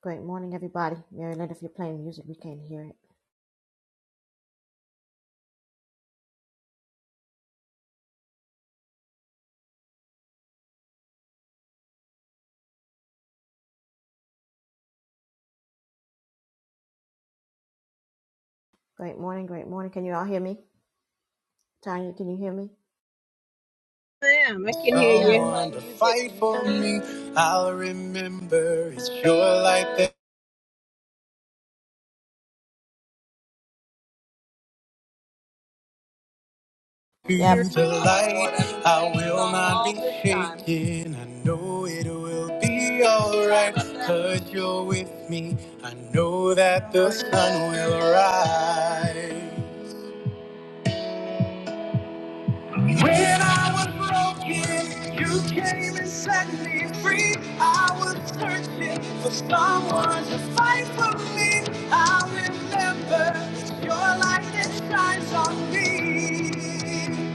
Great morning, everybody. Mary Lynn, if you're playing music, we can't hear it. Great morning, great morning. Can you all hear me? Tanya, can you hear me? I am. I can hear you. someone to fight for me. I'll remember it's your light that Hear- through Yep. the light. I will not be shaken. I know it will be alright you you're with me. I know that the sun will rise. When I was broken, you came and set me free. I was searching for someone to fight for me. I remember it's your light that shines on me.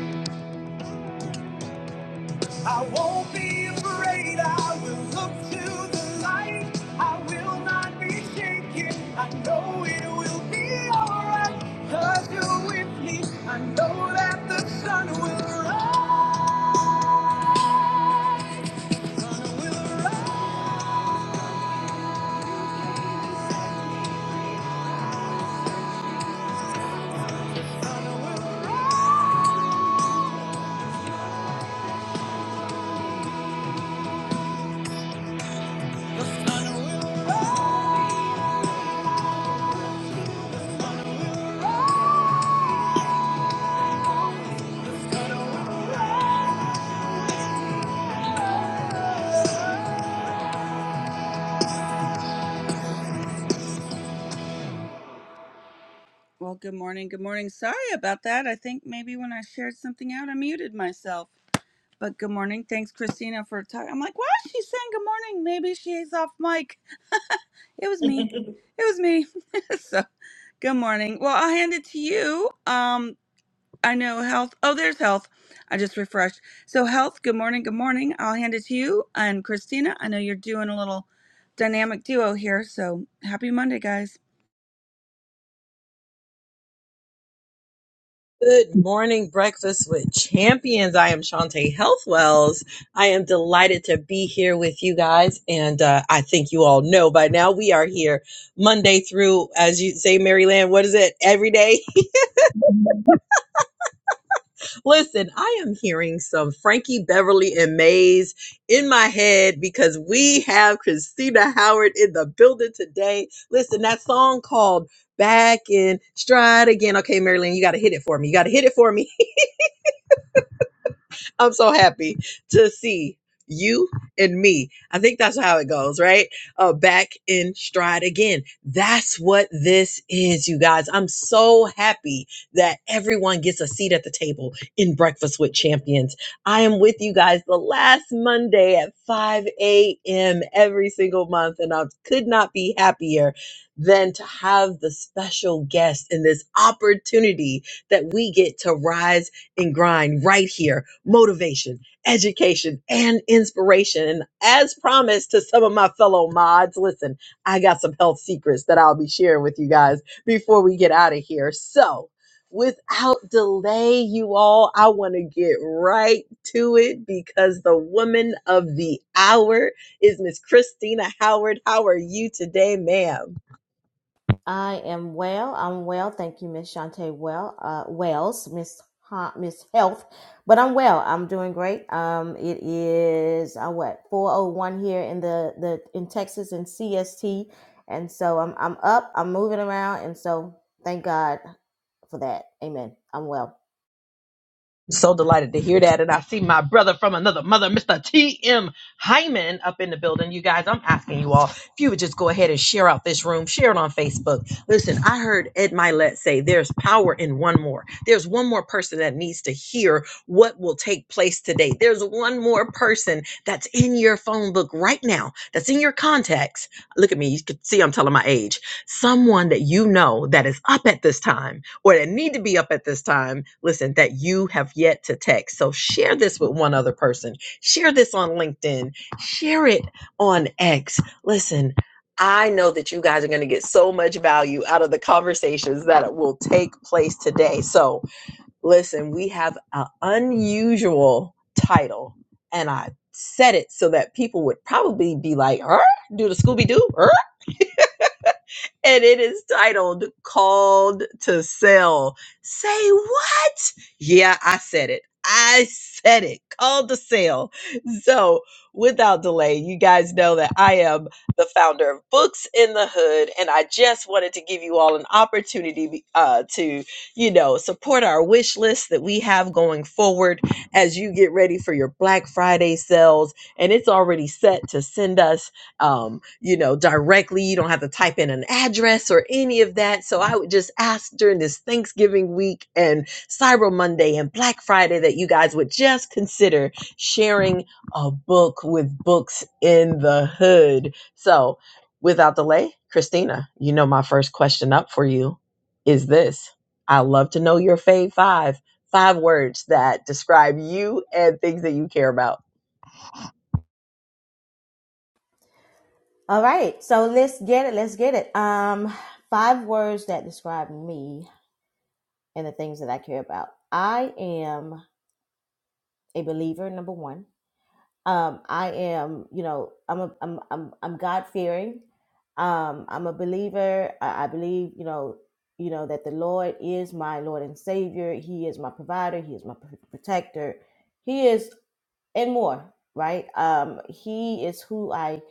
I won't be afraid. I will look to the light. I will not be shaken. I know it will be alright. Cause you're with me. I know that the sun will rise. The Sun will rise. Sorry about that. I think maybe when I shared something out, I muted myself. But good morning. Thanks, Christina, for talking. I'm like, why is she saying good morning? Maybe she's off mic. It was me. It was me. so good morning. Well, I'll hand it to you. Um, I know health. Oh, there's health. I just refreshed. So health. Good morning. Good morning. I'll hand it to you and Christina. I know you're doing a little dynamic duo here. So happy Monday, guys. Good morning, Breakfast with Champions. I am Shantae Healthwells. I am delighted to be here with you guys. And uh, I think you all know by now we are here Monday through, as you say, Maryland, what is it? Every day. Listen, I am hearing some Frankie Beverly and Mays in my head because we have Christina Howard in the building today. Listen, that song called Back in Stride Again. Okay, Maryland, you got to hit it for me. You got to hit it for me. I'm so happy to see you and me. I think that's how it goes, right? Uh, back in stride again. That's what this is, you guys. I'm so happy that everyone gets a seat at the table in Breakfast with Champions. I am with you guys the last Monday at 5 a.m. every single month, and I could not be happier than to have the special guest in this opportunity that we get to rise and grind right here. Motivation, education, and inspiration. And as promised to some of my fellow mods, listen, I got some health secrets that I'll be sharing with you guys before we get out of here. So, without delay, you all, I want to get right to it because the woman of the hour is Miss Christina Howard. How are you today, ma'am? I am well. I'm well. Thank you, Miss Shantae well, uh, Wells, Miss ha- Miss Health. But I'm well. I'm doing great. Um, it is uh, what 401 here in the, the in Texas in CST, and so I'm I'm up. I'm moving around, and so thank God for that. Amen. I'm well. So delighted to hear that. And I see my brother from another mother, Mr. T.M. Hyman, up in the building. You guys, I'm asking you all if you would just go ahead and share out this room, share it on Facebook. Listen, I heard Ed Milet say there's power in one more. There's one more person that needs to hear what will take place today. There's one more person that's in your phone book right now, that's in your contacts. Look at me. You can see I'm telling my age someone that you know that is up at this time or that need to be up at this time listen that you have yet to text so share this with one other person share this on linkedin share it on x listen I know that you guys are going to get so much value out of the conversations that will take place today. So, listen, we have an unusual title, and I said it so that people would probably be like, "Er, Do the Scooby Doo? Er. and it is titled Called to Sell. Say what? Yeah, I said it. I said it. Called to Sell. So, without delay, you guys know that I am the founder of Books in the Hood, and I just wanted to give you all an opportunity uh, to, you know, support our wish list that we have going forward as you get ready for your Black Friday sales. And it's already set to send us um, you know, directly. You don't have to type in an address or any of that. So I would just ask during this Thanksgiving week and Cyber Monday and Black Friday that you guys would just consider sharing a book with Books in the Hood. So without delay, Christina, you know, my first question up for you is this I love to know your fave five. Five words that describe you and things that you care about. All right, so let's get it. Let's get it. Um, five words that describe me and the things that I care about. I am a believer, number one. Um, I am, you know, I'm a, I'm, I'm, I'm God fearing. Um, I'm a believer. I, I believe, you know, you know that the Lord is my Lord and Savior. He is my provider. He is my pr- protector. He is and more, right? Um, he is who I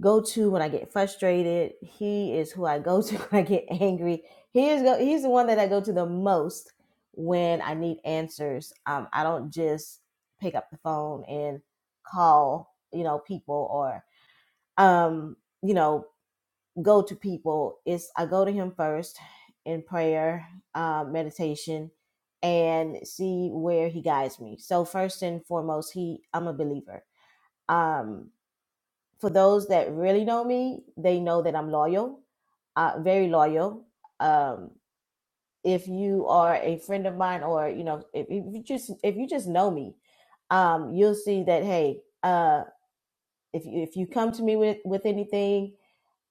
go to when I get frustrated. He is who I go to when I get angry. He is go, he's the one that I go to the most when I need answers. Um, I don't just pick up the phone and call, you know, people or um, you know, go to people. It's I go to him first in prayer, um, meditation, and see where he guides me. So first and foremost, he I'm a believer. Um, for those that really know me, they know that I'm loyal, uh, very loyal. Um, if you are a friend of mine, or you know, if, if you just if you just know me, um, you'll see that hey, uh, if you, if you come to me with with anything,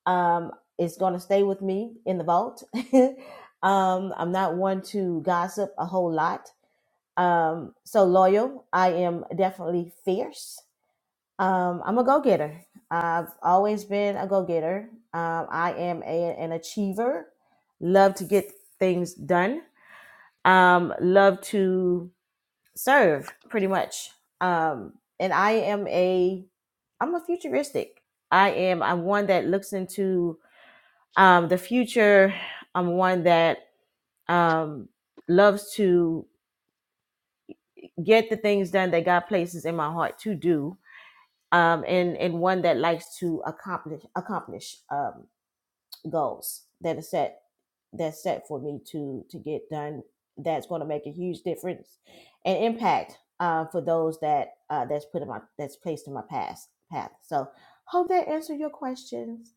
um, it's going to stay with me in the vault. um, I'm not one to gossip a whole lot. Um, so loyal. I am definitely fierce. Um, I'm a go getter. I've always been a go getter. Um, I am a, an achiever. Love to get things done. Um, love to serve, pretty much. Um, and I am a I'm a futuristic. I am. I'm one that looks into um, the future. I'm one that um, loves to get the things done that God places in my heart to do um, and and one that likes to accomplish accomplish um, goals that are set that's set for me to to get done. That's going to make a huge difference and impact uh, for those that uh, that's put in my that's placed in my past path. So hope that answered your questions.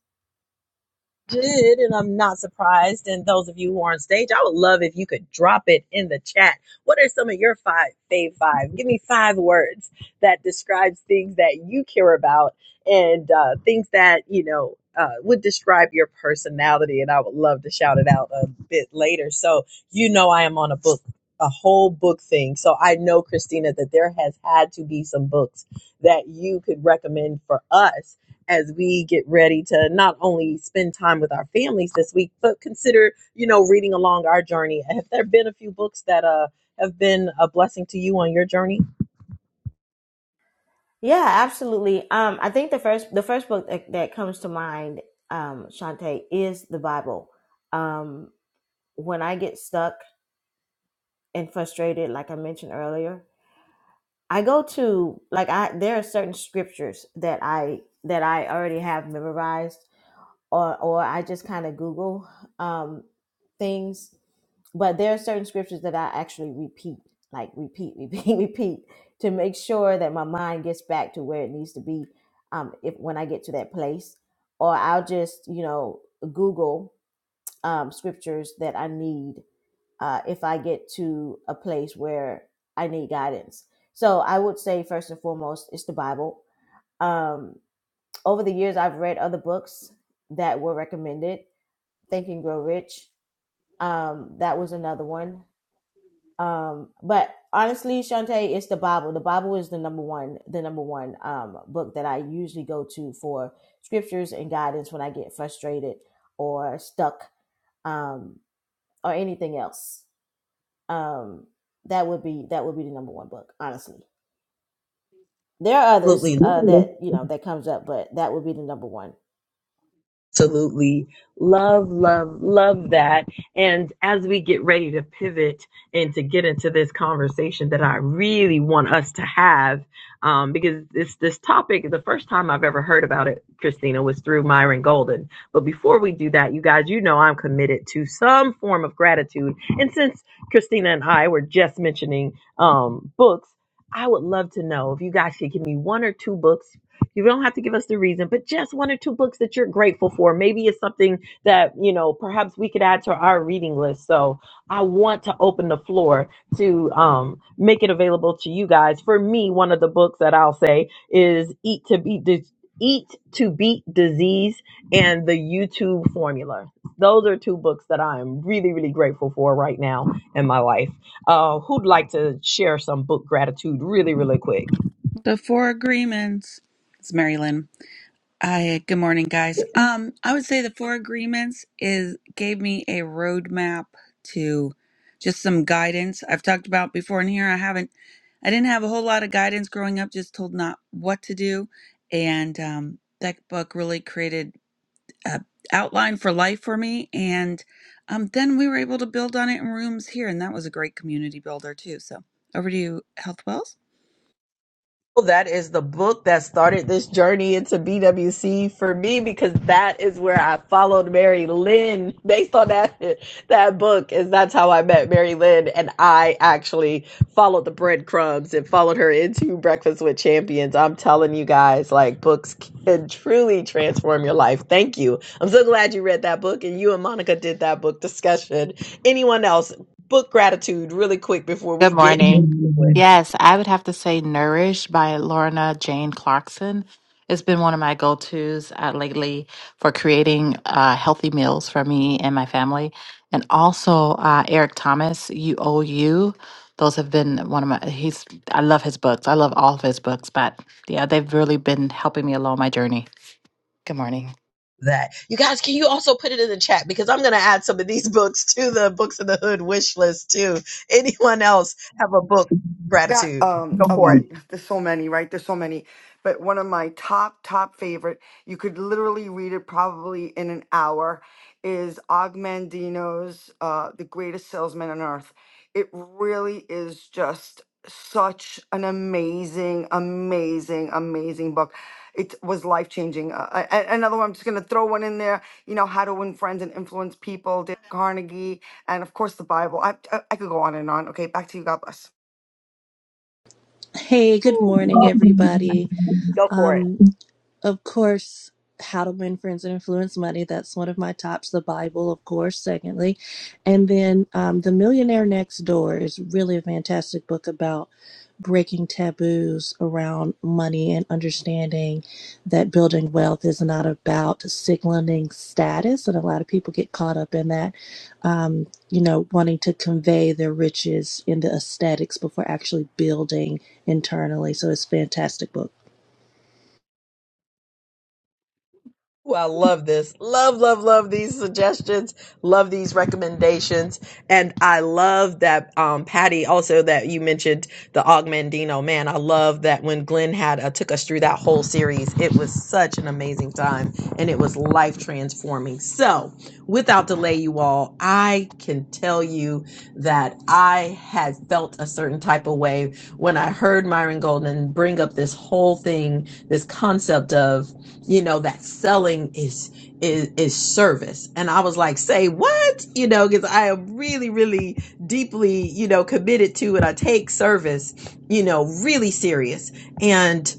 did, and I'm not surprised. And those of you who are on stage, I would love if you could drop it in the chat. What are some of your five fave five? Give me five words that describes things that you care about and uh, things that you know. Uh, would describe your personality, and I would love to shout it out a bit later. So you know, I am on a book, a whole book thing. So I know, Christina, that there has had to be some books that you could recommend for us as we get ready to not only spend time with our families this week, but consider, you know, reading along our journey. Have there been a few books that uh, have been a blessing to you on your journey? Yeah, absolutely. Um, I think the first the first book that, that comes to mind, um, Shantae, is the Bible. Um, when I get stuck and frustrated, like I mentioned earlier. I go to like I there are certain scriptures that I that I already have memorized or or I just kind of Google um things. But there are certain scriptures that I actually repeat, like repeat, repeat, repeat to make sure that my mind gets back to where it needs to be um if when I get to that place. Or I'll just, you know, Google um scriptures that I need uh, if I get to a place where I need guidance. So I would say, first and foremost, it's the Bible. Um, over the years, I've read other books that were recommended Think and Grow Rich. Um, that was another one. Um, but honestly, Shantae, it's the Bible. The Bible is the number one, the number one um, book that I usually go to for scriptures and guidance when I get frustrated or stuck um, or anything else. um that would be that would be the number one book honestly there are others uh Absolutely. that you know that comes up but that would be the number one absolutely love love love that and as we get ready to pivot and to get into this conversation that i really want us to have um, because this this topic the first time i've ever heard about it christina was through myron golden but before we do that you guys you know i'm committed to some form of gratitude and since christina and i were just mentioning um, books i would love to know if you guys could give me one or two books you don't have to give us the reason, but just one or two books that you're grateful for. Maybe it's something that, you know, perhaps we could add to our reading list. So I want to open the floor to um, make it available to you guys. For me, one of the books that I'll say is Eat to Beat Dis- Eat to Beat Disease and the YouTube Formula. Those are two books that I'm really, really grateful for right now in my life. Uh, who'd like to share some book gratitude really, really quick? The four agreements. It's Mary Lynn. Hi, good morning, guys. Um, I would say the four agreements is gave me a roadmap to just some guidance. I've talked about before in here. I haven't, I didn't have a whole lot of guidance growing up, just told not what to do, and um, that book really created a outline for life for me. And um, then we were able to build on it in rooms here, and that was a great community builder too. So over to you, Health Wells. that is the book that started this journey into BWC for me because that is where I followed Mary Lynn based on that that book is that's how I met Mary Lynn and I actually followed the breadcrumbs and followed her into Breakfast with Champions. I'm telling you guys like books can truly transform your life. Thank you. I'm so glad you read that book and you and Monica did that book discussion. Anyone else book gratitude really quick before we Good get morning. Yes, I would have to say Nourish by Lorna Jane Clarkson. It's been one of my go tos uh, lately for creating uh, healthy meals for me and my family. And also uh, Eric Thomas, You Owe You. Those have been one of my, he's, I love his books. I love all of his books, but yeah, they've really been helping me along my journey. Good morning. that. You guys, can you also put it in the chat? Because I'm going to add some of these books to the Books in the Hood wish list too. Anyone else have a book I got gratitude? um Go oh for it. well there's so many right there's so many but one of my top top favorite you could literally read it probably in an hour is Og Mandino's uh The Greatest Salesman on Earth it really is just such an amazing amazing amazing book it was life changing uh, I- I- another one I'm just going to throw one in there you know How to Win Friends and Influence People Dale Carnegie and of course the Bible I I, I could go on and on okay back to you God bless Hey, good morning, everybody. Go for Um, it. of course, How to Win Friends and Influence Money. That's one of my tops. The Bible, of course, secondly. And then um, The Millionaire Next Door is really a fantastic book about breaking taboos around money and understanding that building wealth is not about signaling status. And a lot of people get caught up in that, um, you know, wanting to convey their riches in the aesthetics before actually building internally. So it's a fantastic book. Ooh, I love this. Love, love, love these suggestions. Love these recommendations. And I love that, um, Patty, also that you mentioned the Augmandino. Man, I love that when Glenn had uh, took us through that whole series, it was such an amazing time and it was life transforming. So without delay, you all, I can tell you that I had felt a certain type of way when I heard Myron Golden bring up this whole thing, this concept of you know that selling is is is service and i was like say what you know because i am really really deeply you know committed to it i take service you know really serious and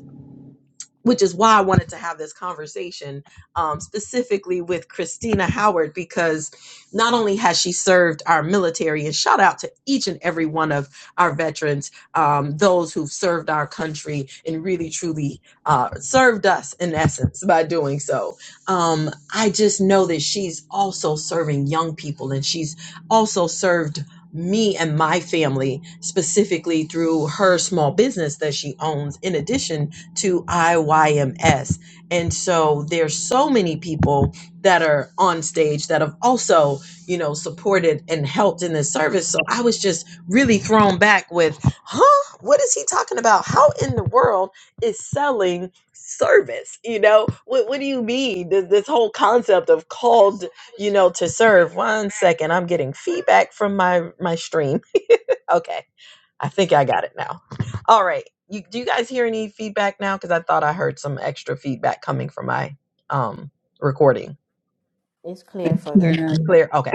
which is why I wanted to have this conversation um, specifically with Christina Howard because not only has she served our military, and shout out to each and every one of our veterans, um, those who've served our country and really truly uh, served us in essence by doing so. Um, I just know that she's also serving young people and she's also served me and my family specifically through her small business that she owns in addition to IYMS. And so there's so many people that are on stage that have also, you know, supported and helped in this service. So I was just really thrown back with, huh? What is he talking about? How in the world is selling service? You know, what what do you mean? This this whole concept of called, you know, to serve. One second, I'm getting feedback from my my stream. Okay I think I got it now. All right. You, do you guys hear any feedback now? Because I thought I heard some extra feedback coming from my um recording. it's clear for There it me is. It's clear. Okay.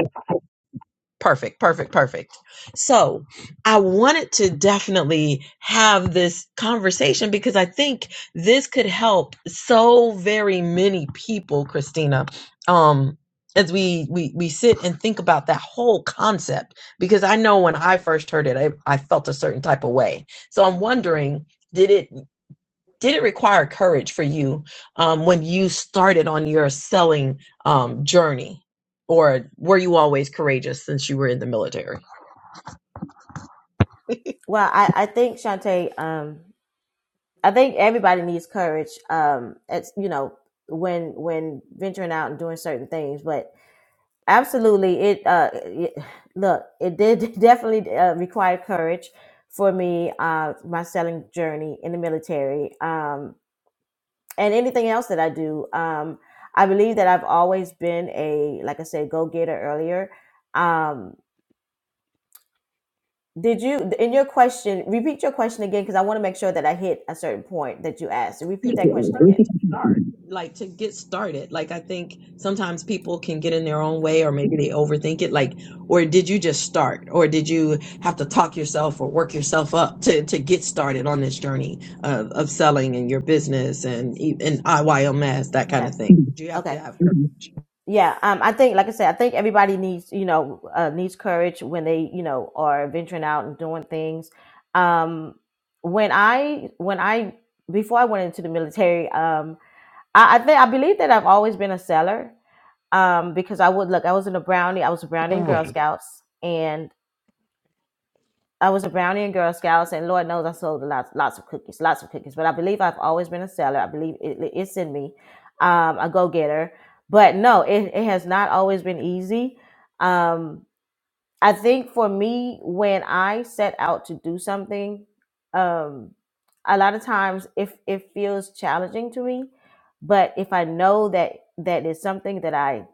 Perfect, perfect, perfect. So I wanted to definitely have this conversation because I think this could help so very many people, Christina. Um, as we, we we sit and think about that whole concept, because I know when I first heard it, I, I felt a certain type of way. So I'm wondering, did it? did it require courage for you um, when you started on your selling um, journey or were you always courageous since you were in the military well i i think Shantae, um i think everybody needs courage um it's you know when when venturing out and doing certain things but. absolutely it uh it, look it did definitely uh, require courage for me uh my selling journey in the military um and anything else that i do um i believe that i've always been a like i said go-getter earlier um did you in your question repeat your question again because i want to make sure that i hit a certain point that you asked So repeat that question again to start, like to get started. Like I think sometimes people can get in their own way, or maybe they overthink it. Like, or did you just start, or did you have to talk yourself or work yourself up to to get started on this journey of, of selling and your business and e- and IYMS that kind okay of thing? Do you have to okay have courage? yeah um i think like i said i think everybody needs you know uh, needs courage when they you know are venturing out and doing things um when i when i before i went into the military um i i think i believe that i've always been a seller um because i would look i was in a brownie i was a brownie in girl scouts and I was a brownie and Girl Scouts, and Lord knows I sold lots, lots of cookies, lots of cookies. But I believe I've always been a seller. I believe it, it- it's in me, um, a go getter. But no, it, it has not always been easy. Um, I think for me, when I set out to do something, um, a lot of times if it feels challenging to me, but if I know that that is something that I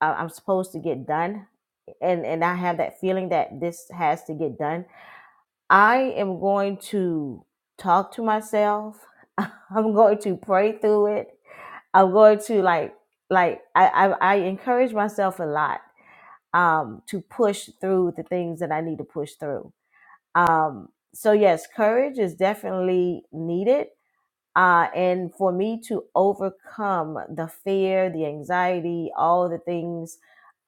I- I'm supposed to get done, and and I have that feeling that this has to get done I am going to talk to myself. I'm going to pray through it. I'm going to like like I I, I encourage myself a lot um, to push through the things that I need to push through. Um, so yes, courage is definitely needed uh, and for me to overcome the fear, the anxiety, all the things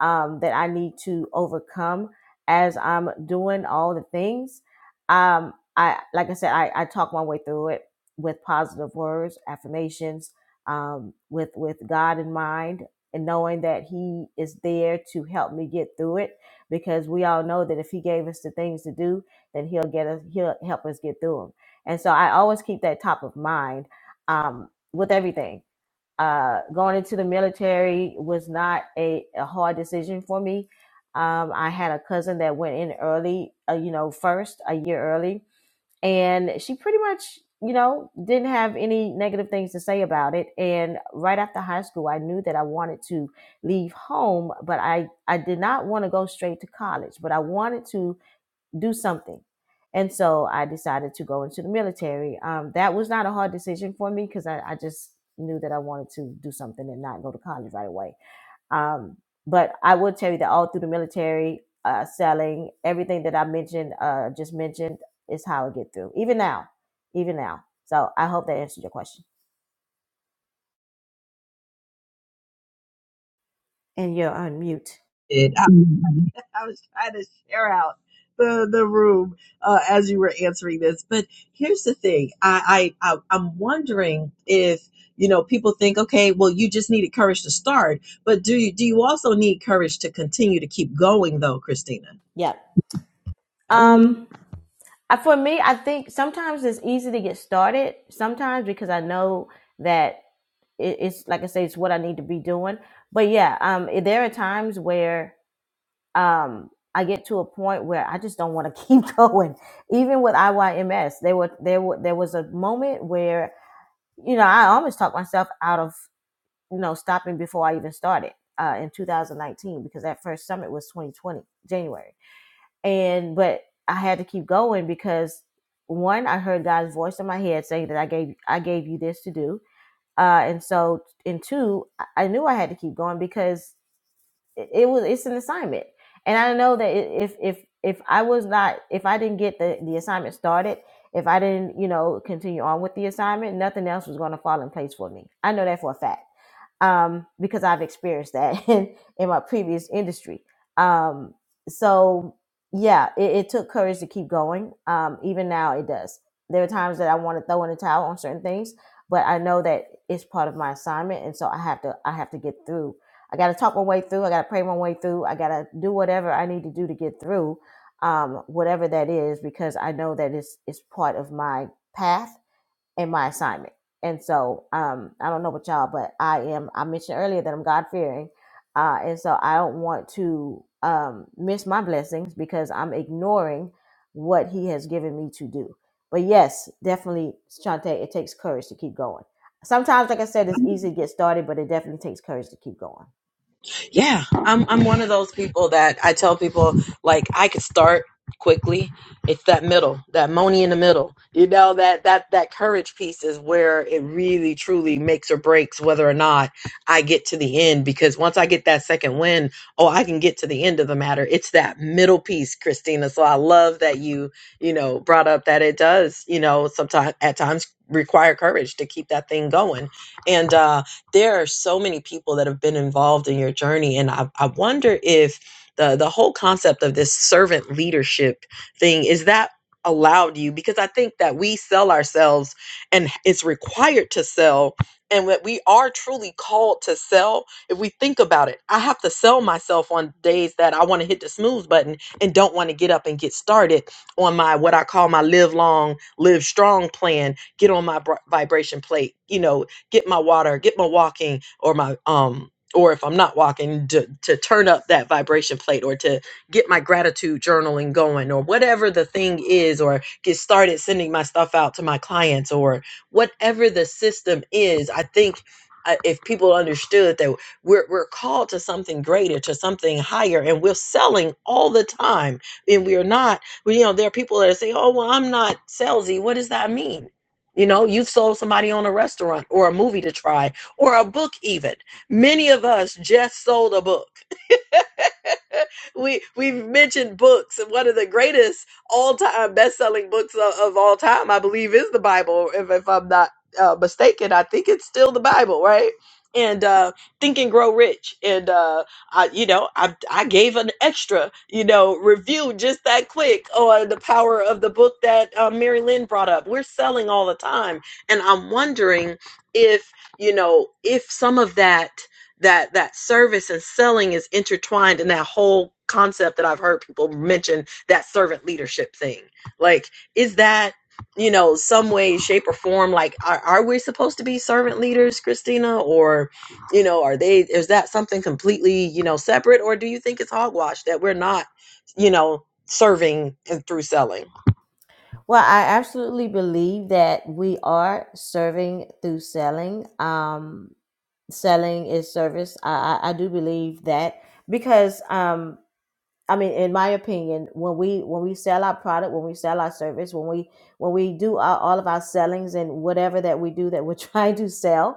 um, that I need to overcome as I'm doing all the things, um, I like I said, I, I talk my way through it with positive words, affirmations, um, with with God in mind, and knowing that He is there to help me get through it. Because we all know that if He gave us the things to do, then He'll get us. He'll help us get through them. And so I always keep that top of mind um, with everything. Uh, going into the military was not a, a hard decision for me. Um, I had a cousin that went in early, uh, you know, first, a year early, and she pretty much, you know, didn't have any negative things to say about it. And right after high school, I knew that I wanted to leave home, but I, I did not want to go straight to college, but I wanted to do something. And so I decided to go into the military. Um, that was not a hard decision for me because I, I just knew that I wanted to do something and not go to college right away. Um, but I will tell you that all through the military, uh, selling everything that I mentioned, uh, just mentioned, is how I get through. Even now, even now. So I hope that answered your question. And you're on mute. it. I, I was trying to share out the the room uh, as you were answering this. But here's the thing: I, I, I I'm wondering if you know people think, okay, well, you just needed courage to start, but do you do you also need courage to continue to keep going, though, Christina? Yep. Um, I- for me, I think sometimes it's easy to get started. Sometimes because I know that it, it's like I say, it's what I need to be doing. But yeah, um, there are times where um I get to a point where I just don't want to keep going. Even with IYMS, there were there were there was a moment where you know I almost talked myself out of you know stopping before I even started uh, in 2019 because that first summit was 2020 January, and but I had to keep going because one I heard God's voice in my head saying that I gave I gave you this to do uh, and so in two, I knew I had to keep going because it, it was it's an assignment, and I know that if if if I was not if I didn't get the the assignment started, if I didn't you know continue on with the assignment, nothing else was going to fall in place for me. I know that for a fact um, because I've experienced that in, in my previous industry. Um, so yeah, it, it took courage to keep going. Um, even now, it does. There are times that I want to throw in the towel on certain things, but I know that it's part of my assignment, and so I have to. I have to get through. I got to talk my way through. I got to pray my way through. I got to do whatever I need to do to get through, um, whatever that is, because I know that it's it's part of my path in my assignment. And so um, I don't know about y'all, but I am. I mentioned earlier that I'm God fearing, uh, and so I don't want to um, miss my blessings because I'm ignoring what He has given me to do. But yes, definitely, Shante, it takes courage to keep going. Sometimes, like I said, it's easy to get started, but it definitely takes courage to keep going. yeah i'm i'm one of those people that i tell people like i could start quickly it's that middle that money in the middle you know that that that courage piece is where it really truly makes or breaks whether or not i get to the end because once i get that second win oh i can get to the end of the matter it's that middle piece christina so i love that you you know brought up that it does you know sometimes at times require courage to keep that thing going and uh, there are so many people that have been involved in your journey and i, I wonder if the, the whole concept of this servant leadership thing is that allowed you because i think that we sell ourselves and it's required to sell and what we are truly called to sell if we think about it i have to sell myself on days that i want to hit the snooze button and don't want to get up and get started on my what i call my live long live strong plan get on my br- vibration plate you know get my water, get my walking or my um or if I'm not walking to to turn up that vibration plate or to get my gratitude journaling going or whatever the thing is or get started sending my stuff out to my clients or whatever the system is, I think uh, if people understood that we're, we're called to something greater, to something higher, and we're selling all the time, and we are not well, you know, there are people that say, "Oh, well, I'm not salesy." What does that mean? You know, you sold somebody on a restaurant or a movie to try or a book, even. Many of us just sold a book. we we've mentioned books and one of the greatest all-time best-selling books of, of all time i believe is the bible if, if i'm not uh, mistaken i think it's still the bible right and uh think and grow rich and uh i you know i i gave an extra you know review just that quick on the power of the book that uh, mary lynn brought up we're selling all the time and i'm wondering if you know if some of that that that service and selling is intertwined in that whole concept that I've heard people mention that servant leadership thing. Like, is that you know some way, shape, or form? Like, are, are we supposed to be servant leaders, Christina, or you know, are they? Is that something completely you know separate, or do you think it's hogwash that we're not you know serving and through selling? Well, I absolutely believe that we are serving through selling. Um, selling is service. I, I, I do believe that because um I mean in my opinion when we when we sell our product when we sell our service when we when we do our, all of our sellings and whatever that we do that we're trying to sell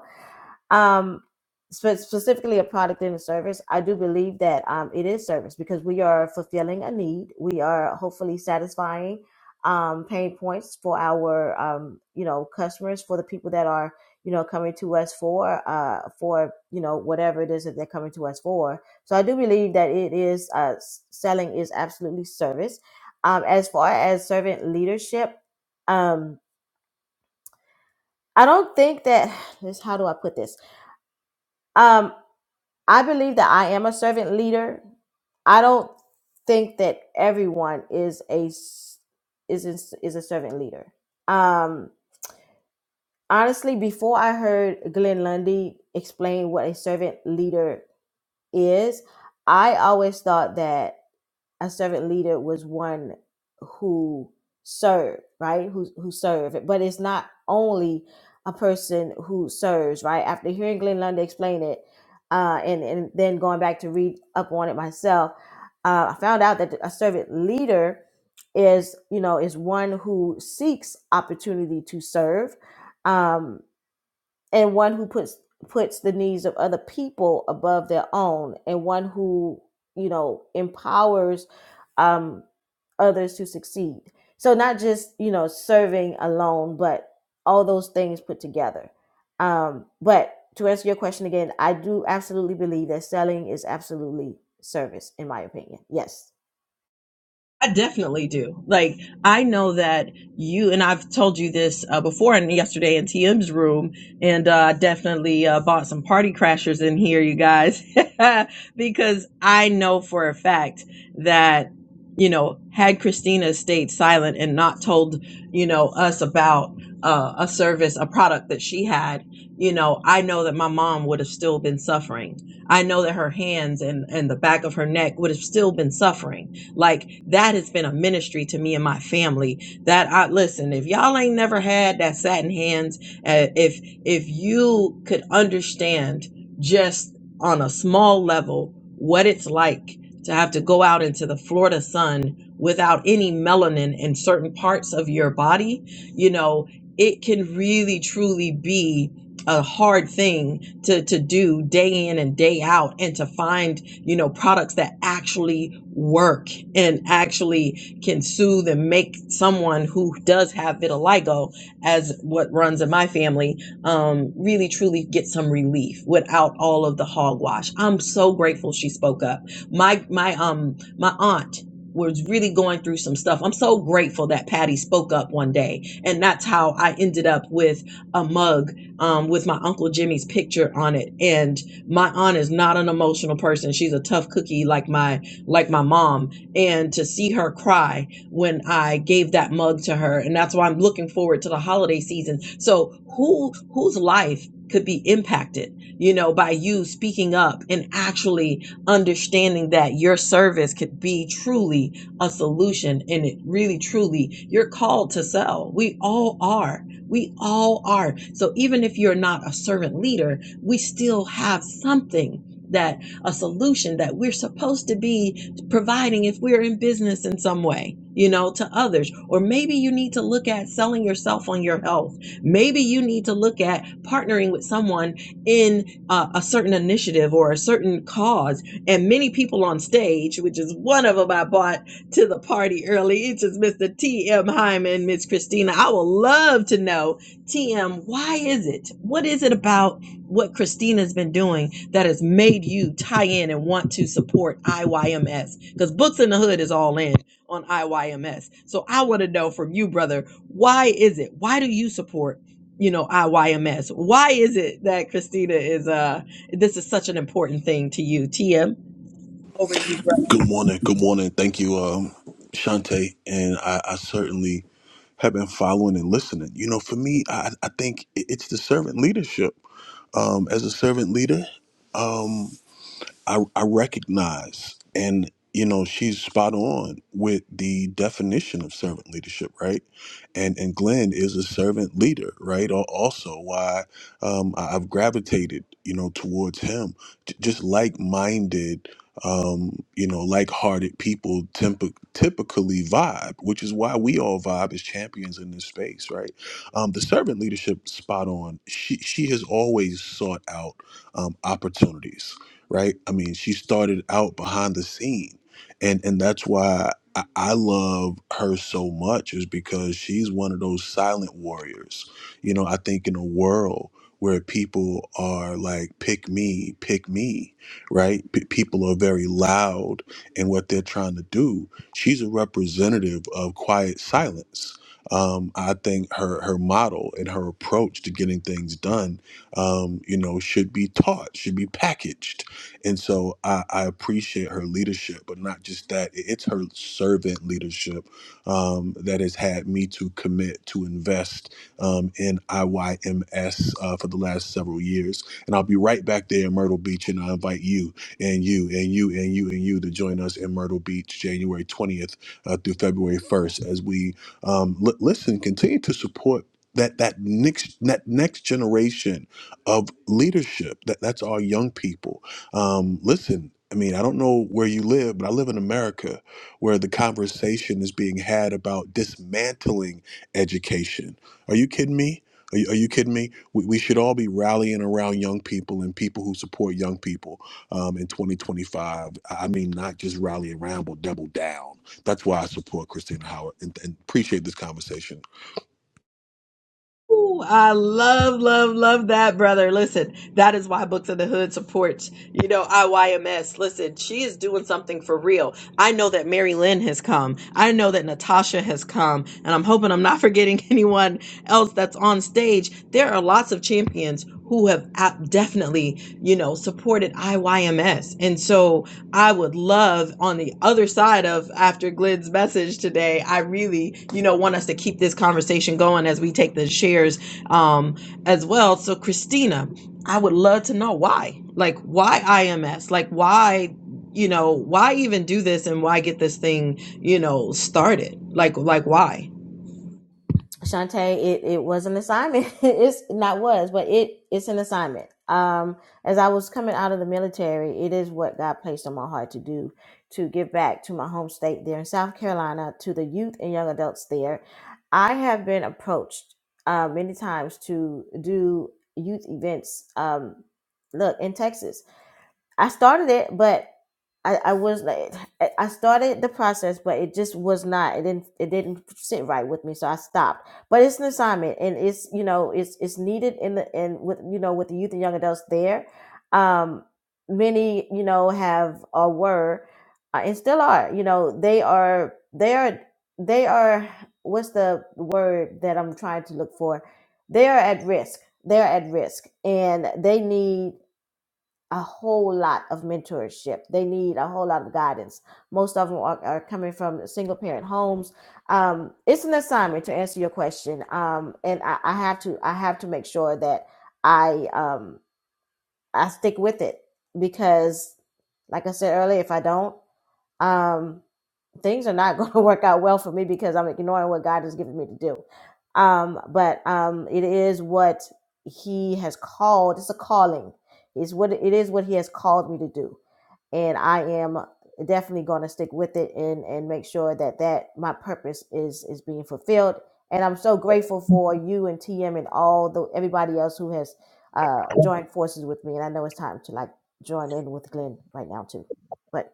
um spe- specifically a product and a service i do believe that um it is service because we are fulfilling a need we are hopefully satisfying um pain points for our um you know customers for the people that are you know coming to us for uh for you know whatever it is that they're coming to us for so i do believe that it is uh s- selling is absolutely service um as far as servant leadership um i don't think that this how do i put this Um. I believe that I am a servant leader. I don't think that everyone is a s- is is is a servant leader. Um, honestly, before I heard Glenn Lundy explain what a servant leader is, I always thought that a servant leader was one who served, right? Who who served. But it's not only a person who serves, right? After hearing Glenn Lundy explain it, uh, and and then going back to read up on it myself, uh, I found out that a servant leader is, you know, is one who seeks opportunity to serve. Um, and one who puts puts the needs of other people above their own and one who you know empowers um others to succeed so not just you know serving alone but all those things put together um but to answer your question again i do absolutely believe that selling is absolutely service in my opinion yes I definitely do. Like I know that you and I've told you this uh, before, and yesterday in TM's room, and uh, I definitely uh, bought some party crashers in here, you guys, because I know for a fact that you know had Christina stayed silent and not told you know us about uh, a service, a product that she had, you know, I know that my mom would have still been suffering. I know that her hands and and the back of her neck would have still been suffering like that has been a ministry to me and my family. That I listen, if y'all ain't never had that satin hands, uh, if if you could understand just on a small level what it's like to have to go out into the Florida sun without any melanin in certain parts of your body, you know, it can really truly be a hard thing to to do day in and day out and to find you know products that actually work and actually can soothe and make someone who does have vitiligo, as what runs in my family, um, really truly get some relief without all of the hogwash. I'm so grateful she spoke up. My my um my aunt was really going through some stuff. I'm so grateful that Patty spoke up one day, and that's how I ended up with a mug um, with my uncle Jimmy's picture on it. And my aunt is not an emotional person; she's a tough cookie, like my like my mom and to see her cry when I gave that mug to her. And that's why I'm looking forward to the holiday season. So who whose life could be impacted, you know, by you speaking up and actually understanding that your service could be truly a solution and it really truly you're called to sell. We all are. We all are. So even if you're not a servant leader, we still have something that a solution that we're supposed to be providing if we're in business in some way, you know, to others. Or maybe you need to look at selling yourself on your health. Maybe you need to look at partnering with someone in uh, a certain initiative or a certain cause. And many people on stage, which is one of them I bought to the party early, it's just Mr. T.M. Hyman, Miss Christina. I would love to know, T.M., why is it? What is it about? what Christina's been doing that has made you tie in and want to support IYMS because Books in the Hood is all in on IYMS. So I want to know from you, brother, why is it? Why do you support, you know, IYMS? Why is it that Christina is uh this is such an important thing to you? TM, over to you, brother. Good morning. Good morning. Thank you, um, Shante. And I, I certainly have been following and listening. You know, for me, I, I think it- it's the servant leadership. Um, as a servant leader, um, I, I recognize and you know she's spot on with the definition of servant leadership right and and glenn is a servant leader right Al- also why um, I- i've gravitated you know towards him J- just like-minded um, you know like-hearted people temp- typically vibe which is why we all vibe as champions in this space right um, the servant leadership spot on she she has always sought out um, opportunities right? I mean, she started out behind the scene, and and that's why I, I love her so much is because she's one of those silent warriors. You know, I think in a world where people are like pick me, pick me, right? P- people are very loud in what they're trying to do. She's a representative of quiet silence. Um, I think her her model and her approach to getting things done um, you know, should be taught, should be packaged and so I, I appreciate her leadership, but not just that, it- it's her servant leadership um, that has had me to commit to invest um, in IYMS uh, for the last several years. And I'll be right back there in Myrtle Beach, and I invite you and you and you and you and you to join us in Myrtle Beach January 20th uh, through February 1st as we um, li- listen, continue to support. That, that next that next generation of leadership that, that's our young people um, listen, I mean, I don't know where you live, but I live in America where the conversation is being had about dismantling education. Are you kidding me? Are you, are you kidding me? We, we should all be rallying around young people and people who support young people um, in 2025. I mean, not just rally around, but double down. That's why I support Christina Howard and, and appreciate this conversation. Ooh, I love, love, love that, brother. Listen, that is why Books of the Hood supports, you know, IYMS. Listen, she is doing something for real. I know that Mary Lynn has come. I know that Natasha has come. And I'm hoping I'm not forgetting anyone else that's on stage. There are lots of champions who have ab- definitely, you know, supported IYMS. And so, I would love on the other side of after Glenn's message today. I really, you know, want us to keep this conversation going as we take the shares um, as well. So, Christina, I would love to know why. Like, why IMS? Like, why, you know, why even do this and why get this thing, you know, started? Like, like why? Shantae, it, it was an assignment. it's not was, but it it's an assignment. Um, as I was coming out of the military, it is what God placed on my heart to do, to give back to my home state there in South Carolina, to the youth and young adults there. I have been approached uh, many times to do youth events. Um, look in Texas, I started it, but I, I was like, I I started the process, but it just was not. It didn't. It didn't sit right with me, so I stopped. But it's an assignment, and it's you know, it's it's needed in the and with you know with the youth and young adults there. Um, many you know have or were, uh, and still are. You know, they are they are they are. What's the word that I'm trying to look for? They are at risk. They are at risk, and they need a whole lot of mentorship. They need a whole lot of guidance. Most of them are, are coming from single parent homes. Um, it's an assignment to answer your question, um, and I, I have to I have to make sure that I um, I stick with it because, like I said earlier, if I don't, um, things are not going to work out well for me because I'm ignoring what God has given me to do. Um, but um, it is what He has called. It's a calling. It's what it is what He has called me to do, and I am definitely going to stick with it and and make sure that that my purpose is is being fulfilled. And I'm so grateful for you and TM and all the everybody else who has uh, joined forces with me. And I know it's time to like join in with Glenn right now too, but.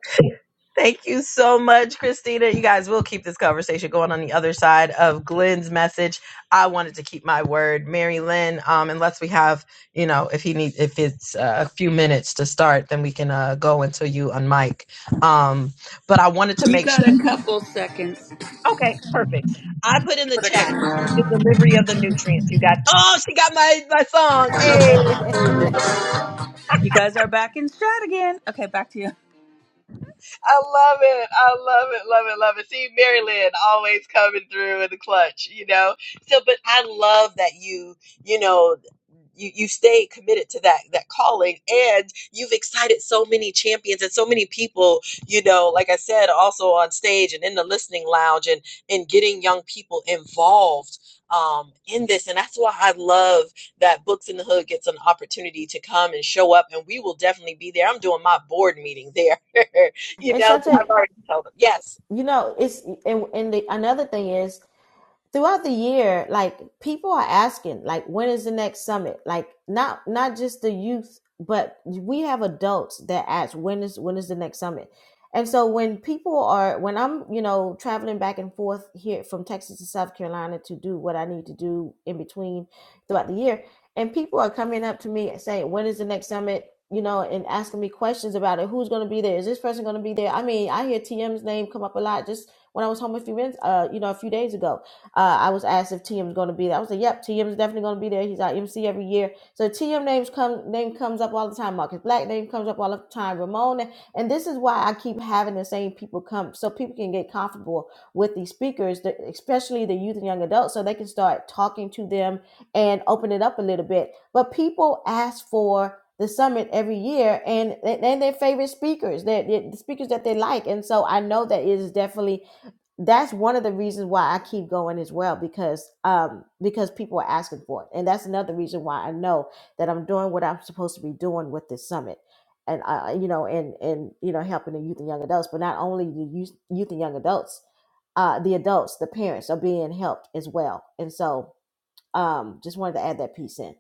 Thank you so much, Christina. You guys will keep this conversation going on the other side of Glenn's message. I wanted to keep my word, Mary Lynn. Um, unless we have, you know, if he needs, if it's uh, a few minutes to start, then we can uh, go until you unmic. Um, but I wanted to You make sure. got a couple seconds. Okay, perfect. I put in the chat the delivery of the nutrients. You got. Oh, she got my my song. and Hey. You guys are back in strat again. Okay, back to you. I love it. I love it. Love it. Love it. See, Mary Lynn always coming through in the clutch, you know? So, but I love that you, you know, you you've stayed committed to that that calling and you've excited so many champions and so many people you know like i said also on stage and in the listening lounge and and getting young people involved um, in this and that's why i love that books in the hood gets an opportunity to come and show up and we will definitely be there i'm doing my board meeting there you know so i've Shante, already told them yes you know, it's and and the, another thing is throughout the year like people are asking like when is the next summit like not not just the youth but we have adults that ask when is when is the next summit and so when people are when i'm you know traveling back and forth here from texas to south carolina to do what i need to do in between throughout the year and people are coming up to me and saying when is the next summit you know and asking me questions about it who's going to be there is this person going to be there i mean i hear tm's name come up a lot just when i was home a few minutes uh you know a few days ago uh, I was asked if TM is going to be there. I was like, "Yep, TM is definitely going to be there. He's our MC every year." So TM names come name comes up all the time. Marcus Black name comes up all the time. Ramon, and, and this is why I keep having the same people come, so people can get comfortable with these speakers, the- especially the youth and young adults, so they can start talking to them and open it up a little bit. But people ask for the summit every year and and their favorite speakers, their, their the speakers that they like, and so I know that it is definitely that's one of the reasons why I keep going as well because um because people are asking for it. And that's another reason why I know that I'm doing what I'm supposed to be doing with this summit. And I you know and and you know helping the youth and young adults, but not only the youth, youth and young adults, uh the adults, the parents are being helped as well. And so um just wanted to add that piece in.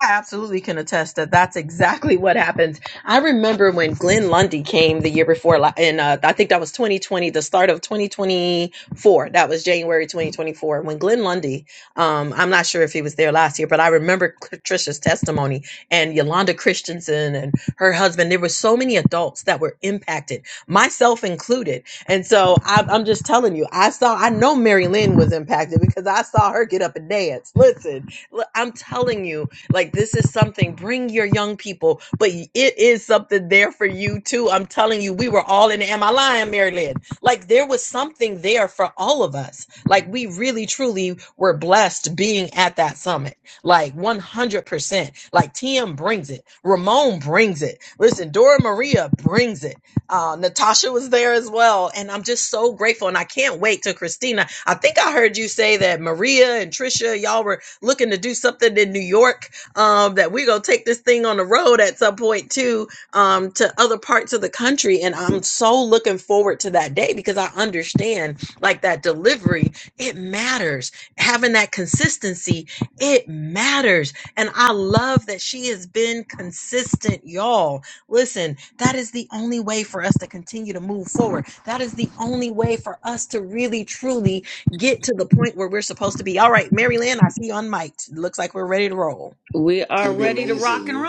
I absolutely can attest that that's exactly what happened. I remember when Glenn Lundy came the year before, la- and uh, I think that was 2020, the start of 2024. That was January 2024. When Glenn Lundy, um, I'm not sure if he was there last year, but I remember Trisha's testimony and Yolanda Christensen and her husband. There were so many adults that were impacted, myself included. And so I, I'm just telling you, I saw, I know Mary Lynn was impacted because I saw her get up and dance. Listen, l- I'm telling you. Like this is something, bring your young people, but it is something there for you too. I'm telling you, we were all in it. Am I lying, Mary Lynn? Like there was something there for all of us. Like we really truly were blessed being at that summit. Like 100%. Like TM brings it. Ramon brings it. Listen, Dora Maria brings it. Uh, Natasha was there as well. And I'm just so grateful. And I can't wait to Christina. I think I heard you say that Maria and Trisha, y'all were looking to do something in New York um, that we're gonna take this thing on the road at some point too, um, to other parts of the country. And I'm so looking forward to that day because I understand like that delivery, it matters. Having that consistency, it matters. And I love that she has been consistent, y'all. Listen, that is the only way for us to continue to move forward. That is the only way for us to really truly get to the point where we're supposed to be. All right, Mary Lynn, I see you on mic. Looks like we're ready to roll. We are to be ready to rock and amazing.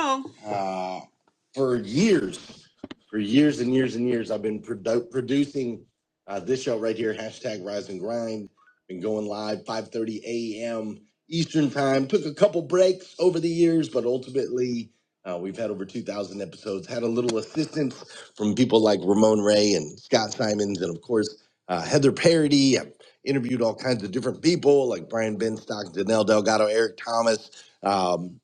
roll. Uh, for years, for years and years and years, I've been produ- producing uh, this show right here, hashtag Rise and Grind. Been going live 5:30 a.m. Eastern Time. Took a couple breaks over the years, but ultimately. Uh, we've had over 2,000 episodes, had a little assistance from people like Ramon Ray and Scott Simons, and of course, uh, Heather Parody. I've interviewed all kinds of different people like Brian Benstock, Danelle Delgado, Eric Thomas, um,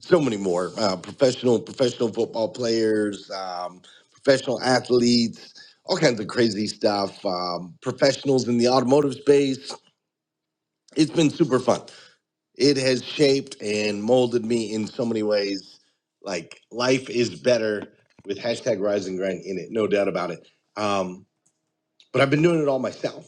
so many more uh, professional professional football players um, professional athletes all kinds of crazy stuff um, professionals in the automotive space it's been super fun it has shaped and molded me in so many ways like life is better with hashtag rise and grind in it no doubt about it um, but I've been doing it all myself.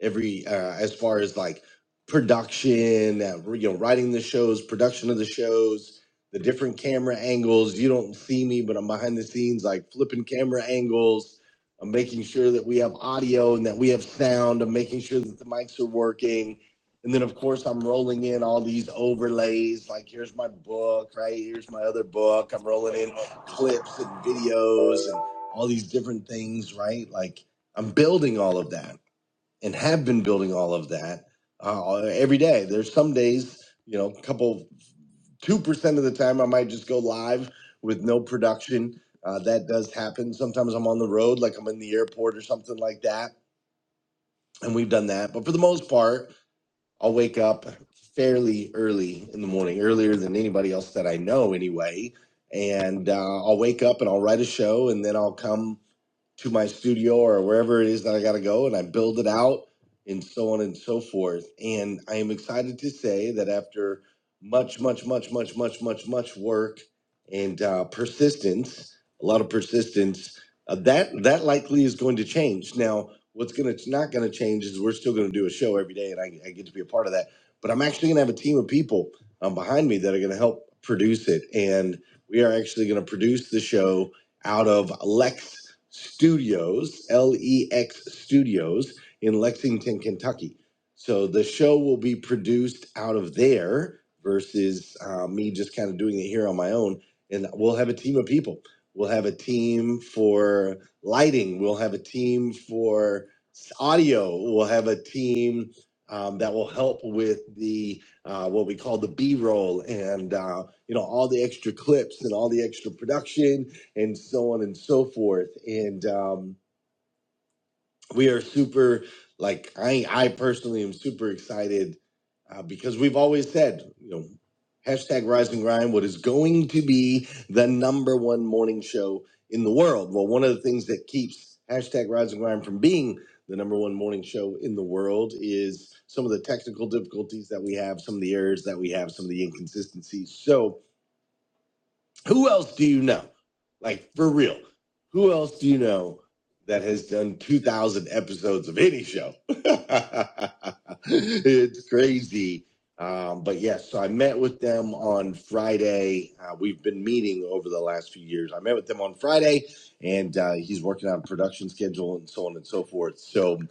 Every uh, as far as like production, uh, you know, writing the shows, production of the shows, the different camera angles. You don't see me, but I'm behind the scenes, like flipping camera angles. I'm making sure that we have audio and that we have sound. I'm making sure that the mics are working. And then, of course, I'm rolling in all these overlays. Like, here's my book, right? Here's my other book. I'm rolling in clips and videos and all these different things, right? Like, I'm building all of that and have been building all of that uh, every day. There's some days, you know, a couple, 2% of the time I might just go live with no production. Uh, that does happen. Sometimes I'm on the road, like I'm in the airport or something like that. And we've done that. But for the most part, I'll wake up fairly early in the morning, earlier than anybody else that I know anyway. And uh, I'll wake up and I'll write a show and then I'll come to my studio or wherever it is that I got to go, and I build it out and so on and so forth. And I am excited to say that after much, much, much, much, much, much, much work and uh, persistence, a lot of persistence, uh, that that likely is going to change. Now, what's going to not going to change is we're still going to do a show every day, and I, I get to be a part of that. But I'm actually going to have a team of people um, behind me that are going to help produce it, and we are actually going to produce the show out of Lex Studios, L E X Studios in Lexington, Kentucky. So the show will be produced out of there versus uh, me just kind of doing it here on my own. And we'll have a team of people. We'll have a team for lighting, we'll have a team for audio, we'll have a team. Um, that will help with the uh, what we call the B-roll and uh, you know all the extra clips and all the extra production and so on and so forth. And um, we are super, like I, I personally am super excited uh, because we've always said, you know, hashtag Rise and Grind, what is going to be the number one morning show in the world? Well, one of the things that keeps hashtag Rise and Grind from being the number one morning show in the world is some of the technical difficulties that we have, some of the errors that we have, some of the inconsistencies. So, who else do you know? Like for real, who else do you know that has done 2,000 episodes of any show? it's crazy. Um, but yes, so I met with them on Friday. Uh, we've been meeting over the last few years. I met with them on Friday, and uh, he's working on a production schedule and so on and so forth. So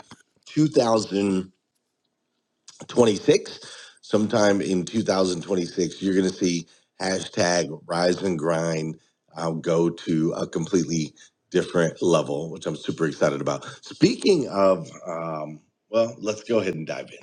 2,000. 26 sometime in 2026 you're going to see hashtag rise and grind uh, go to a completely different level which i'm super excited about speaking of um, well let's go ahead and dive in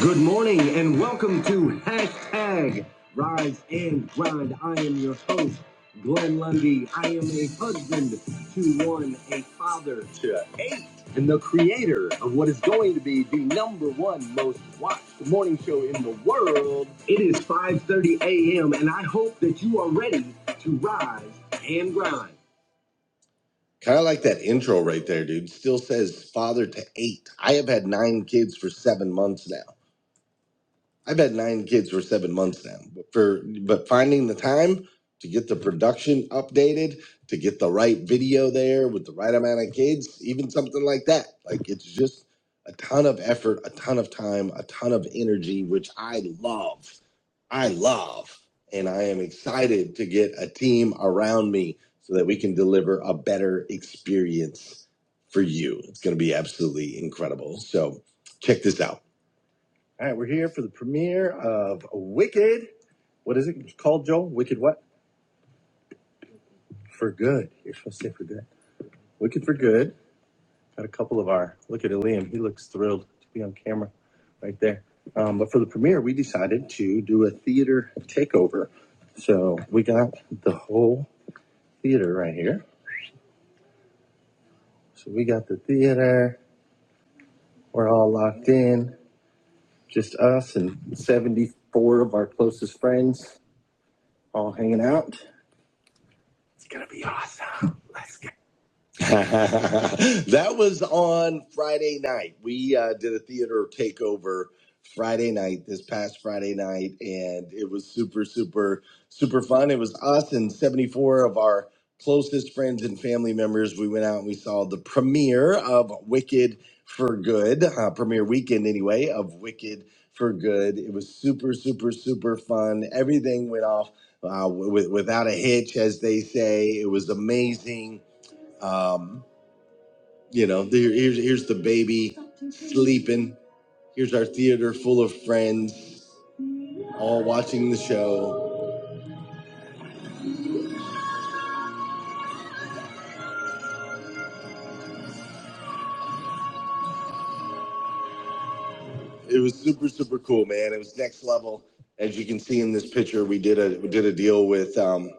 Good morning and welcome to hashtag Rise and Grind. I am your host, Glenn Lundy. I am a husband to one, a father to eight, and the creator of what is going to be the number one most watched morning show in the world. It is 5:30 a.m. and I hope that you are ready to rise and grind. Kind of like that intro right there, dude. Still says father to eight. I have had nine kids for seven months now. I've had nine kids for seven months now, but for but finding the time to get the production updated, to get the right video there with the right amount of kids, even something like that. Like it's just a ton of effort, a ton of time, a ton of energy, which I love. I love. And I am excited to get a team around me so that we can deliver a better experience for you. It's going to be absolutely incredible. So check this out. All right, we're here for the premiere of Wicked. What is it It's called, Joe? Wicked what? For good. You're supposed to say for good. Wicked for good. Got a couple of our. Look at Liam. He looks thrilled to be on camera right there. Um, but for the premiere, we decided to do a theater takeover. So we got the whole theater right here. So we got the theater. We're all locked in. Just us and 74 of our closest friends all hanging out that was on Friday night. We uh, did a theater takeover Friday night, this past Friday night, and it was super, super, super fun. It was us and 74 of our closest friends and family members. We went out and we saw the premiere of Wicked for Good, uh, premiere weekend anyway, of Wicked for Good. It was super, super, super fun. Everything went off uh, with, without a hitch, as they say. It was amazing. Um, you know there, here's here's the baby sleeping here's our theater full of friends all watching the show it was super super cool man it was next level as you can see in this picture we did a we did a deal with um,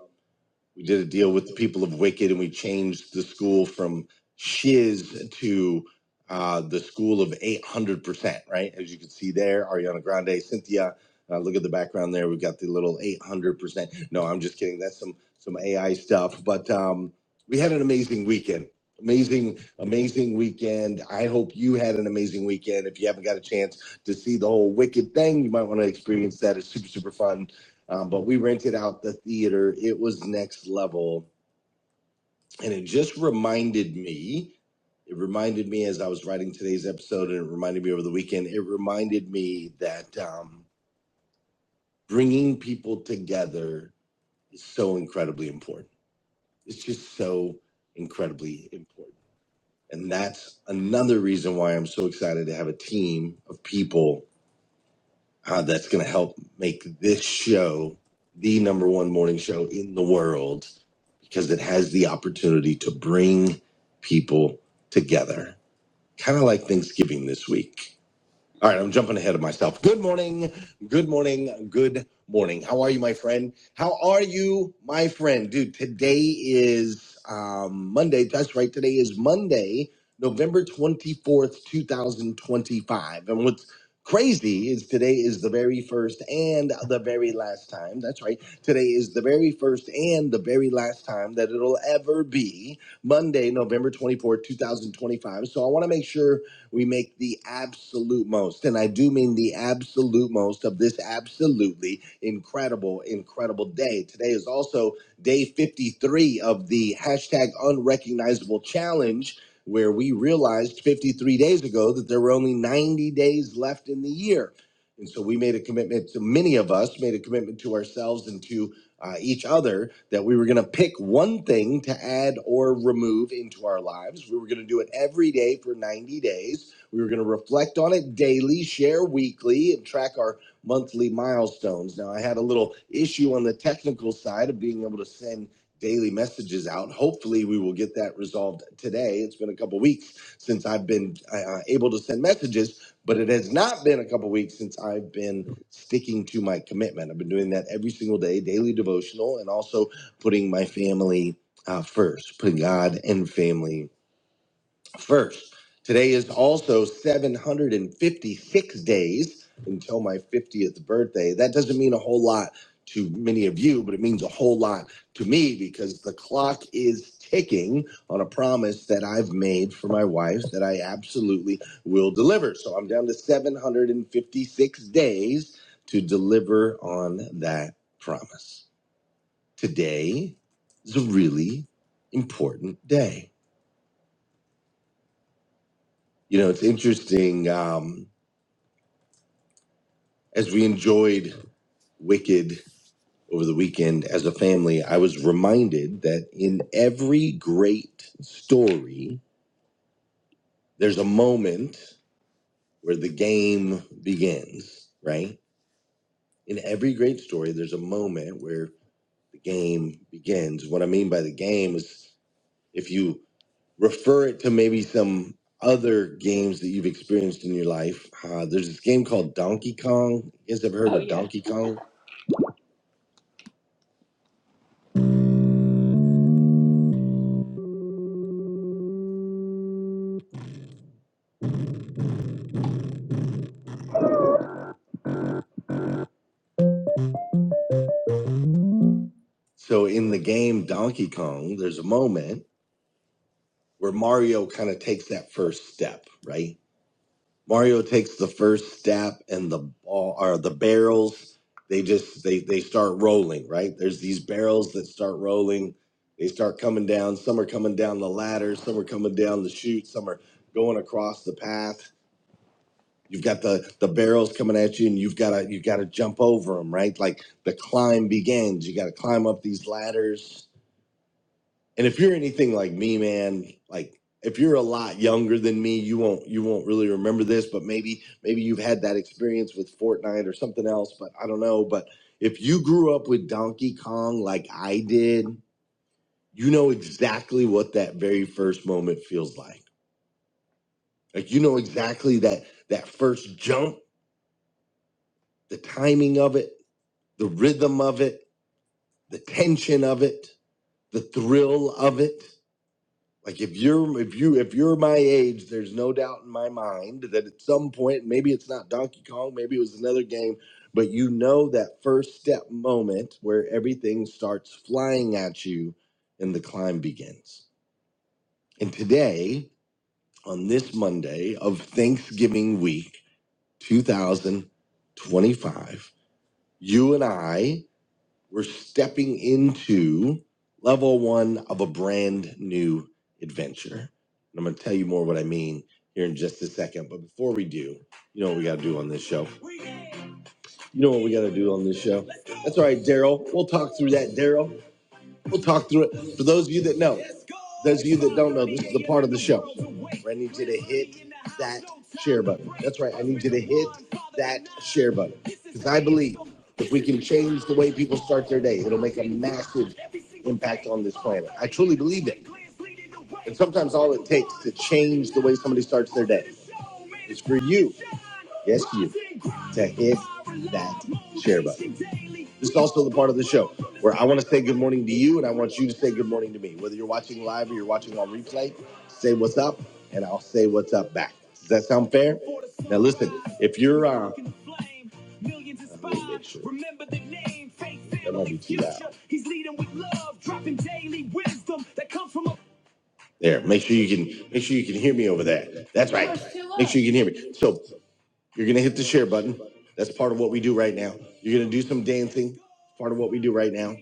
We did a deal with the people of Wicked, and we changed the school from Shiz to uh, the school of 800%, right? As you can see there, Ariana Grande, Cynthia. Uh, look at the background there. We've got the little 800%. No, I'm just kidding. That's some some AI stuff. But um, we had an amazing weekend. Amazing, amazing weekend. I hope you had an amazing weekend. If you haven't got a chance to see the whole Wicked thing, you might want to experience that. It's super, super fun um, but we rented out the theater. It was next level. And it just reminded me, it reminded me as I was writing today's episode, and it reminded me over the weekend, it reminded me that um, bringing people together is so incredibly important. It's just so incredibly important. And that's another reason why I'm so excited to have a team of people uh, that's going to help make this show the number one morning show in the world because it has the opportunity to bring people together, kind of like Thanksgiving this week. All right, I'm jumping ahead of myself. Good morning. Good morning. Good morning. How are you, my friend? How are you, my friend? Dude, today is um, Monday. That's right. Today is Monday, November 24th, 2025. And what's crazy is today is the very first and the very last time. That's right. Today is the very first and the very last time that it'll ever be Monday, November 24th, 2025. So I want to make sure we make the absolute most, and I do mean the absolute most of this absolutely incredible, incredible day. Today is also day 53 of the hashtag unrecognizable challenge, where we realized 53 days ago that there were only 90 days left in the year. And so we made a commitment to many of us made a commitment to ourselves and to uh, each other that we were going to pick one thing to add or remove into our lives. We were going to do it every day for 90 days. We were going to reflect on it daily, share weekly, and track our monthly milestones. Now, I had a little issue on the technical side of being able to send daily messages out. Hopefully, we will get that resolved today. It's been a couple weeks since I've been uh, able to send messages, but it has not been a couple weeks since I've been sticking to my commitment. I've been doing that every single day, daily devotional, and also putting my family uh, first, putting God and family First, today is also 756 days until my 50th birthday. That doesn't mean a whole lot to many of you, but it means a whole lot to me because the clock is ticking on a promise that I've made for my wife that I absolutely will deliver. So I'm down to 756 days to deliver on that promise. Today is a really important day. You know, it's interesting. Um, as we enjoyed Wicked over the weekend as a family, I was reminded that in every great story, there's a moment where the game begins, right? In every great story, there's a moment where the game begins. What I mean by the game is if you refer it to maybe some other games that you've experienced in your life, uh, there's this game called Donkey Kong. You guys ever heard Oh of yeah. Donkey Kong? So in the game Donkey Kong, there's a moment where Mario kind of takes that first step, right? Mario takes the first step and the ball or the barrels, they just they they start rolling, right? There's these barrels that start rolling. They start coming down. Some are coming down the ladder, some are coming down the chute, some are going across the path. You've got the the barrels coming at you and you've got to you've got to jump over them, right? Like the climb begins. You got to climb up these ladders and if you're anything like me man like if you're a lot younger than me you won't you won't really remember this but maybe maybe you've had that experience with fortnite or something else but i don't know but if you grew up with donkey kong like i did you know exactly what that very first moment feels like like you know exactly that that first jump the timing of it the rhythm of it the tension of it the thrill of it Like if you're if you if you're my age, there's no doubt in my mind that at some point, maybe it's not Donkey Kong, maybe it was another game, but you know that first step moment where everything starts flying at you and the climb begins. And today, on this Monday of Thanksgiving week 2025, you and I we're stepping into level one of a brand new adventure. And I'm going to tell you more what I mean here in just a second. But before we do, you know what we got to do on this show? You know what we got to do on this show? That's all right, Daryl. We'll talk through that, Daryl. We'll talk through it. For those of you that know, those of you that don't know, this is the part of the show where I need you to hit that share button. That's right. I need you to hit that share button because I believe if we can change the way people start their day, it'll make a massive impact on this planet. I truly believe it. And sometimes all it takes to change the way somebody starts their day is for you, yes, you, to hit that share button. This is also the part of the show where I want to say good morning to you and I want you to say good morning to me. Whether you're watching live or you're watching on replay, say what's up and I'll say what's up back. Does that sound fair? Now, listen, if you're. Uh, let me make sure. That might be too loud. There, make sure you can make sure you can hear me over there. That's right. Make sure you can hear me. So you're gonna hit the share button. That's part of what we do right now. You're gonna do some dancing. Part of what we do right now.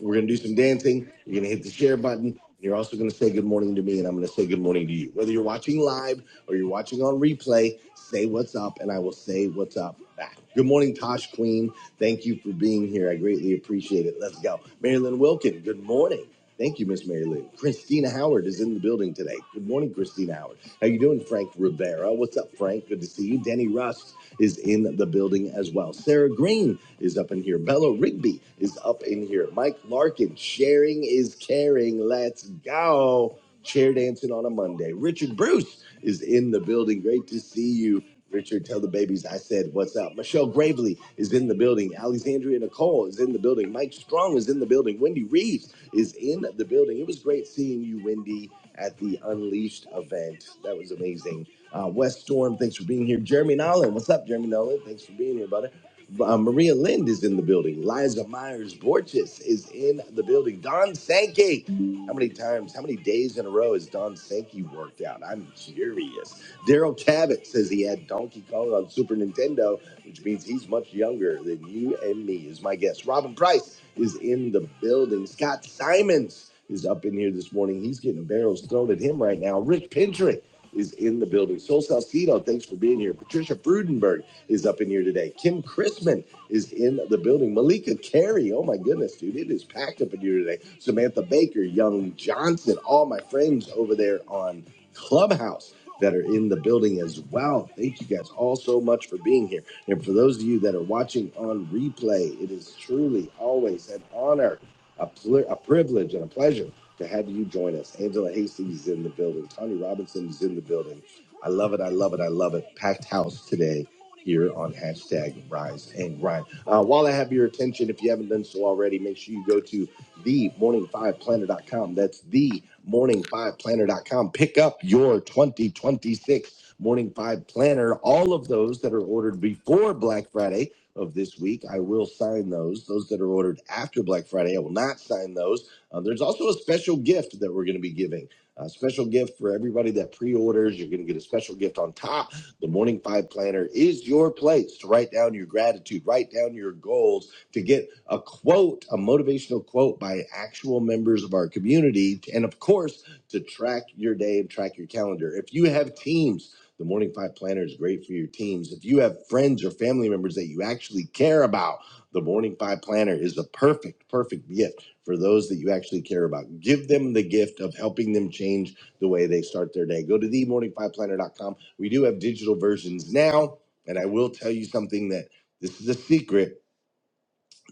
We're gonna do some dancing. You're gonna hit the share button. you're also gonna say good morning to me, and I'm gonna say good morning to you. Whether you're watching live or you're watching on replay, say what's up, and I will say what's up back. Good morning, Tosh Queen. Thank you for being here. I greatly appreciate it. Let's go. Marilyn Wilkin, good morning. Thank you, Miss Marilyn. Christina Howard is in the building today. Good morning, Christina Howard. How you doing, Frank Rivera? What's up, Frank? Good to see you. Danny Rust is in the building as well. Sarah Green is up in here. Bella Rigby is up in here. Mike Larkin, sharing is caring. Let's go. Chair dancing on a Monday. Richard Bruce is in the building. Great to see you. Richard, tell the babies I said what's up. Michelle Gravely is in the building. Alexandria Nicole is in the building. Mike Strong is in the building. Wendy Reeves is in the building. It was great seeing you, Wendy at the Unleashed event. That was amazing. Uh, West Storm, thanks for being here. Jeremy Nolan, what's up, Jeremy Nolan? Thanks for being here, brother. Uh, Maria Lind is in the building. Liza Myers Borges is in the building. Don Sankey. How many times, how many days in a row has Don Sankey worked out? I'm curious. Daryl Cabot says he had Donkey Kong on Super Nintendo which means he's much younger than you and me, is my guess. Robin Price is in the building. Scott Simons is up in here this morning. He's getting barrels thrown at him right now. Rick Pintry is in the building. Sol Salcido, thanks for being here. Patricia Frudenberg is up in here today. Kim Chrisman is in the building. Malika Carey, oh my goodness, dude, it is packed up in here today. Samantha Baker, Young Johnson, all my friends over there on Clubhouse that are in the building as well. Thank you guys all so much for being here. And for those of you that are watching on replay, it is truly always an honor, a, pl- a privilege, and a pleasure to have you join us. Angela Hastings is in the building. Tony Robinson is in the building. I love it. I love it. I love it. Packed house today here on hashtag rise and grind. Uh, while I have your attention, if you haven't done so already, make sure you go to themorning5planner.com. That's themorning5planner.com. Pick up your 2026 Morning Five Planner, all of those that are ordered before Black Friday of this week, I will sign those. Those that are ordered after Black Friday, I will not sign those. Uh, there's also a special gift that we're going to be giving. A special gift for everybody that pre orders. You're going to get a special gift on top. The Morning Five Planner is your place to write down your gratitude, write down your goals, to get a quote, a motivational quote by actual members of our community, and of course, to track your day and track your calendar. If you have teams, the Morning Five Planner is great for your teams. If you have friends or family members that you actually care about, the Morning Five Planner is the perfect, perfect gift for those that you actually care about. Give them the gift of helping them change the way they start their day. Go to the Morning Five Planner dot com. We do have digital versions now, and I will tell you something that this is a secret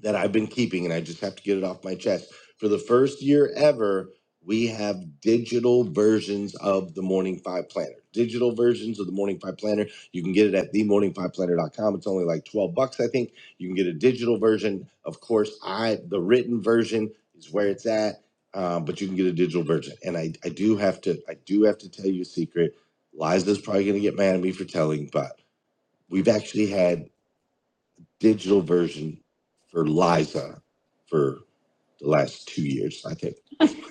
that I've been keeping, and I just have to get it off my chest. For the first year ever, we have digital versions of the Morning Five Planner. Digital versions of the Morning Five Planner. You can get it at themorningfiveplanner.com. It's only like 12 bucks, I think. You can get a digital version. Of course, I the written version is where it's at, um, but you can get a digital version. And I, I do have to I do have to tell you a secret. Liza's probably gonna get mad at me for telling, but we've actually had digital version for Liza for the last two years, I think.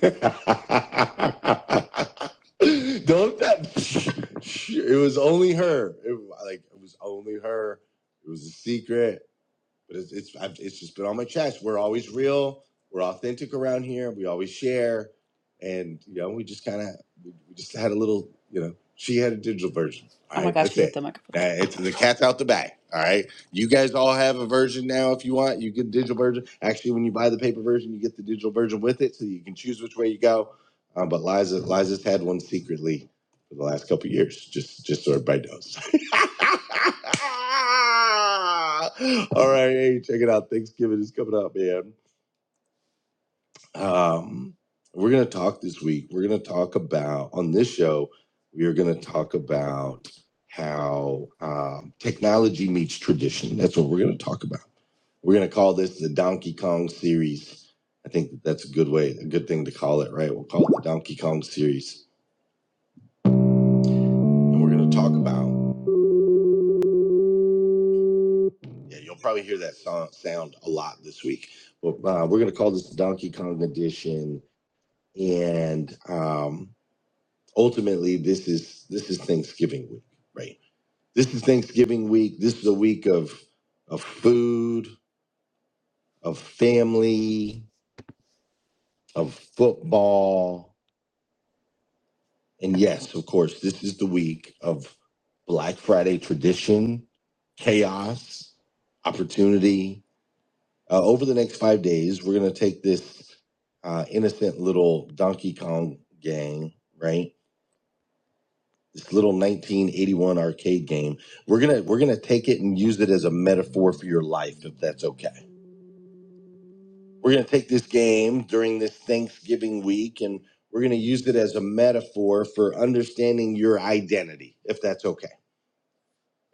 Don't that it was only her. It, like it was only her. It was a secret but it's it's I've, it's just been on my chest. We're always real. We're authentic around here. We always share, and you know, we just kind of we we just had a little. You know, she had a digital version. All Oh my right, gosh, that's she hit it. the microphone. Now, it's the cat's out the bag. All right, you guys all have a version now. If you want, you get a digital version. Actually, when you buy the paper version, you get the digital version with it, so you can choose which way you go. Um, but Liza, Liza's had one secretly for the last couple of years, just just so everybody knows. All right, hey, check it out. Thanksgiving is coming up, man. Um, we're gonna talk this week. We're gonna talk about on this show. We are gonna talk about how um, technology meets tradition. That's what we're gonna talk about. We're gonna call this the Donkey Kong series. I think that that's a good way, a good thing to call it, right? We'll call it the Donkey Kong series, and we're gonna talk about. Yeah, you'll probably hear that sound, sound a lot this week. But uh, we're going to call this the Donkey Kong edition, and um, ultimately, this is this is Thanksgiving week, right? This is Thanksgiving week. This is a week of of food, of family, of football, and yes, of course, this is the week of Black Friday tradition, chaos, opportunity, Uh, over the next five days, we're going to take this uh, innocent little Donkey Kong gang, right? This little 1981 arcade game. We're gonna we're gonna take it and use it as a metaphor for your life, if that's okay. We're gonna take this game during this Thanksgiving week, and we're gonna use it as a metaphor for understanding your identity, if that's okay.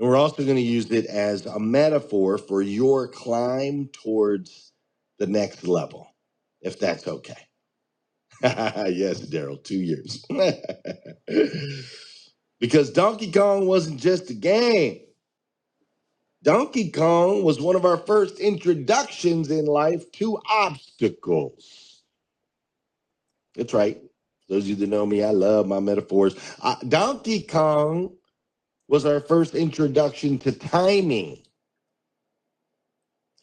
And we're also going to use it as a metaphor for your climb towards the next level, if that's okay. yes, Daryl, two years. because Donkey Kong wasn't just a game. Donkey Kong was one of our first introductions in life to obstacles. That's right. Those of you that know me, I love my metaphors. Uh, Donkey Kong was our first introduction to timing.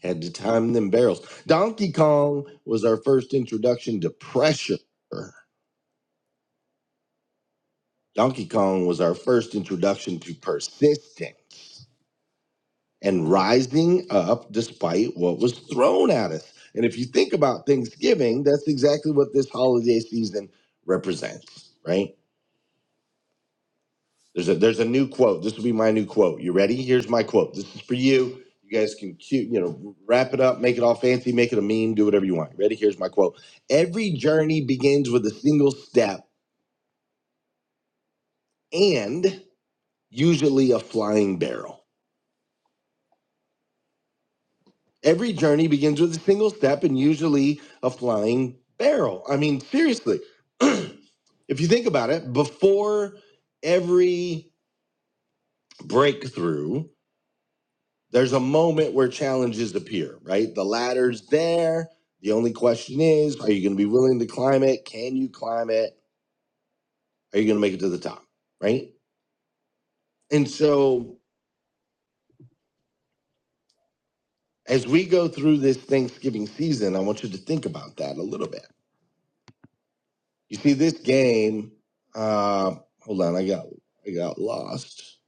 Had to time them barrels. Donkey Kong was our first introduction to pressure. Donkey Kong was our first introduction to persistence. and rising up despite what was thrown at us. And if you think about Thanksgiving, that's exactly what this holiday season represents, right? There's a there's a new quote. This will be my new quote. You ready? Here's my quote. This is for you. You guys can cute, you know, wrap it up, make it all fancy, make it a meme, do whatever you want. Ready? Here's my quote. Every journey begins with a single step and usually a flying barrel. Every journey begins with a single step and usually a flying barrel. I mean, seriously, if you think about it, before every breakthrough, there's a moment where challenges appear, right? The ladder's there. The only question is, are you going to be willing to climb it? Can you climb it? Are you going to make it to the top, right? And so, as we go through this Thanksgiving season, I want you to think about that a little bit You see, this game. Uh, hold on, I got I got lost.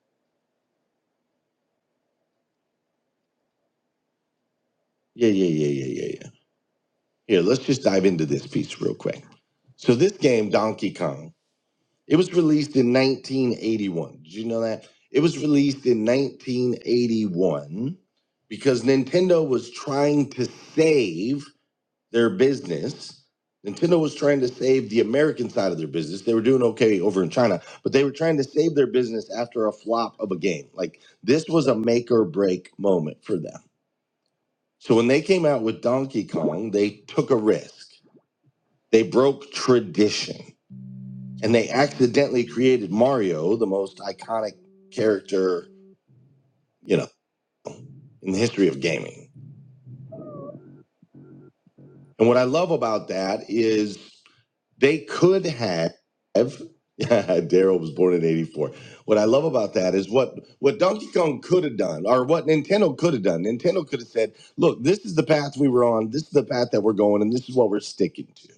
Yeah, yeah, yeah, yeah, yeah, yeah. Here, let's just dive into this piece real quick. So this game, Donkey Kong, it was released in 1981. Did you know that? It was released in 1981 because Nintendo was trying to save their business. Nintendo was trying to save the American side of their business. They were doing okay over in China, but they were trying to save their business after a flop of a game. Like this was a make or break moment for them. So when they came out with Donkey Kong, they took a risk. They broke tradition and they accidentally created Mario, the most iconic character, you know, in the history of gaming. And what I love about that is They could have. Daryl was born in '84. What I love about that is what what Donkey Kong could have done, or what Nintendo could have done. Nintendo could have said, "Look, this is the path we were on. This is the path that we're going, and this is what we're sticking to."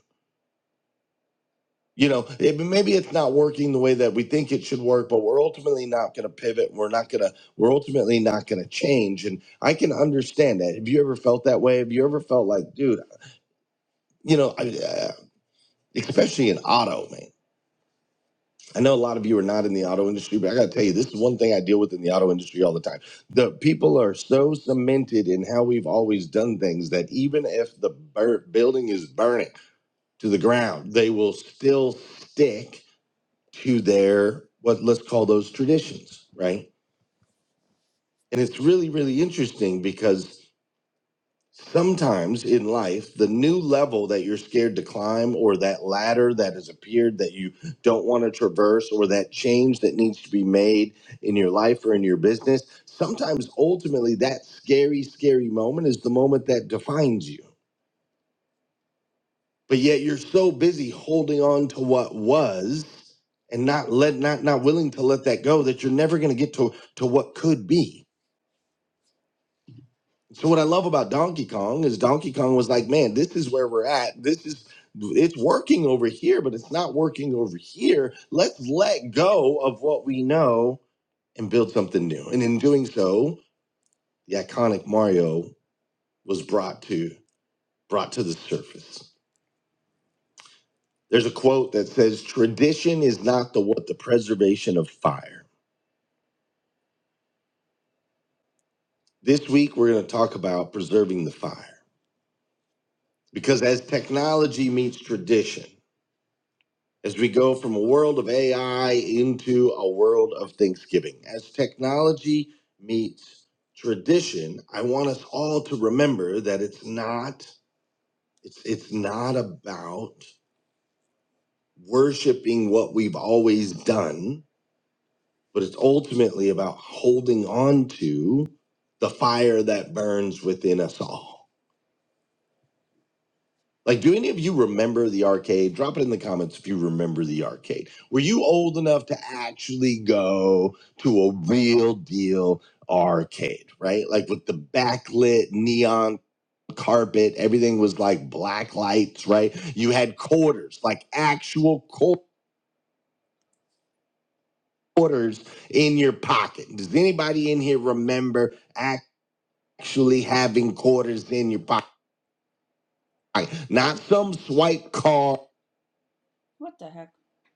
You know, it, maybe it's not working the way that we think it should work, but we're ultimately not going to pivot. We're not going to. We're ultimately not going to change. And I can understand that. Have you ever felt that way? Have you ever felt like, dude, you know, I, uh, especially in auto, man. I know a lot of you are not in the auto industry, but I got to tell you, this is one thing I deal with in the auto industry all the time. The people are so cemented in how we've always done things that even if the bur- building is burning to the ground, they will still stick to their what let's call those traditions, right? And it's really, really interesting because sometimes in life, the new level that you're scared to climb, or that ladder that has appeared that you don't want to traverse, or that change that needs to be made in your life or in your business, sometimes ultimately that scary, scary moment is the moment that defines you. But yet you're so busy holding on to what was and not let not not willing to let that go that you're never going to get to to what could be So what I love about Donkey Kong is Donkey Kong was like, man, this is where we're at. This is it's working over here, but it's not working over here. Let's let go of what we know and build something new. And in doing so, the iconic Mario was brought to brought to the surface. There's a quote that says, "Tradition is not the what the preservation of fire." This week we're going to talk about preserving the fire because as technology meets tradition as we go from a world of AI into a world of Thanksgiving. As technology meets tradition, I want us all to remember that it's not it's it's not about worshiping what we've always done, but it's ultimately about holding on to the fire that burns within us all Like, do any of you remember the arcade? Drop it in the comments if you remember the arcade. Were you old enough to actually go to a real deal arcade, right? Like with the backlit neon carpet, everything was like black lights, right? You had quarters, like actual quarters in your pocket. Does anybody in here remember actually having quarters in your pocket? Not some swipe card What the heck?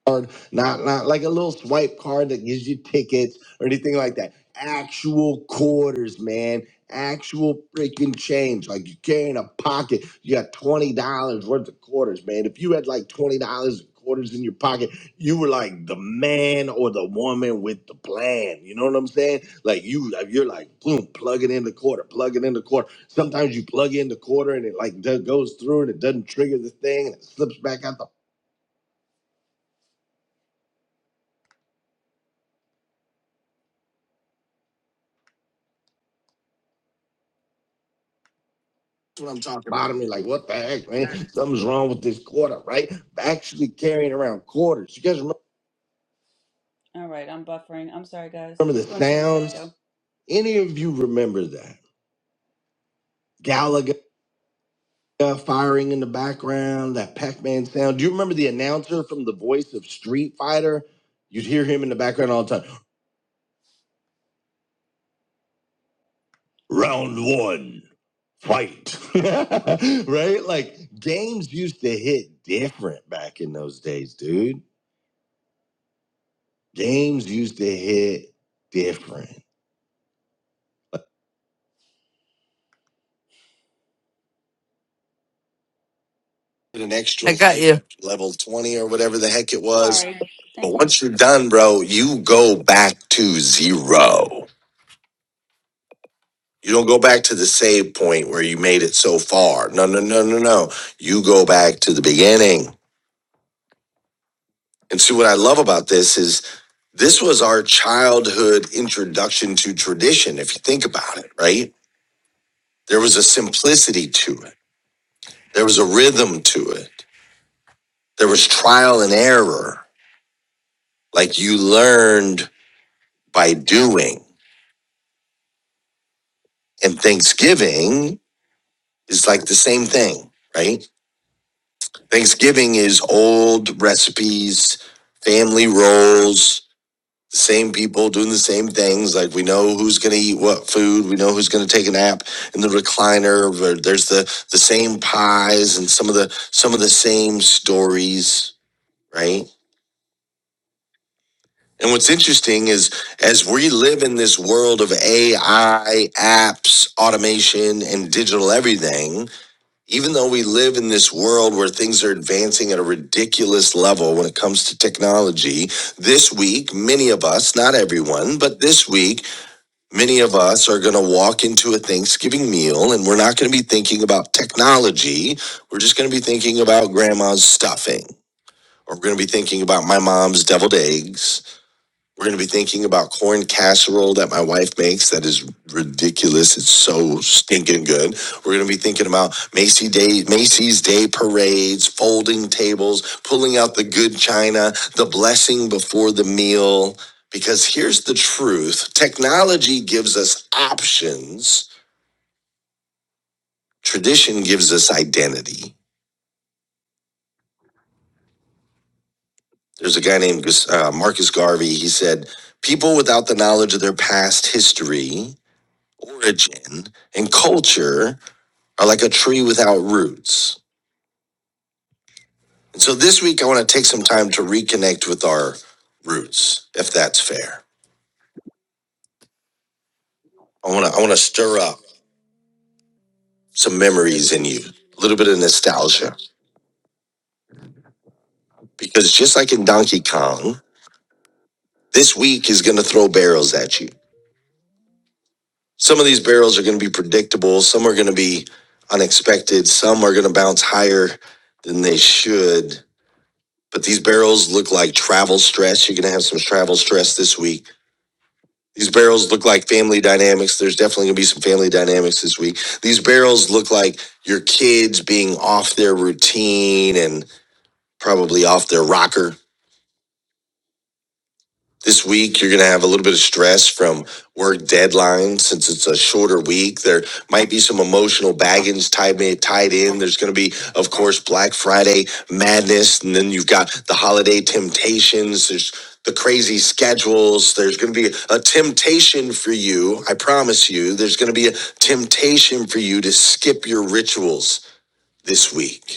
card, not not like a little swipe card that gives you tickets or anything like that. Actual quarters, man. Actual freaking change. Like you carry in a pocket. You got twenty dollars worth of quarters, man. If you had like twenty dollars in quarters in your pocket, you were like the man or the woman with the plan. You know what I'm saying? Like you, like, you're like boom, plug it in the quarter, plug it in the quarter. Sometimes you plug in the quarter and it like d- goes through and it doesn't trigger the thing and it slips back out the That's what I'm talking about. bottom me like, what the heck, man? Something's wrong with this quarter, right? Actually carrying around quarters. You guys remember All right, I'm buffering. I'm sorry, guys. Remember the Go ahead, sounds? Joe. Any of you remember that? Gallagher firing in the background, that Pac-Man sound. Do you remember the announcer from the voice of Street Fighter? You'd hear him in the background all the time. Round one. fight. right? Like games used to hit different back in those days, dude. Games used to hit different. Get An extra I got you. level 20 or whatever the heck it was. Sorry. But Thank you. once you're done, bro, you go back to zero. You don't go back to the save point where you made it so far. No, no, no, no, no. You go back to the beginning. And see what I love about this is this was our childhood introduction to tradition, if you think about it, right? There was a simplicity to it. There was a rhythm to it. There was trial and error. Like you learned by doing. And Thanksgiving is like the same thing, right? Thanksgiving is old recipes, family roles, the same people doing the same things. Like we know who's going to eat what food, we know who's going to take a nap in the recliner. where There's the the same pies and some of the some of the same stories, right? And what's interesting is as we live in this world of AI, apps, automation, and digital everything, even though we live in this world where things are advancing at a ridiculous level when it comes to technology, this week, many of us, not everyone, but this week, many of us are going to walk into a Thanksgiving meal and we're not going to be thinking about technology. We're just going to be thinking about grandma's stuffing. Or we're going to be thinking about my mom's deviled eggs we're going to be thinking about corn casserole that my wife makes that is ridiculous. It's so stinking good. We're going to be thinking about Macy's Day, Macy's Day parades, folding tables, pulling out the good china, the blessing before the meal. Because here's the truth technology gives us options, tradition gives us identity. There's a guy named uh, Marcus Garvey. He said, People without the knowledge of their past history origin and culture are like a tree without roots. And so this week I want to take some time to reconnect with our roots, if that's fair. I want to I want to stir up some memories in you, a little bit of nostalgia because just like in Donkey Kong, this week is going to throw barrels at you. Some of these barrels are going to be predictable, some are going to be unexpected, some are going to bounce higher than they should. But these barrels look like travel stress. You're going to have some travel stress this week These barrels look like family dynamics. There's definitely going to be some family dynamics this week. These barrels look like your kids being off their routine and probably off their rocker this week you're going to have a little bit of stress from work deadlines since it's a shorter week there might be some emotional baggage tied tied in there's going to be of course black friday madness and then you've got the holiday temptations there's the crazy schedules there's going to be a temptation for you i promise you there's going to be a temptation for you to skip your rituals this week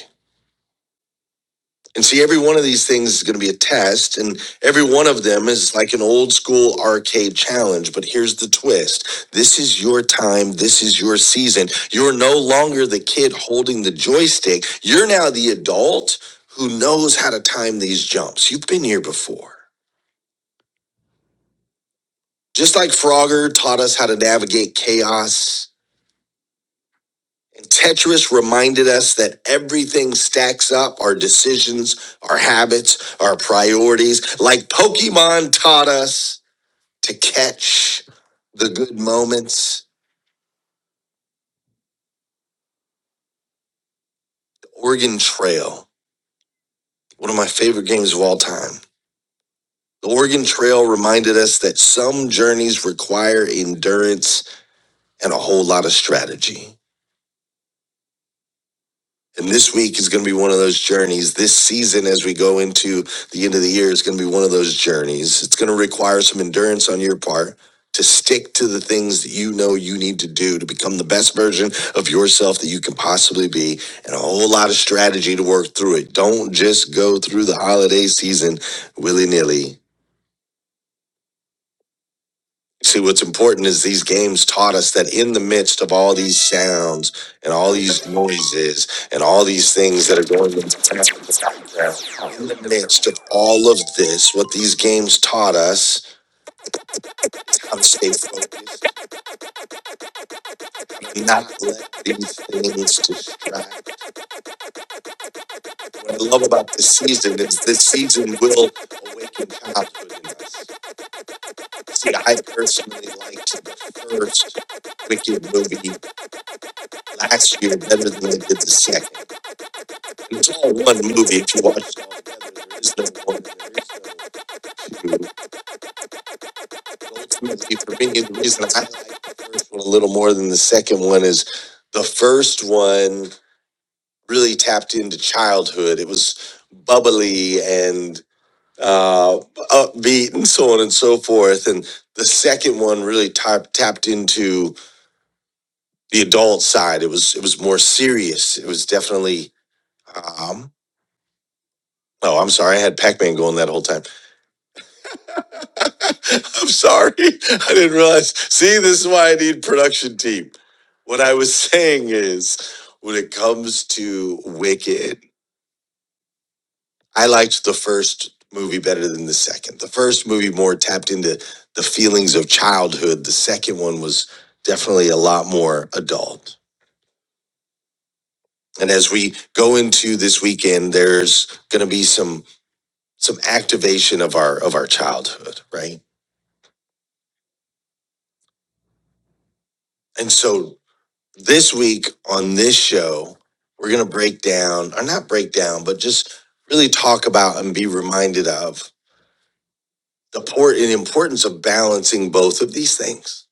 and see, every one of these things is going to be a test, and every one of them is like an old school arcade challenge. But here's the twist this is your time, this is your season. You're no longer the kid holding the joystick, you're now the adult who knows how to time these jumps. You've been here before. Just like Frogger taught us how to navigate chaos, Tetris reminded us that everything stacks up our decisions, our habits, our priorities. Like Pokemon taught us to catch the good moments. The Oregon Trail, one of my favorite games of all time. The Oregon Trail reminded us that some journeys require endurance and a whole lot of strategy. And this week is going to be one of those journeys. This season, as we go into the end of the year, is going to be one of those journeys. It's going to require some endurance on your part to stick to the things that you know you need to do to become the best version of yourself that you can possibly be, and a whole lot of strategy to work through it. Don't just go through the holiday season willy nilly. See, what's important is these games taught us that in the midst of all these sounds and all these noises and all these things that are going on, in the midst of all of this, what these games taught us, how to stay focused, not let these things distract. What I love about this season is this season will awaken childhood in us. See, I personally liked the first Wicked movie last year better than I did the second. There's only one movie to watch. There is no one. to- Ultimately, for me, the reason I like the first one a little more than the second one is the first one really tapped into childhood. It was bubbly and uh, upbeat and so on and so forth. And the second one really tapped tapped into the adult side. It was it was more serious. It was definitely. Um, oh, I'm sorry. I had Pac-Man going that whole time I'm sorry. I didn't realize. See, this is why I need production team. What I was saying is when it comes to Wicked, I liked the first movie better than the second. The first movie more tapped into the feelings of childhood. The second one was definitely a lot more adult. And as we go into this weekend, there's going to be some some activation of our of our childhood, right? And so this week on this show, we're going to break down, or not break down, but just really talk about and be reminded of the por- the importance of balancing both of these things,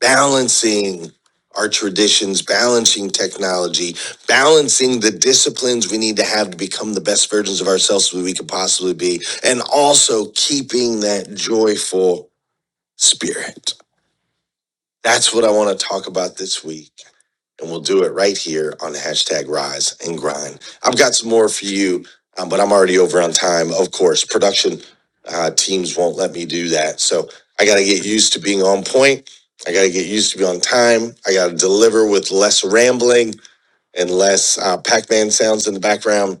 balancing our traditions, balancing technology, balancing the disciplines we need to have to become the best versions of ourselves that we could possibly be, and also keeping that joyful spirit. That's what I want to talk about this week. and we'll do it right here on hashtag rise and grind. I've got some more for you, um, but I'm already over on time. Of course, production uh, teams won't let me do that. So I got to get used to being on point. I got to get used to be on time. I got to deliver with less rambling and less uh, Pac Man sounds in the background.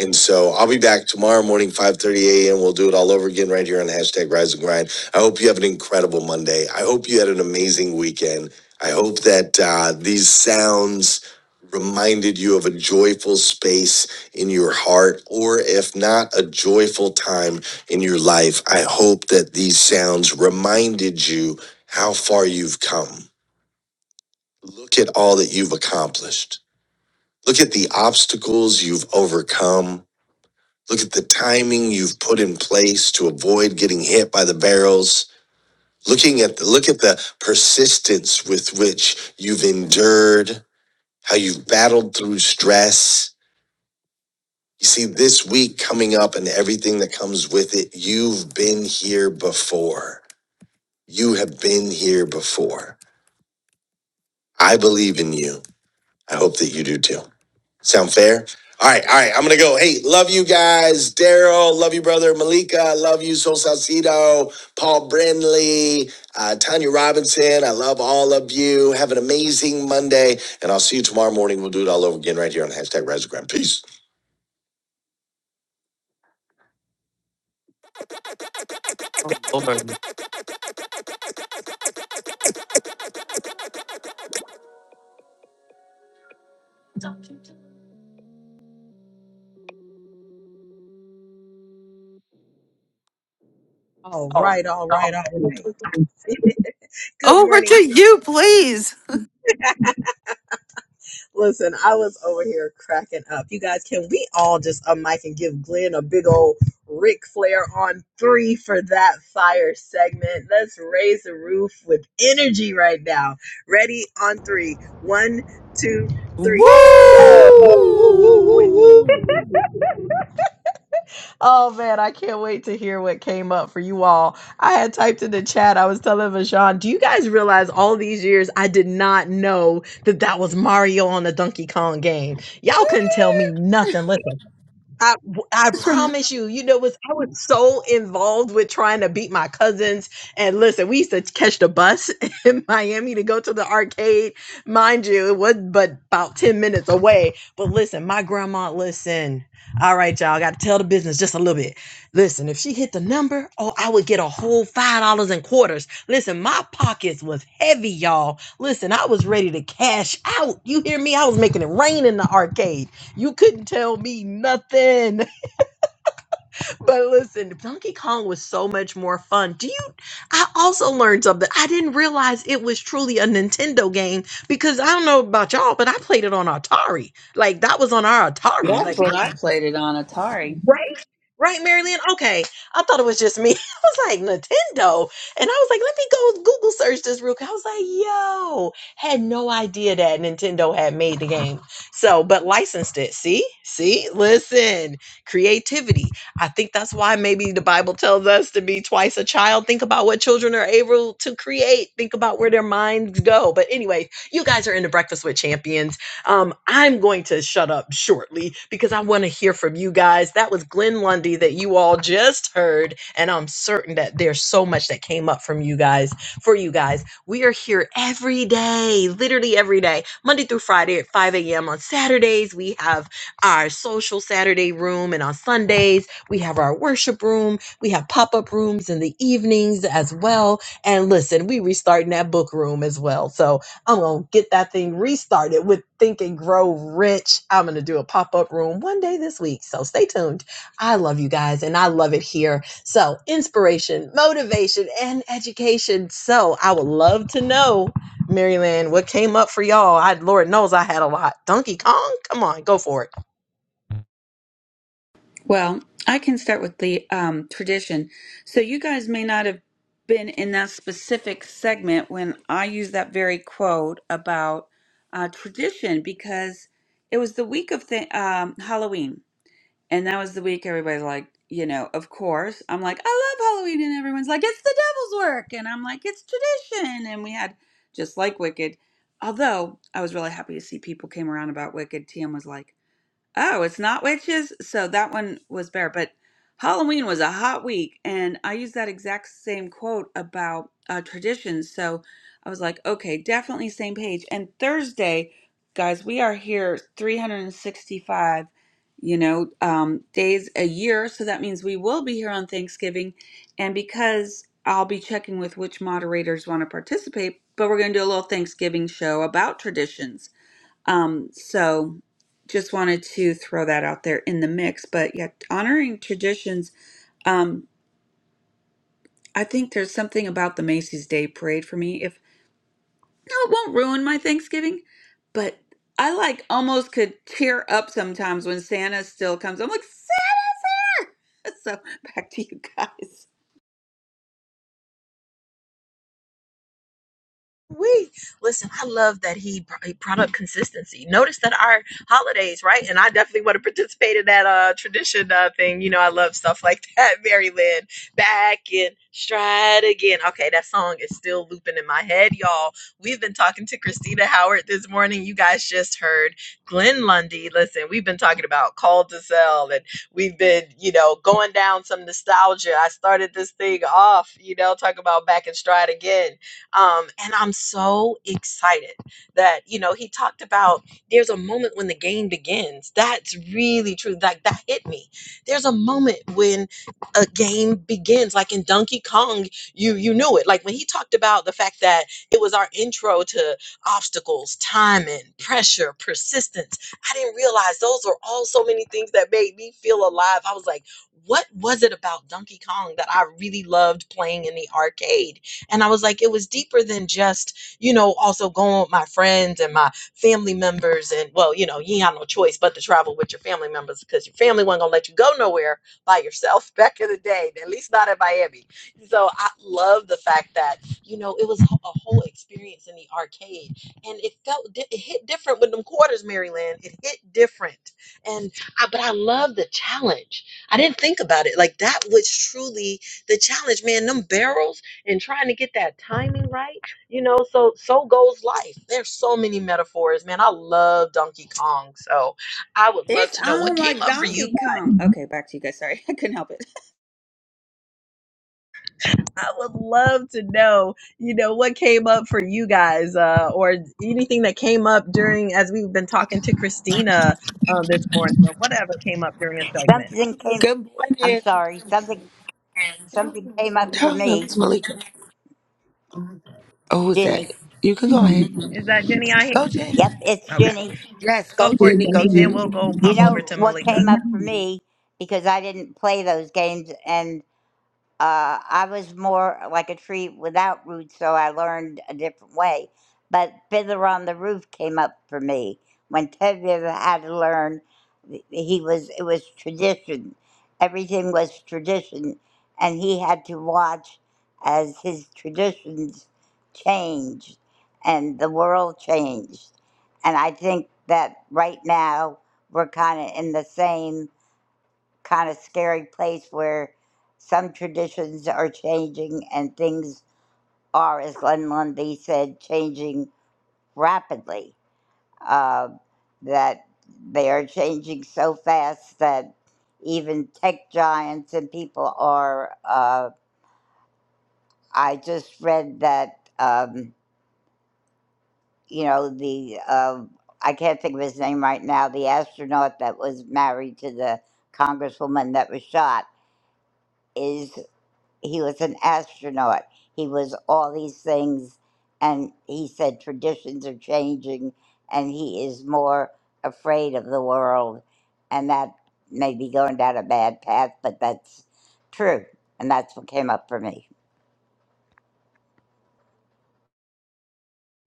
And so I'll be back tomorrow morning, 5.30 a.m. We'll do it all over again right here on hashtag Rise and Grind. I hope you have an incredible Monday. I hope you had an amazing weekend. I hope that uh, these sounds reminded you of a joyful space in your heart, or if not, a joyful time in your life. I hope that these sounds reminded you how far you've come. Look at all that you've accomplished. Look at the obstacles you've overcome Look at the timing you've put in place to avoid getting hit by the barrels. Looking at the, look at the persistence with which you've endured, how you've battled through stress. You see, this week coming up and everything that comes with it, you've been here before. You have been here before. I believe in you. I hope that you do too. Sound fair? All right, all right. I'm gonna go. Hey, love you guys, Daryl. Love you, brother Malika. Love you, Sol Salcido, Paul Brindley, uh, Tanya Robinson. I love all of you. Have an amazing Monday, and I'll see you tomorrow morning. We'll do it all over again right here on hashtag Rise of Grind. Peace. Over. to- All right, all right, all right. Good Over morning, to you, please. Listen, I was over here cracking up. You guys, can we all just a mic and give Glenn a big old Ric Flair on three for that fire segment? Let's raise the roof with energy right now. Ready on three. One, two, three. Woo! Woo! Woo, woo, Woo! woo, woo. Woo! Oh man, I can't wait to hear what came up for you all. I had typed in the chat, I was telling Vajan, do you guys realize all these years I did not know that that was Mario on the Donkey Kong game? Y'all couldn't tell me nothing. Listen. I w- I promise you, you know, was I was so involved with trying to beat my cousins. And listen, we used to catch the bus in Miami to go to the arcade. Mind you, it was but about 10 minutes away. But listen, my grandma, listen. All right, y'all, gotta tell the business just a little bit. Listen, if she hit the number, oh, I would get a whole five dollars and quarters. Listen, my pockets was heavy, y'all. Listen, I was ready to cash out. You hear me? I was making it rain in the arcade. You couldn't tell me nothing. But listen, Donkey Kong was so much more fun. Do you? I also learned something. I didn't realize it was truly a Nintendo game because I don't know about y'all, but I played it on Atari. Like that was on our Atari. That's Like what I played it on Atari. Right? Right, Marilyn? Okay. I thought it was just me. I was like, Nintendo. And I was like, let me go Google search this real quick. I was like, yo, had no idea that Nintendo had made the game. So, but licensed it. See? See? Listen, creativity. I think that's why maybe the Bible tells us to be twice a child. Think about what children are able to create, think about where their minds go. But anyway, you guys are in the Breakfast with Champions. Um, I'm going to shut up shortly because I want to hear from you guys. That was Glenn Lundy that you all just heard, and I'm certain that there's so much that came up from you guys for you guys. We are here every day, literally every day, Monday through Friday at 5 a.m. On Saturdays, we have our social Saturday room, and on Sundays, we have our worship room. We have pop up rooms in the evenings as well. And listen, we restarting that book room as well. So I'm gonna get that thing restarted with Think and Grow Rich. I'm gonna do a pop up room one day this week. So stay tuned. I love you guys and I love it here. So, inspiration, motivation, and education. So, I would love to know, Maryland, what came up for y'all. I, Lord knows I had a lot. Donkey Kong? Come on, go for it. Well, I can start with the um, tradition. So, you guys may not have been in that specific segment when I used that very quote about uh, tradition because it was the week of th- um, Halloween. And that was the week everybody's like, you know, of course. I'm like, I love Halloween. And everyone's like, it's the devil's work. And I'm like, it's tradition. And we had, just like Wicked, although I was really happy to see people came around about Wicked, TM was like, Oh, it's not witches. So that one was better. But Halloween was a hot week, and I used that exact same quote about uh, traditions. So I was like, okay, definitely same page. And Thursday, guys, we are here 365, you know, um, days a year. So that means we will be here on Thanksgiving. And because I'll be checking with which moderators want to participate, but we're going to do a little Thanksgiving show about traditions. Um, so just wanted to throw that out there in the mix. But yeah, honoring traditions. Um, I think there's something about the Macy's Day Parade for me. If no, it won't ruin my Thanksgiving, but I like almost could tear up sometimes when Santa still comes. I'm like, Santa's here! So back to you guys. We listen. I love that he br- he brought up consistency. Notice that our holidays, right? And I definitely want to participate in that uh, tradition uh, thing. You know, I love stuff like that. Mary Lynn, back in stride again. Okay, that song is still looping in my head, y'all. We've been talking to Christina Howard this morning. You guys just heard Glenn Lundy. Listen, we've been talking about call to sell, and we've been, you know, going down some nostalgia. I started this thing off, you know, talking about back in stride again um, and I'm so excited that, you know, he talked about there's a moment when the game begins. That's really true. Like that hit me. There's a moment when a game begins. Like in Donkey Kong, you you knew it. Like when he talked about the fact that it was our intro to obstacles, timing, pressure, persistence. I didn't realize those were all so many things that made me feel alive. I was like, what was it about Donkey Kong that I really loved playing in the arcade? And I was like, it was deeper than just, you know, also going with my friends and my family members. And well, you know, you ain't have no choice but to travel with your family members because your family wasn't gonna let you go nowhere by yourself back in the day, at least not in Miami. So I love the fact that, you know, it was a whole experience in the arcade. And it felt di- it hit different with them quarters, Maryland. It hit different. And I, but I love the challenge. I didn't think about it. Like that was truly the challenge, man. Them barrels and trying to get that timing right, you know, so so goes life. There's so many metaphors, man. I love Donkey Kong. So I would love It's to know what on came like up for you Donkey Kong. guys. Okay, back to you guys. Sorry, I couldn't help it. I would love to know, you know, what came up for you guys, uh, or anything that came up during as we've been talking to Christina uh, this morning, or whatever came up during a segment. Something came. Good I'm morning. sorry. Something something came up for Hello, me, it's Malika. Oh, who's that? Jenny. You can go ahead. Is that Jenny? I Go, hear. Jenny. Yep, it's Okay, Jenny. Yes, go go, for it, Jenny. Go, Jenny. Then Jenny. we'll go You pop over know to what Malika. came up for me because I didn't play those games, and. uh, I was more like a tree without roots, so I learned a different way. But Fiddler on the Roof came up for me when Ted Viv had to learn. He was it was tradition. Everything was tradition, and he had to watch as his traditions changed and the world changed. And I think that right now we're kind of in the same kind of scary place where some traditions are changing and things are, as Glenn Lundy said, changing rapidly. Uh, that they are changing so fast that even tech giants and people are. Uh, I just read that, um, you know, the, uh, I can't think of his name right now, the astronaut that was married to the congresswoman that was shot is. he was an astronaut. He was all these things, and he said traditions are changing, and he is more afraid of the world, and that may be going down a bad path, but that's true, and that's what came up for me.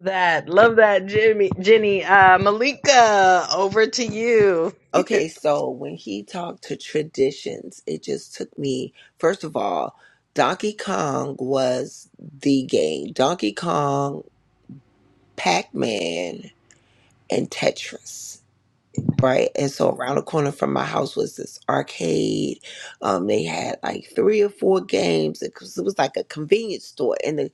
That love that Jimmy Jenny uh Malika over to you. Okay, so when he talked to traditions, it just took me, first of all, Donkey Kong was the game. Donkey Kong, Pac Man, and Tetris, right? And so around the corner from my house was this arcade. Um, they had like three or four games. It was, it was like a convenience store. And the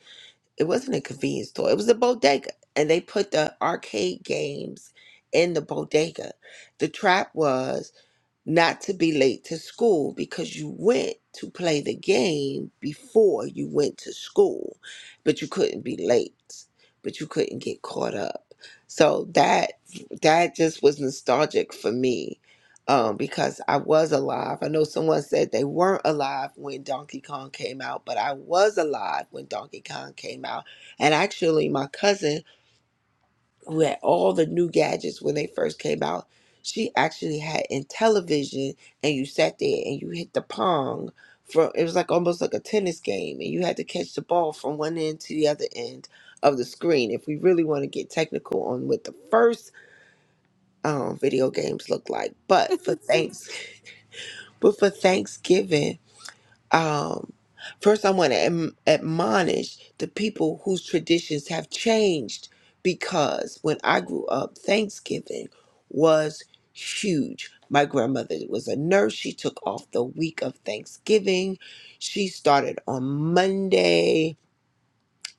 it wasn't a convenience store. It was a bodega, and they put the arcade games in the bodega. The trap was not to be late to school because you went to play the game before you went to school, but you couldn't be late, but you couldn't get caught up. So that that just was nostalgic for me um, because I was alive. I know someone said they weren't alive when Donkey Kong came out, but I was alive when Donkey Kong came out. And actually, my cousin who had all the new gadgets when they first came out. She actually had in television, and you sat there and you hit the pong from it was like almost like a tennis game, and you had to catch the ball from one end to the other end of the screen. If we really want to get technical on what the first um, video games look like, but for thanks, but for Thanksgiving um, first I want to am- admonish the people whose traditions have changed because when I grew up, Thanksgiving was huge. My grandmother was a nurse. She took off the week of Thanksgiving. She started on Monday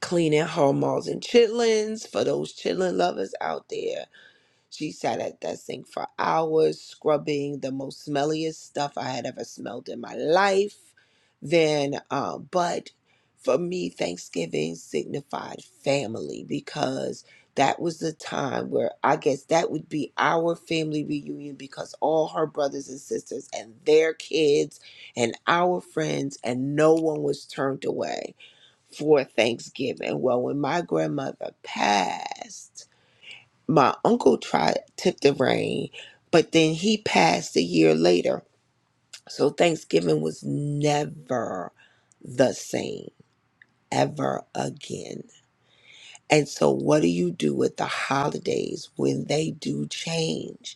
cleaning her malls and chitlins for those chitlin lovers out there she sat at that sink for hours, scrubbing the most smelliest stuff I had ever smelled in my life. Then, um, but for me, Thanksgiving signified family because that was the time where I guess that would be our family reunion because all her brothers and sisters and their kids and our friends and no one was turned away for Thanksgiving. Well, when my grandmother passed, my uncle tried took the reign, but then he passed a year later. So Thanksgiving was never the same ever again. And so what do you do with the holidays when they do change?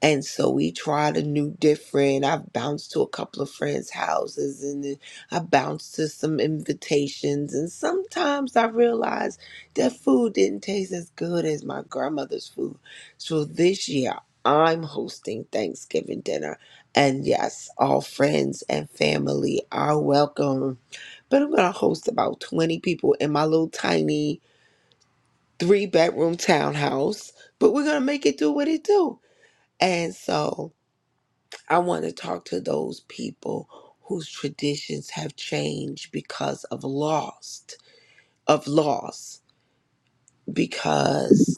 And so we tried a new different. I've bounced to a couple of friends' houses and then I bounced to some invitations. And sometimes I realized that food didn't taste as good as my grandmother's food. So this year I'm hosting Thanksgiving dinner. And yes, all friends and family are welcome. But I'm going to host about 20 people in my little tiny three bedroom townhouse. But we're going to make it do what it do. And so. I want to talk to those people whose traditions have changed because of lost of loss because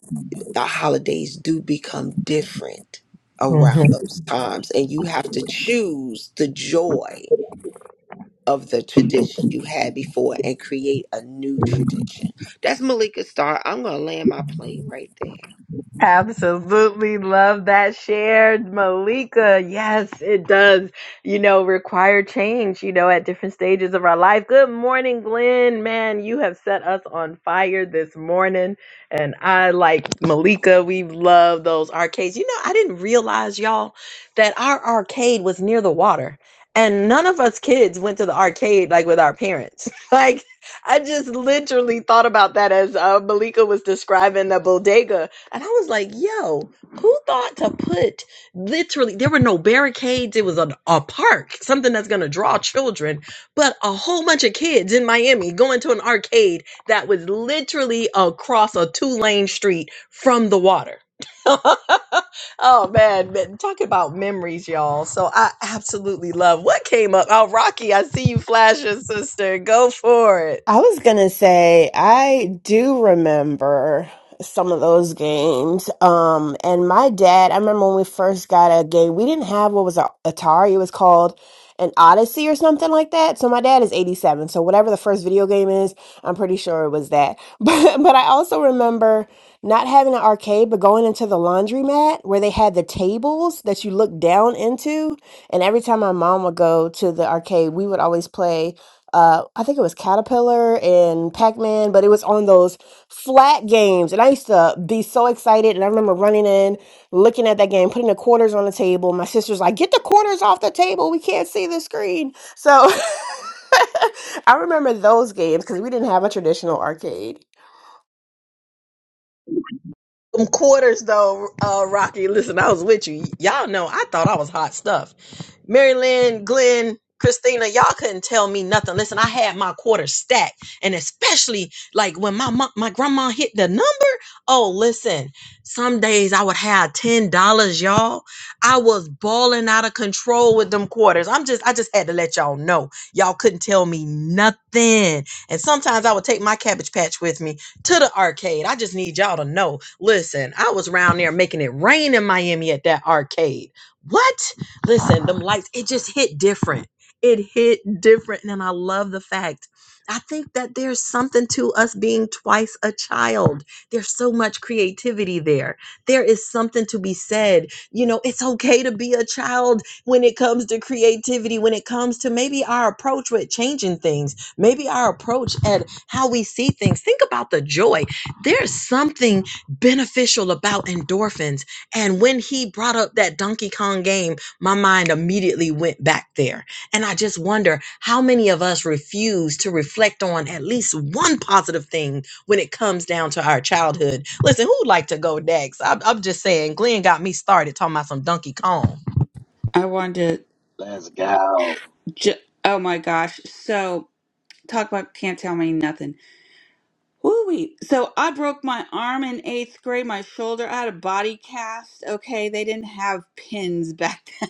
the holidays do become different Mhm. around those times and you have to choose the joy of the tradition you had before and create a new tradition. That's Malika Starr. I'm gonna land my plane right there. Absolutely love that shared Malika. Yes, it does, you know, require change, you know, at different stages of our life. Good morning, Glenn. Man, you have set us on fire this morning. And I like Malika. We love those arcades. You know, I didn't realize, y'all, that our arcade was near the water. And none of us kids went to the arcade like with our parents. Like, I just literally thought about that as uh, Malika was describing the bodega and I was like, yo, who thought to put literally, there were no barricades. It was a, a park, something that's going to draw children, but a whole bunch of kids in Miami going to an arcade that was literally across a two lane street from the water. oh man, man, talk about memories, y'all. So I absolutely love what came up. Oh, Rocky, I see you flashing, sister. Go for it. I was gonna say I do remember some of those games. Um, and my dad, I remember when we first got a game, we didn't have what was a Atari. It was called an Odyssey or something like that. So my dad is 87. So whatever the first video game is, I'm pretty sure it was that. But but I also remember not having an arcade, but going into the laundromat where they had the tables that you looked down into. And every time my mom would go to the arcade, we would always play uh, I think it was Caterpillar and Pac Man, but it was on those flat games. And I used to be so excited. And I remember running in, looking at that game, putting the quarters on the table. My sister's like, Get the quarters off the table. We can't see the screen. So I remember those games because we didn't have a traditional arcade. them quarters though, uh, Rocky. Listen, I was with you. Y'all know I thought I was hot stuff. Mary Lynn, Glenn, Christina, y'all couldn't tell me nothing. Listen, I had my quarters stacked, and especially like when my mom, my grandma hit the number. Oh, listen, some days I would have ten dollars, y'all. I was balling out of control with them quarters. I'm just, I just had to let y'all know. Y'all couldn't tell me nothing. And sometimes I would take my cabbage patch with me to the arcade. I just need y'all to know. Listen, I was around there making it rain in Miami at that arcade. What? Listen, them lights, it just hit different. It hit different. And I love the fact. I think that there's something to us being twice a child. There's so much creativity there. There is something to be said. You know, it's okay to be a child when it comes to creativity, when it comes to maybe our approach with changing things, maybe our approach at how we see things. Think about the joy. There's something beneficial about endorphins. And when he brought up that Donkey Kong game, my mind immediately went back there. And I just wonder how many of us refuse to reflect on at least one positive thing when it comes down to our childhood. Listen, who'd like to go next? I'm, I'm just saying, Glenn got me started talking about some Donkey Kong. I wanted to. Let's go. Ju- oh my gosh. So talk about can't tell me nothing. Woo-wee. So I broke my arm in eighth grade, my shoulder. I had a body cast. Okay, they didn't have pins back then.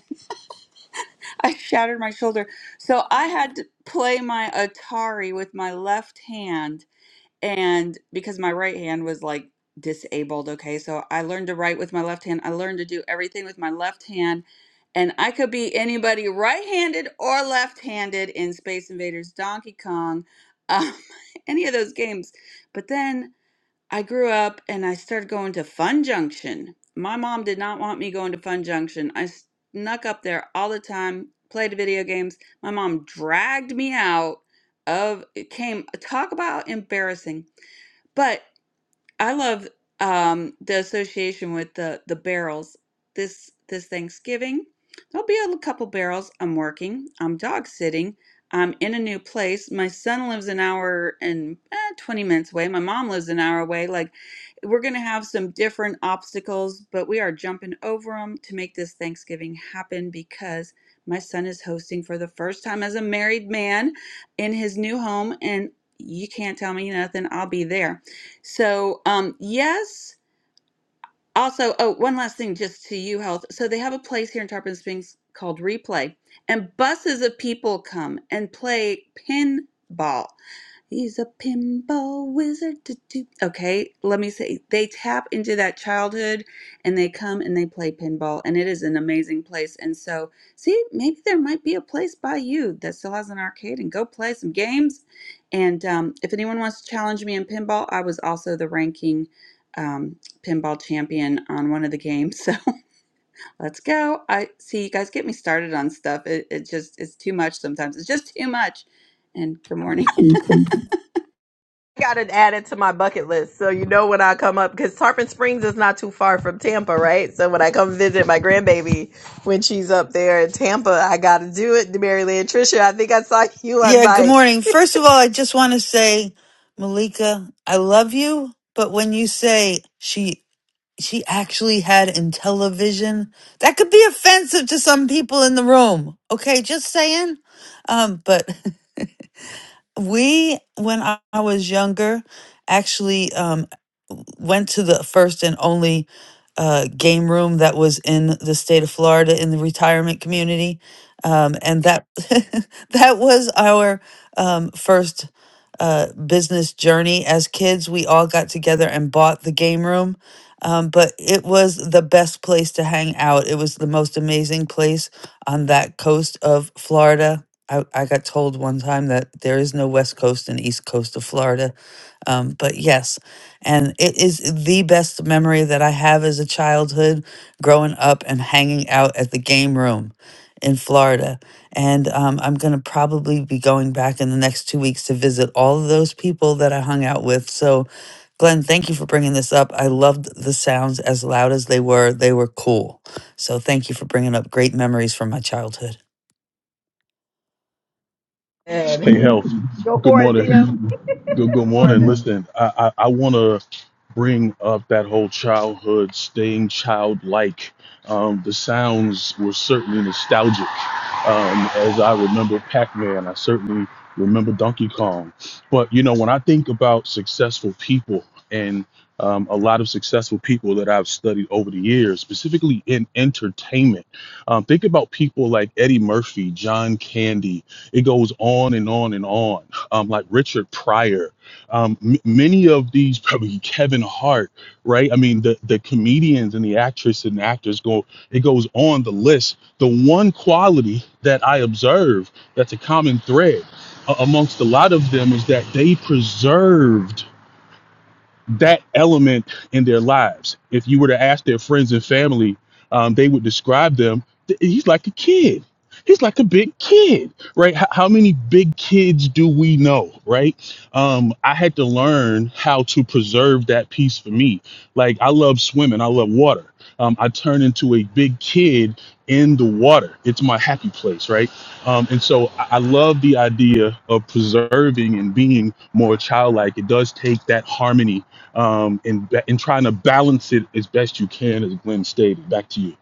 I shattered my shoulder. So I had to play my Atari with my left hand, and because my right hand was like disabled, okay, so I learned to write with my left hand. I learned to do everything with my left hand, and I could be anybody right handed or left handed in Space Invaders, Donkey Kong, um, any of those games. But then I grew up and I started going to Fun Junction. My mom did not want me going to Fun Junction. I snuck up there all the time, played video games. My mom dragged me out of it came talk about embarrassing. But I love um, the association with the the barrels this this Thanksgiving. There'll be a couple barrels. I'm working. I'm dog sitting. I'm in a new place. My son lives an hour and eh, 20 minutes away. My mom lives an hour away. Like, we're going to have some different obstacles, but we are jumping over them to make this Thanksgiving happen because my son is hosting for the first time as a married man in his new home. And you can't tell me nothing. I'll be there. So, um, yes. Also, oh, one last thing just to you, health. So, they have a place here in Tarpon Springs called Replay, and buses of people come and play pinball. He's a pinball wizard. Okay, let me say they tap into that childhood and they come and they play pinball, and it is an amazing place. And so, see, maybe there might be a place by you that still has an arcade and go play some games. And um, if anyone wants to challenge me in pinball, I was also the ranking um, pinball champion on one of the games. So let's go. I see you guys get me started on stuff. It, it just it's too much sometimes. It's just too much. And good morning. I got it added to my bucket list, so you know when I come up because Tarpon Springs is not too far from Tampa, right? So when I come visit my grandbaby when she's up there in Tampa, I got to do it. Maryland Trisha, I think I saw you on Yeah, good mic. morning. First of all, I just want to say, Malika, I love you, but when you say she she actually had in television. That could be offensive to some people in the room. Okay, just saying. Um, but We, when I, I was younger, actually um, w- went to the first and only uh, game room that was in the state of Florida in the retirement community, um, and that that was our um, first uh, business journey as kids. We all got together and bought the game room. Um, but it was the best place to hang out. It was the most amazing place on that coast of Florida I, I got told one time that there is no west coast and east coast of Florida. Um, but yes, and it is the best memory that I have as a childhood growing up and hanging out at the game room in Florida. And um, I'm going to probably be going back in the next two weeks to visit all of those people that I hung out with. So, Glenn, thank you for bringing this up. I loved the sounds as loud as they were, they were cool. So, thank you for bringing up great memories from my childhood. Good. Hey, health. Go Good for it, morning. Tim. Good, good Go for morning. this. Listen, I, I, I want to bring up that whole childhood, staying childlike. Um, the sounds were certainly nostalgic. Um, as I remember Pac Man, I certainly remember Donkey Kong. But, you know, when I think about successful people and um, a lot of successful people that I've studied over the years, specifically in entertainment, um, think about people like Eddie Murphy, John Candy. It goes on and on and on um, like Richard Pryor, um, m- many of these probably Kevin Hart, right? I mean, the the comedians and the actresses and actors go. It goes on the list. The one quality that I observe that's a common thread a- amongst a lot of them is that they preserved that element in their lives. If you were to ask their friends and family, um, they would describe them. th- He's like a kid. He's like a big kid, right? H- how many big kids do we know, right? Um, I had to learn how to preserve that piece for me. Like I love swimming. I love water. Um, I turn into a big kid in the water. It's my happy place, right? Um, and so I, I love the idea of preserving and being more childlike. It does take that harmony um, and ba- and trying to balance it as best you can, as Glenn stated. Back to you.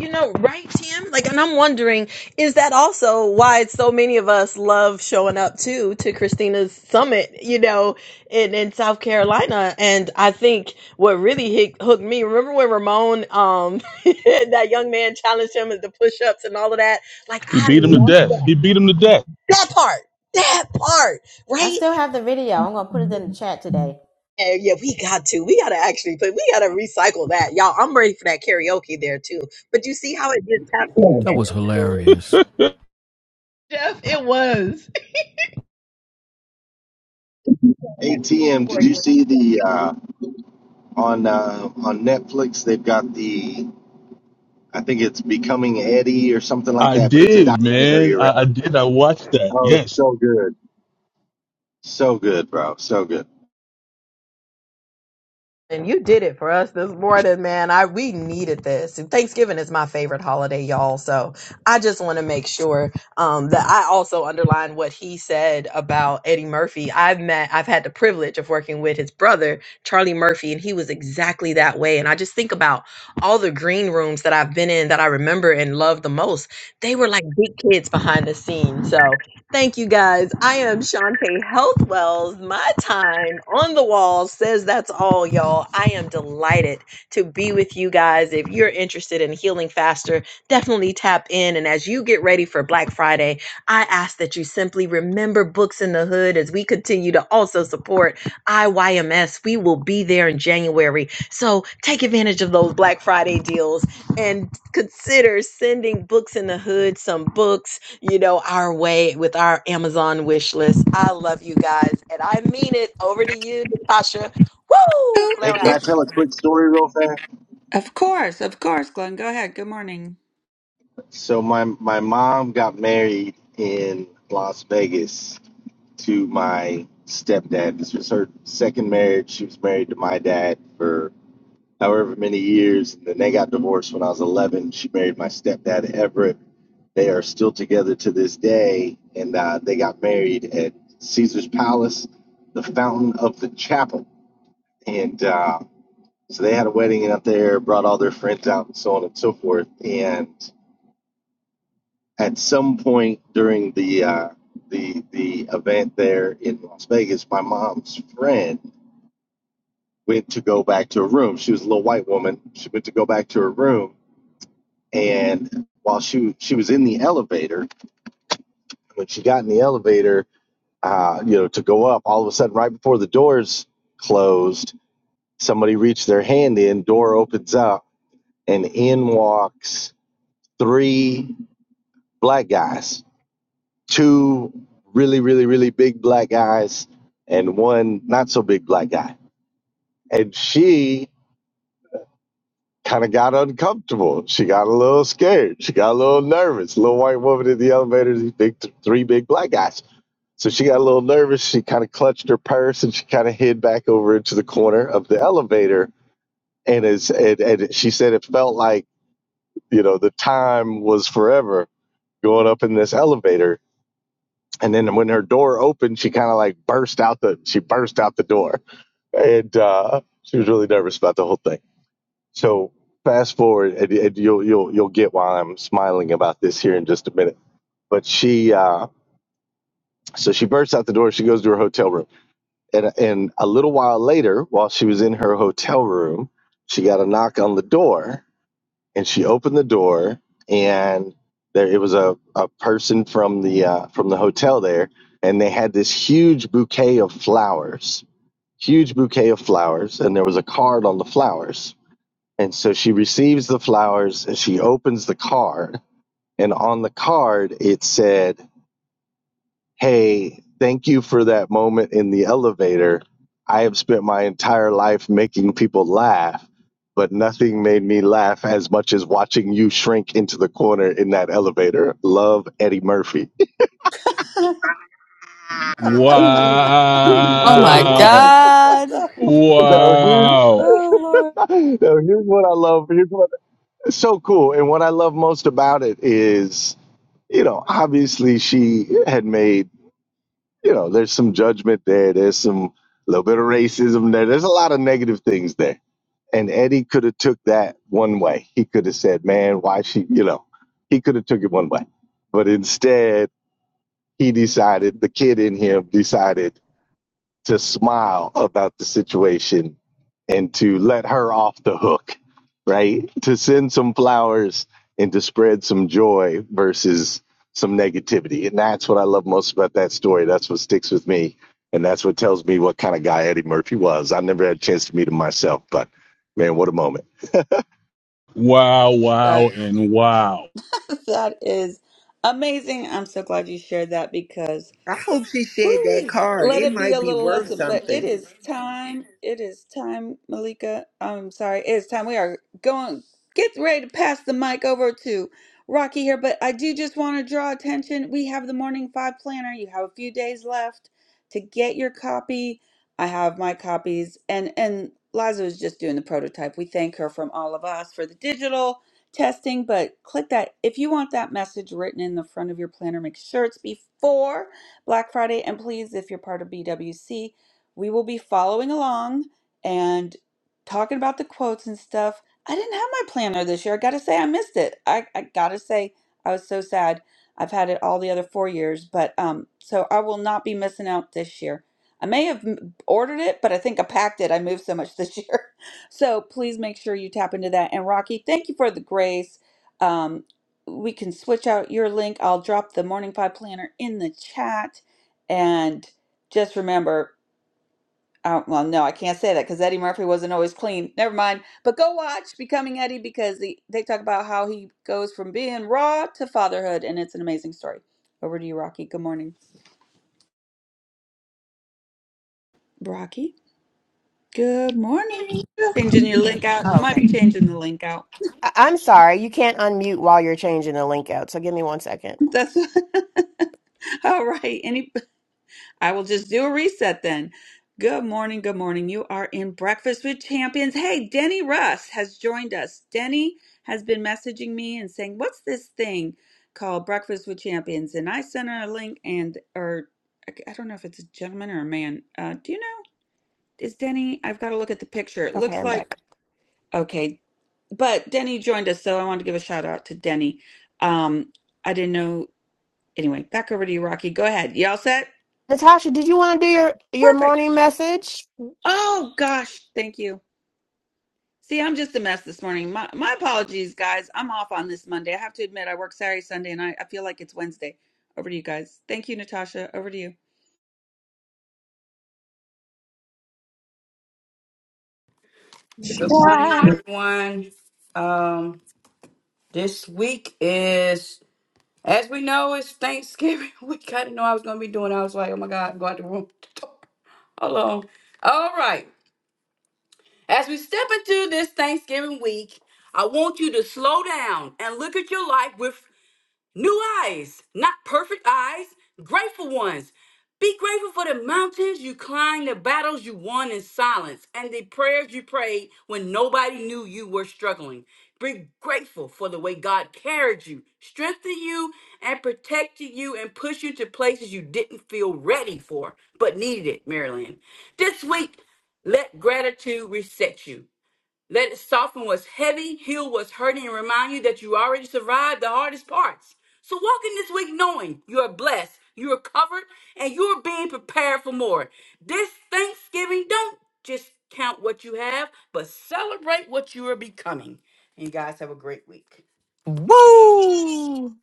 You know, right, Tim? Like, and I'm wondering, is that also why so many of us love showing up too to Christina's summit? You know, in in South Carolina, and I think what really hit, hooked me. Remember when Ramon, um, that young man challenged him with the push-ups and all of that? Like, He I beat him to love death. He beat him to death. that part. That part, I right? still have the video. I'm gonna put it in the chat today. Yeah, yeah, we got to. We got to actually put, we got to recycle that. Y'all, I'm ready for that karaoke there too. But you see how it just happened? That was hilarious. Jeff, it was. Hey TM, did you see the uh, on uh, on Netflix? They've got the I think it's Becoming Eddie or something like I that, but it's a did, documentary man. I, I around. did. I watched that. Oh, it's Yes. so good, so good, bro, so good. And you did it for us this morning, man. I we needed this. And Thanksgiving is my favorite holiday, y'all. So I just want to make sure um, that I also underline what he said about Eddie Murphy. I've met, I've had the privilege of working with his brother Charlie Murphy, and he was exactly that way. And I just think about all the green rooms that I've been in that I remember and love the most. They were like big kids behind the scenes. So Thank you guys. I am Shantae Health Wells. My time on the wall says that's all, y'all. I am delighted to be with you guys. If you're interested in healing faster, definitely tap in. And as you get ready for Black Friday, I ask that you simply remember Books in the Hood as we continue to also support IYMS. We will be there in January. So take advantage of those Black Friday deals and consider sending Books in the Hood some books you know, our way with our Amazon wish list. I love you guys, and I mean it. Over to you, Natasha. Woo! Hey, Flare can I If out. tell a quick story real fast? Of course, of course, Glenn. Go ahead. Good morning. So my my mom got married in Las Vegas to my stepdad. This was her second marriage. She was married to my dad for however many years. And then they got divorced when I was 11. She married my stepdad, Everett. They are still together to this day. And uh, they got married at Caesar's Palace, the Fountain of the Chapel. And uh, so they had a wedding up there, brought all their friends out, and so on and so forth. And at some point during the, uh, the, the event there in Las Vegas, my mom's friend went to go back to her room. She was a little white woman. She went to go back to her room and while she she was in the elevator when she got in the elevator uh, you know to go up all of a sudden right before the doors closed somebody reached their hand in door opens up and in walks three black guys two really really really big black guys and one not so big black guy and she kind of got uncomfortable she got a little scared she got a little nervous little white woman in the elevator these big three big black guys So she got a little nervous. She kind of clutched her purse and she kind of hid back over into the corner of the elevator. And as and, and she said, it felt like you know the time was forever going up in this elevator. And then when her door opened, she kind of like burst out the she burst out the door, and uh, she was really nervous about the whole thing. So fast forward, and, and you'll you'll you'll get why I'm smiling about this here in just a minute. But she uh, so she bursts out the door. She goes to her hotel room And, and a little while later, while she was in her hotel room, she got a knock on the door and she opened the door and there it was a, a person from the uh, from the hotel there and they had this huge bouquet of flowers, huge bouquet of flowers and there was a card on the flowers. And so she receives the flowers and she opens the card and on the card it said hey, thank you for that moment in the elevator. I have spent my entire life making people laugh, but nothing made me laugh as much as watching you shrink into the corner in that elevator. Love Eddie Murphy. Oh my Wow. God. no, here's, Wow. Oh Lord, no, here's what I love. Here's what so cool. And what I love most about it is, you know, obviously she had made, you know, there's some judgment there. There's some little bit of racism there. There's a lot of negative things there and Eddie could have took that one way. He could have said, "Man, why she?" You know, he could have took it one way, but instead he decided the kid in him decided to smile about the situation and to let her off the hook, right? To send some flowers and to spread some joy versus some negativity, and that's what I love most about that story. That's what sticks with me. And that's what tells me what kind of guy Eddie Murphy was. I never had a chance to meet him myself, but man, what a moment. Wow, uh, wow, and wow. That is amazing. I'm so glad you shared that because. I hope she shared that Woo-wee. card. Let It it be might a be little worth lesson, but it something. is time. It is time, Malika. I'm sorry. It is time. We are going, get ready to pass the mic over to Rocky here, but I do just want to draw attention. We have the Morning Five Planner. You have a few days left to get your copy. I have my copies, and and Liza is just doing the prototype. We thank her from all of us for the digital testing, but click that. If you want that message written in the front of your planner, make sure it's before. Black Friday. And please, if you're part of BWC, we will be following along and talking about the quotes and stuff. I didn't have my planner this year. I gotta say, I missed it. I, I gotta say, I was so sad. I've had it all the other four years, but um, so I will not be missing out this year. I may have m- ordered it, but I think I packed it. I moved so much this year. So please make sure you tap into that. And Rocky, thank you for the grace. Um we can switch out your link. I'll drop the Morning Five Planner in the chat. And just remember, uh, well, no, I can't say that because Eddie Murphy wasn't always clean. Never mind. But go watch Becoming Eddie because the, they talk about how he goes from being raw to fatherhood, and it's an amazing story. Over to you, Rocky. Good morning. Rocky, good morning. Changing your link out. She might be changing the link out. I- I'm sorry, you can't unmute while you're changing the link out. So give me one second. That's all right. Any. I will just do a reset then. Good morning, good morning. You are in Breakfast with Champions. Hey, Denny Russ has joined us. Denny has been messaging me and saying, "What's this thing called Breakfast with Champions?" And I sent her a link and or I don't know if it's a gentleman or a man. Uh, do you know? Is Denny? I've got to look at the picture. It Okay, looks I'm like back. okay, but Denny joined us, so I wanted to give a shout out to Denny. Um, I didn't know. Anyway, back over to you, Rocky. Go ahead. Y'all set? Natasha, did you want to do your your Perfect. morning message? Oh gosh, thank you. See, I'm just a mess this morning. My my apologies, guys. I'm off on this Monday. I have to admit, I work Saturday, Sunday, and I, I feel like it's Wednesday. Over to you guys. Thank you, Natasha. Over to you. Good morning, Okay. everyone. Um, this week is, as we know, it's Thanksgiving week. I didn't know I was going to be doing. I was like, oh my God, go out the room. Hold on. All right. As we step into this Thanksgiving week, I want you to slow down and look at your life with. New eyes, not perfect eyes, grateful ones. Be grateful for the mountains you climbed, the battles you won in silence, and the prayers you prayed when nobody knew you were struggling. Be grateful for the way God carried you, strengthened you, and protected you, and pushed you to places you didn't feel ready for, but needed it, Marilyn, This week, let gratitude reset you. Let it soften what's heavy, heal what's hurting, and remind you that you already survived the hardest parts. So walk in this week knowing you are blessed, you are covered, and you are being prepared for more. This Thanksgiving, don't just count what you have, but celebrate what you are becoming. And you guys have a great week. Woo!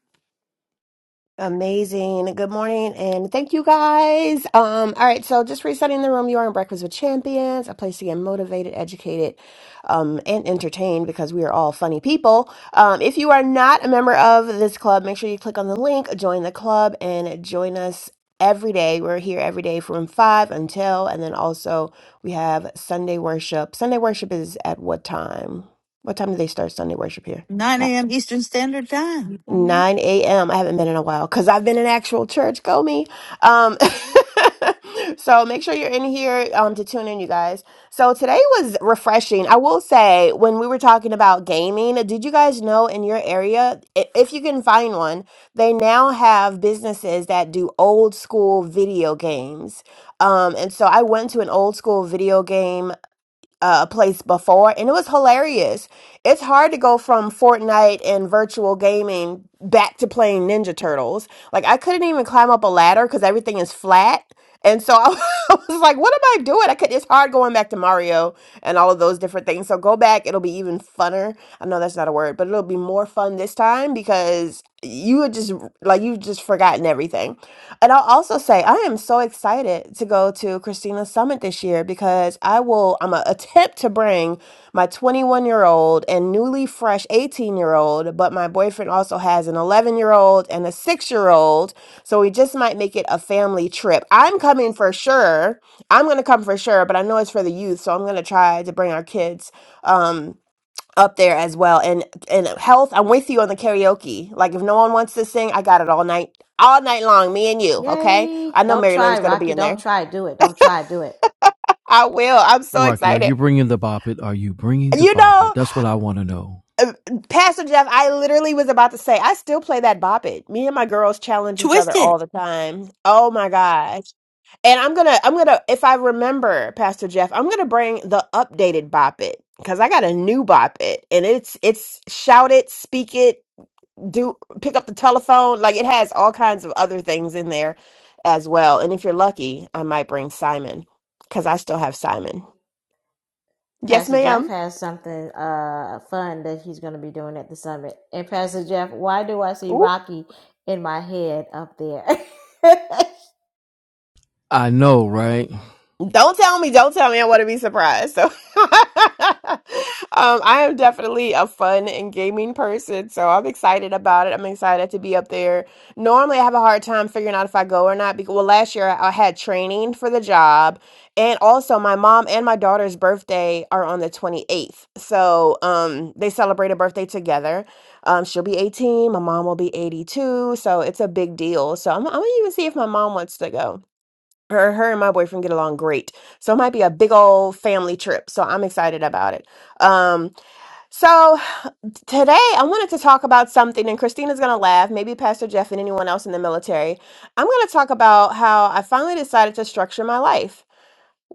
Amazing. Good morning and thank you guys. Um, all right, so just resetting the room. You are in Breakfast with Champions, a place to get motivated, educated, um, and entertained because we are all funny people. Um, if you are not a member of this club, make sure you click on the link, join the club, and join us every day. We're here every day from five until, and then also we have Sunday worship. Sunday worship is at what time? What time do they start Sunday worship here? 9 a.m. Eastern Standard Time. Morning. 9 a.m. I haven't been in a while because I've been in actual church. Go me. Um, so make sure you're in here um, to tune in, you guys. So today was refreshing. I will say, when we were talking about gaming, did you guys know in your area, i- if you can find one, they now have businesses that do old school video games. Um, and so I went to an old school video game uh, place before, and it was hilarious. It's hard to go from Fortnite and virtual gaming back to playing Ninja Turtles. Like I couldn't even climb up a ladder because everything is flat, and so I was like, "What am I doing?" I could. It's hard going back to Mario and all of those different things. So go back; it'll be even funner. I know that's not a word, but it'll be more fun this time because you would just like you've just forgotten everything. And I'll also say I am so excited to go to Christina Summit this year because I will, I'm going to attempt to bring my 21 year old and newly fresh 18 year old, but my boyfriend also has an 11 year old and a six year old. So we just might make it a family trip. I'm coming for sure. I'm going to come for sure, but I know it's for the youth. So I'm going to try to bring our kids. Um, up there as well and and health i'm with you on the karaoke like if no one wants to sing i got it all night all night long me and you okay Yay. i know Don't mary lynn's try, gonna be Rocky. in there Don't try. Do it. Don't try. Do it. I will. I'm so Rocky, are excited. you bringing the bop it? Are you bringing the You bop it? know, That's what I want to know. uh, Pastor Jeff, I literally was about to say, I still play that bop it. Me and my girls challenge each Twist other it. all the time. Oh my gosh. And I'm gonna, I'm gonna, if I remember, Pastor Jeff, I'm gonna bring the updated bop it because I got a new bop it and it's, it's shout it, speak it, do, pick up the telephone. Like it has all kinds of other things in there as well. And if you're lucky, I might bring Simon because I still have Simon. Yes, Pastor Jeff ma'am. has something uh fun that he's going to be doing at the summit. And Pastor Jeff, why do I see Rocky in my head up there? I know, right? Don't tell me, don't tell me. I want to be surprised. So, um, I am definitely a fun and gaming person. So, I'm excited about it. I'm excited to be up there. Normally, I have a hard time figuring out if I go or not. Because, well, last year I I had training for the job. And also, my mom and my daughter's birthday are on the 28th. So, um, they celebrate a birthday together. Um, she'll be 18. My mom will be 82. So, it's a big deal. So, I'm, I'm going to even see if my mom wants to go her her and my boyfriend get along great so it might be a big old family trip so i'm excited about it um so today i wanted to talk about something and christina's gonna laugh maybe pastor jeff and anyone else in the military i'm gonna talk about how i finally decided to structure my life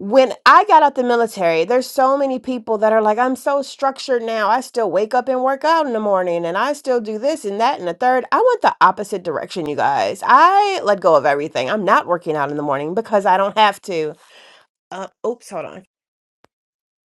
when i got out the military there's so many people that are like i'm so structured now i still wake up and work out in the morning and i still do this and that and the third i went the opposite direction you guys i let go of everything i'm not working out in the morning because i don't have to uh, oops, hold on.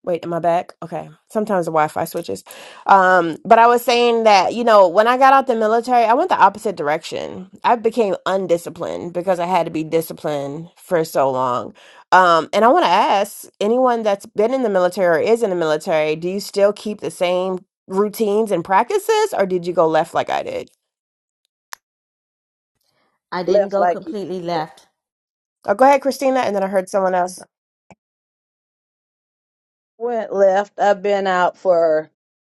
Wait, am I back? Okay. Sometimes the Wi-Fi switches. Um, but I was saying that, you know, when I got out the military, I went the opposite direction. I became undisciplined because I had to be disciplined for so long. Um, and I want to ask anyone that's been in the military or is in the military, do you still keep the same routines and practices, or did you go left like I did? I didn't Left go like you completely did. left. Oh, go ahead, Christina, and then I heard someone else. went left. I've been out for,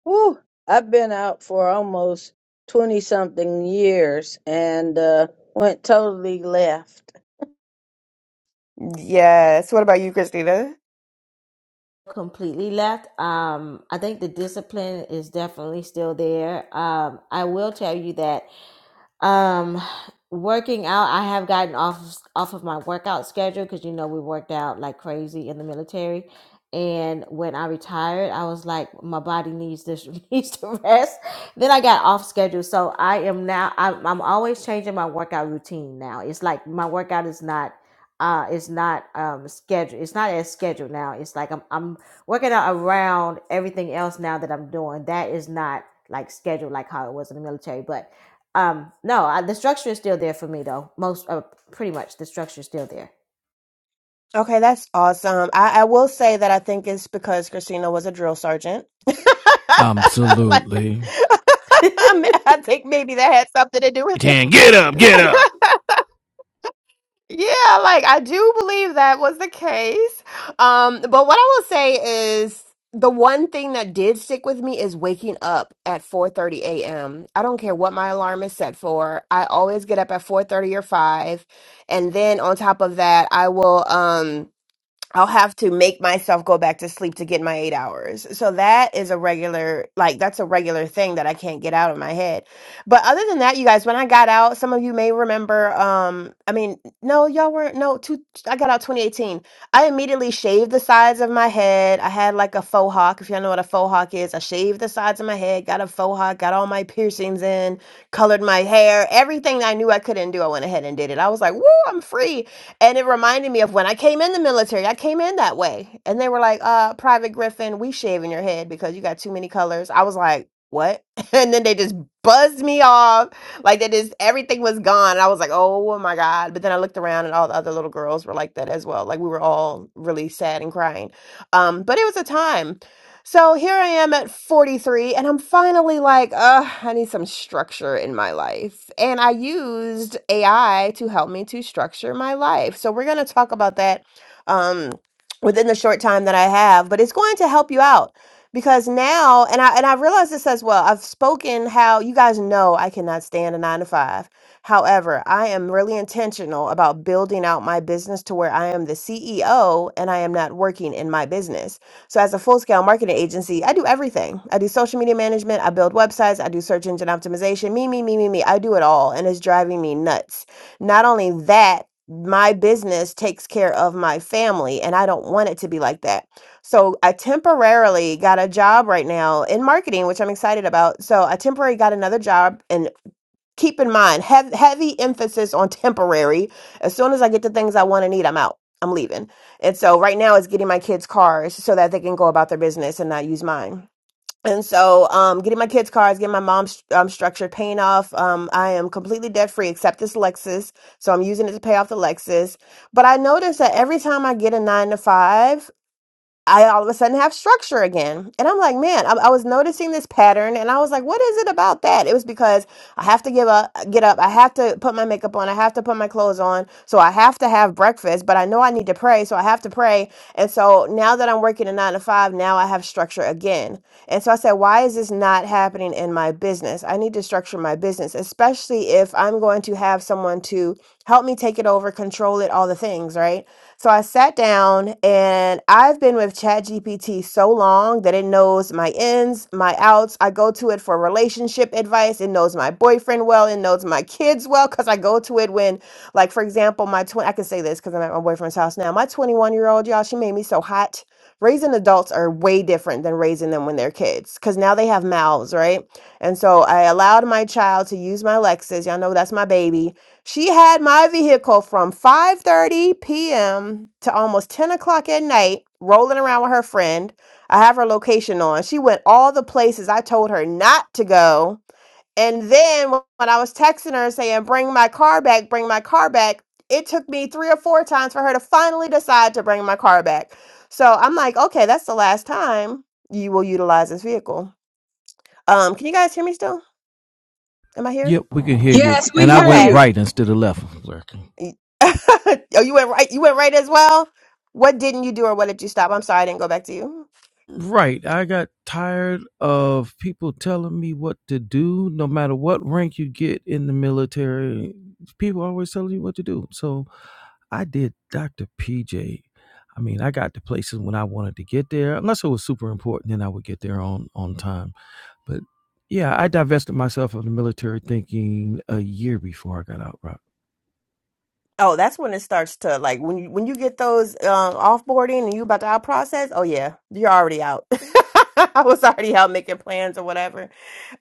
whew, I've been out for almost 20 something years and uh, went totally left. Yes. What about you, Christina? Completely left. Um, I think the discipline is definitely still there. Um, I will tell you that Um, working out, I have gotten off off of my workout schedule because you know we worked out like crazy in the military. And when I retired, I was like, my body needs this needs to rest. Then I got off schedule, so I am now. I'm, I'm always changing my workout routine now. It's like my workout is not. Uh, it's not um scheduled. It's not as scheduled now. It's like I'm I'm working out around everything else now that I'm doing. That is not like scheduled like how it was in the military. But um, no, I, the structure is still there for me though. Most, uh, pretty much, the structure is still there. Okay, that's awesome. I, I will say that I think it's because Christina was a drill sergeant. Like, Absolutely. I mean, I think maybe that had something to do with it. Ten, get up, get up. Yeah, like I do believe that was the case. Um, but what I will say is the one thing that did stick with me is waking up at 4:30 a.m. I don't care what my alarm is set for. I always get up at 4:30 or 5. And then on top of that, I will um I'll have to make myself go back to sleep to get my eight hours. So that is a regular, like, that's a regular thing that I can't get out of my head. But other than that, you guys, when I got out, some of you may remember, um, I mean, no, y'all weren't, no, two, I got out 2018. I immediately shaved the sides of my head. I had like a faux hawk, if y'all know what a faux hawk is. I shaved the sides of my head, got a faux hawk, got all my piercings in, colored my hair, everything I knew I couldn't do, I went ahead and did it. I was like, woo, I'm free. And it reminded me of when I came in the military. I came in that way. And they were like, uh, Private Griffin, we shaving your head because you got too many colors. I was like, what? And then they just buzzed me off. Like they just everything was gone. And I was like, oh my God. But then I looked around and all the other little girls were like that as well. Like we were all really sad and crying. Um, but it was a time. So here I am at 43, and I'm finally like, uh, I need some structure in my life. And I used AI to help me to structure my life. So we're going to talk about that um, within the short time that I have, but it's going to help you out because now, and I and I realize this as well. I've spoken how you guys know I cannot stand a nine to five. However, I am really intentional about building out my business to where I am the CEO and I am not working in my business. So, as a full scale marketing agency, I do everything. I do social media management, I build websites, I do search engine optimization, me, me, me, me, me. I do it all, and it's driving me nuts. Not only that, my business takes care of my family, and I don't want it to be like that. So, I temporarily got a job right now in marketing, which I'm excited about. So, I temporarily got another job, in keep in mind hev- heavy emphasis on temporary as soon as i get the things i want to need i'm out i'm leaving and so right now it's getting my kids cars so that they can go about their business and not use mine and so um, getting my kids cars getting my mom's um, structured paying off um, i am completely debt free except this lexus so i'm using it to pay off the lexus but i notice that every time i get a nine to five I all of a sudden have structure again. And I'm like, man, I, I was noticing this pattern and I was like, what is it about that? It was because I have to give up, uh, get up. I have to put my makeup on. I have to put my clothes on. So I have to have breakfast, but I know I need to pray. So I have to pray. And so now that I'm working a nine to five, now I have structure again. And so I said, why is this not happening in my business? I need to structure my business, especially if I'm going to have someone to help me take it over, control it, all the things, right? So I sat down and I've been with ChatGPT so long that it knows my ins, my outs. I go to it for relationship advice. It knows my boyfriend well. It knows my kids well because I go to it when, like, for example, my 20, I can say this because I'm at my boyfriend's house now. My 21 year old, y'all, she made me so hot. Raising adults are way different than raising them when they're kids because now they have mouths, right? And so I allowed my child to use my Lexus. Y'all know that's my baby she had my vehicle from 5:30 p.m. to almost 10 o'clock at night, rolling around with her friend. I have her location on. She went all the places I told her not to go. And then wh- when I was texting her saying, "Bring my car back, bring my car back," it took me three or four times for her to finally decide to bring my car back. So I'm like, "Okay, that's the last time you will utilize this vehicle." Um, can you guys hear me still? Am I here? Yep, we can hear you. And I went Okay. right instead of left. Lurking. Y- oh, you went right. You went right as well. What didn't you do, or what did you stop? I'm sorry, I didn't go back to you. Right. I got tired of people telling me what to do, no matter what rank you get in the military. People always telling you what to do. So I did Dr. PJ. I mean, I got to places when I wanted to get there, unless it was super important, then I would get there on on time. But yeah, I divested myself of the military thinking a year before I got out. Rock. Oh, that's when it starts to like when you when you get those uh, offboarding and you about to out process. Oh yeah, you're already out. I was already out making plans or whatever.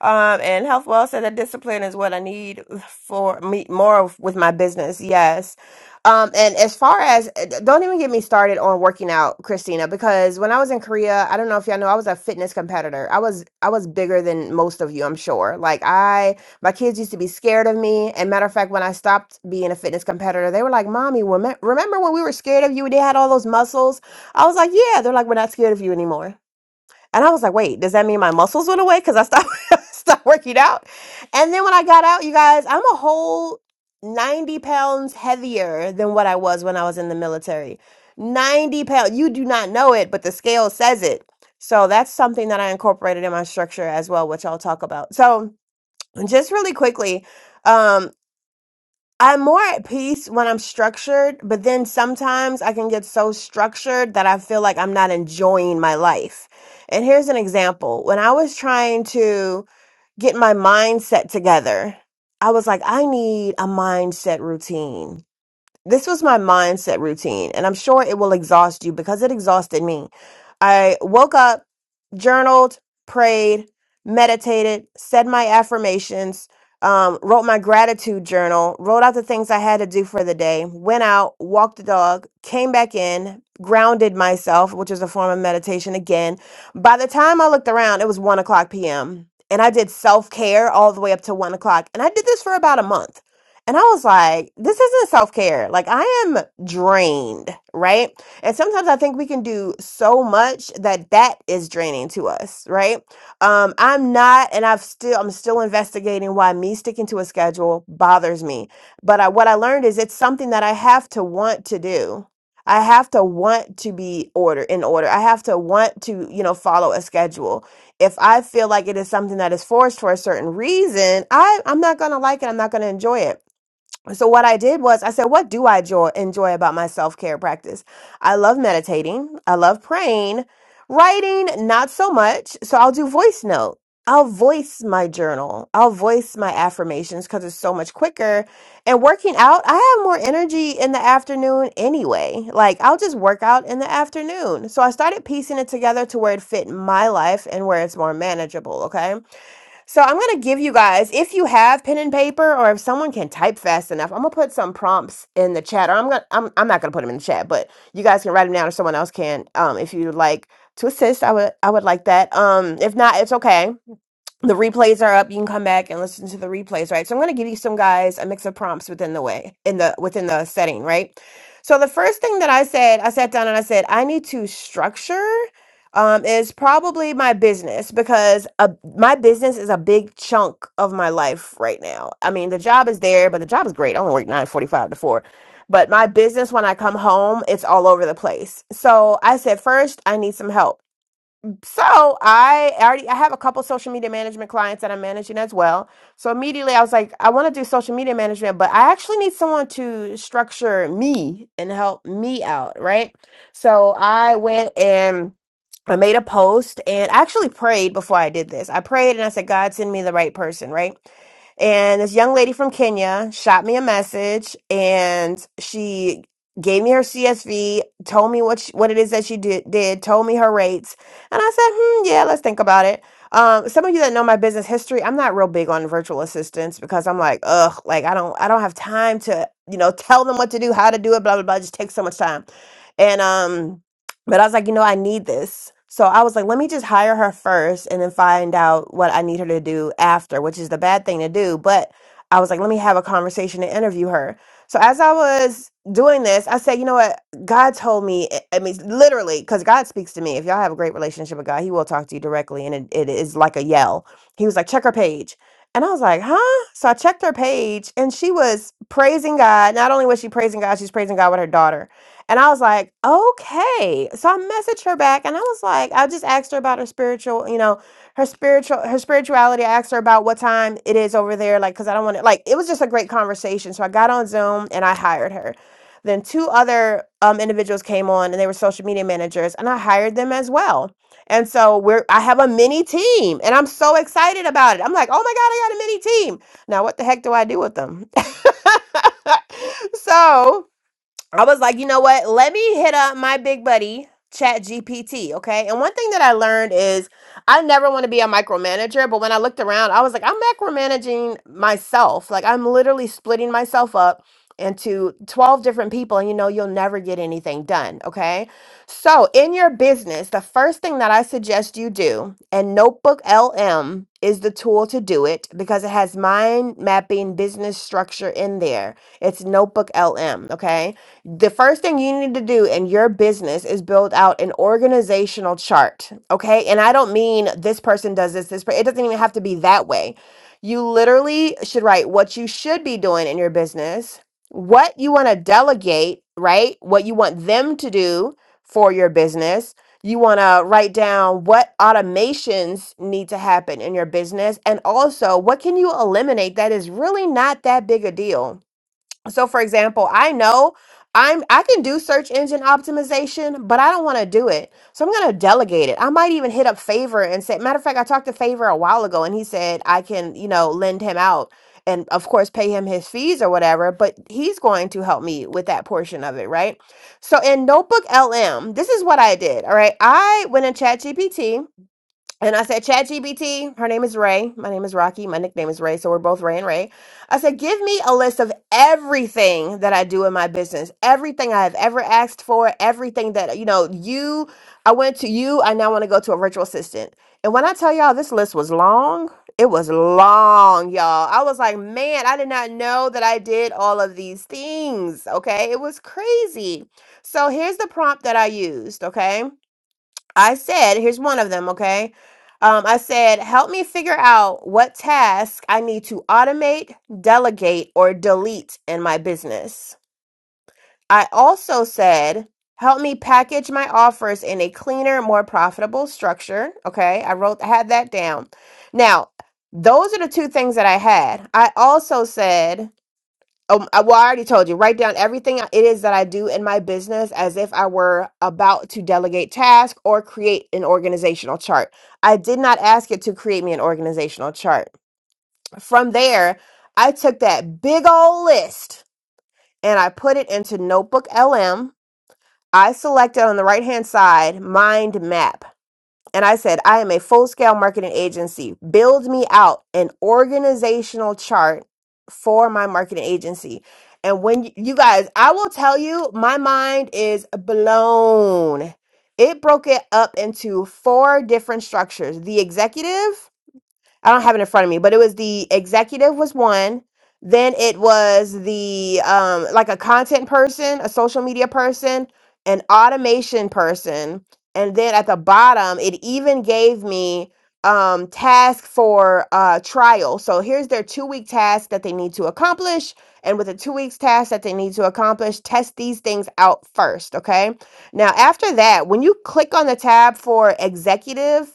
Um, and health well said that discipline is what I need for me more of- with my business. Yes. Um, and as far as don't even get me started on working out, Christina, because when I was in Korea, I don't know if y'all know, I was a fitness competitor. I was I was bigger than most of you, I'm sure. Like I. My kids used to be scared of me. And matter of fact, when I stopped being a fitness competitor, they were like, Mommy, weme- remember when we were scared of you and they had all those muscles? I was like, Yeah. They're like, We're not scared of you anymore. And I was like, Wait, does that mean my muscles went away? Because I stopped, stopped working out. And then when I got out, you guys, I'm a whole 90 pounds heavier than what I was when I was in the military. 90 pounds. You do not know it, but the scale says it. So that's something that I incorporated in my structure as well, which I'll talk about. So, just really quickly um i'm more at peace when i'm structured but then sometimes i can get so structured that i feel like i'm not enjoying my life and here's an example when i was trying to get my mindset together i was like i need a mindset routine this was my mindset routine and i'm sure it will exhaust you because it exhausted me i woke up journaled prayed meditated said my affirmations um, wrote my gratitude journal wrote out the things i had to do for the day went out walked the dog came back in grounded myself which is a form of meditation again by the time i looked around it was 1 o'clock pm and i did self-care all the way up to 1 o'clock and i did this for about a month and I was like, this isn't self care. Like, I am drained, right? And sometimes I think we can do so much that that is draining to us, right? Um, I'm not, and I've still, I'm still investigating why me sticking to a schedule bothers me. But I, what I learned is it's something that I have to want to do. I have to want to be order in order. I have to want to, you know, follow a schedule. If I feel like it is something that is forced for a certain reason, I, I'm not going to like it. I'm not going to enjoy it. So what I did was I said, what do I joy, enjoy about my self-care practice? I love meditating. I love praying. Writing, not so much. So I'll do voice note. I'll voice my journal. I'll voice my affirmations because it's so much quicker. And working out, I have more energy in the afternoon anyway. Like I'll just work out in the afternoon. So I started piecing it together to where it fit my life and where it's more manageable. Okay. So I'm going to give you guys, if you have pen and paper or if someone can type fast enough, I'm going to put some prompts in the chat or I'm going to, I'm, I'm not going to put them in the chat, but you guys can write them down or someone else can. Um, if you'd like to assist, I would, I would like that. Um, if not, it's okay. The replays are up. You can come back and listen to the replays, right? So I'm going to give you some guys a mix of prompts within the way in the within the setting, right? So the first thing that I said, I sat down and I said, I need to structure um, is probably my business because a, my business is a big chunk of my life right now. I mean, the job is there, but the job is great. I only work nine forty-five to four, but my business when I come home, it's all over the place. So I said, first, I need some help so I already I have a couple social media management clients that I'm managing as well. So immediately I was like, I want to do social media management, but I actually need someone to structure me and help me out, right? So I went and I made a post and I actually prayed before I did this. I prayed and I said, God, send me the right person, right? And this young lady from Kenya shot me a message and she gave me her CSV, told me what she, what it is that she did, did, told me her rates and I said, hmm, yeah, let's think about it. Um, some of you that know my business history, I'm not real big on virtual assistants because I'm like, ugh, like I don't I don't have time to, you know, tell them what to do, how to do it, blah blah blah. It just takes so much time. And um, but I was like, you know, I need this. So I was like, let me just hire her first and then find out what I need her to do after, which is the bad thing to do. But I was like, let me have a conversation and interview her. So as I was doing this, I said, you know what? God told me, I I mean, literally, because God speaks to me. If y'all have a great relationship with God, He will talk to you directly, and it, it is like a yell. He was like, check her page. And I was like, huh? So I checked her page, and she was praising God. Not only was she praising God, she's praising God with her daughter. And I was like, okay. So I messaged her back, and I was like, I just asked her about her spiritual, you know, her spiritual, her spirituality. I asked her about what time it is over there, like, because I don't want to, like, it was just a great conversation. So I got on Zoom and I hired her. Then two other um, individuals came on and they were social media managers, and I hired them as well. And so we're I have a mini team, and I'm so excited about it. I'm like, oh my god, I got a mini team. Now what the heck do I do with them? so I was like, you know what? Let me hit up my big buddy, Chat GPT. Okay. And one thing that I learned is I never want to be a micromanager. But when I looked around, I was like, I'm macromanaging myself. Like, I'm literally splitting myself up into 12 different people. And you know, you'll never get anything done. Okay. So, in your business, the first thing that I suggest you do, and Notebook LM is the tool to do it because it has mind mapping business structure in there. It's Notebook LM. Okay. The first thing you need to do in your business is build out an organizational chart. Okay. And I don't mean this person does this, this, per- it doesn't even have to be that way. You literally should write what you should be doing in your business, what you want to delegate, right? What you want them to do for your business. You want to write down what automations need to happen in your business and also what can you eliminate that is really not that big a deal so for example, I know I'm I can do search engine optimization, but I don't want to do it. So I'm gonna delegate it. I might even hit up Favor and say, matter of fact, I talked to Favor a while ago and he said I can, you know, lend him out and of course pay him his fees or whatever, but he's going to help me with that portion of it, right? So in Notebook LM, this is what I did. All right. I went in ChatGPT and I said, ChatGPT, her name is Ray. My name is Rocky. My nickname is Ray. So we're both Ray and Ray. I said, give me a list of everything that I do in my business, everything I have ever asked for, everything that, you know, you, I went to you, I now want to go to a virtual assistant. And when I tell y'all this list was long, it was long, y'all. I was like, man, I did not know that I did all of these things. Okay. It was crazy. So here's the prompt that I used. Okay. I said, here's one of them, okay? Um, I said, help me figure out what task I need to automate, delegate, or delete in my business. I also said, help me package my offers in a cleaner, more profitable structure. Okay, I wrote, I had that down. Now, those are the two things that I had. I also said, um, I, well, I already told you. Write down everything it is that I do in my business as if I were about to delegate task or create an organizational chart. I did not ask it to create me an organizational chart. From there, I took that big old list and I put it into Notebook LM. I selected on the right hand side mind map. And I said, I am a full scale marketing agency. Build me out an organizational chart for my marketing agency. And when you, you guys, I will tell you, my mind is blown. It broke it up into four different structures the executive, I don't have it in front of me, but it was the executive was one. Then it was the um like a content person, a social media person, an automation person, and then at the bottom it even gave me um task for uh trial. So here's their 2 week task that they need to accomplish and with the 2 weeks task that they need to accomplish, test these things out first, okay? Now after that, when you click on the tab for executive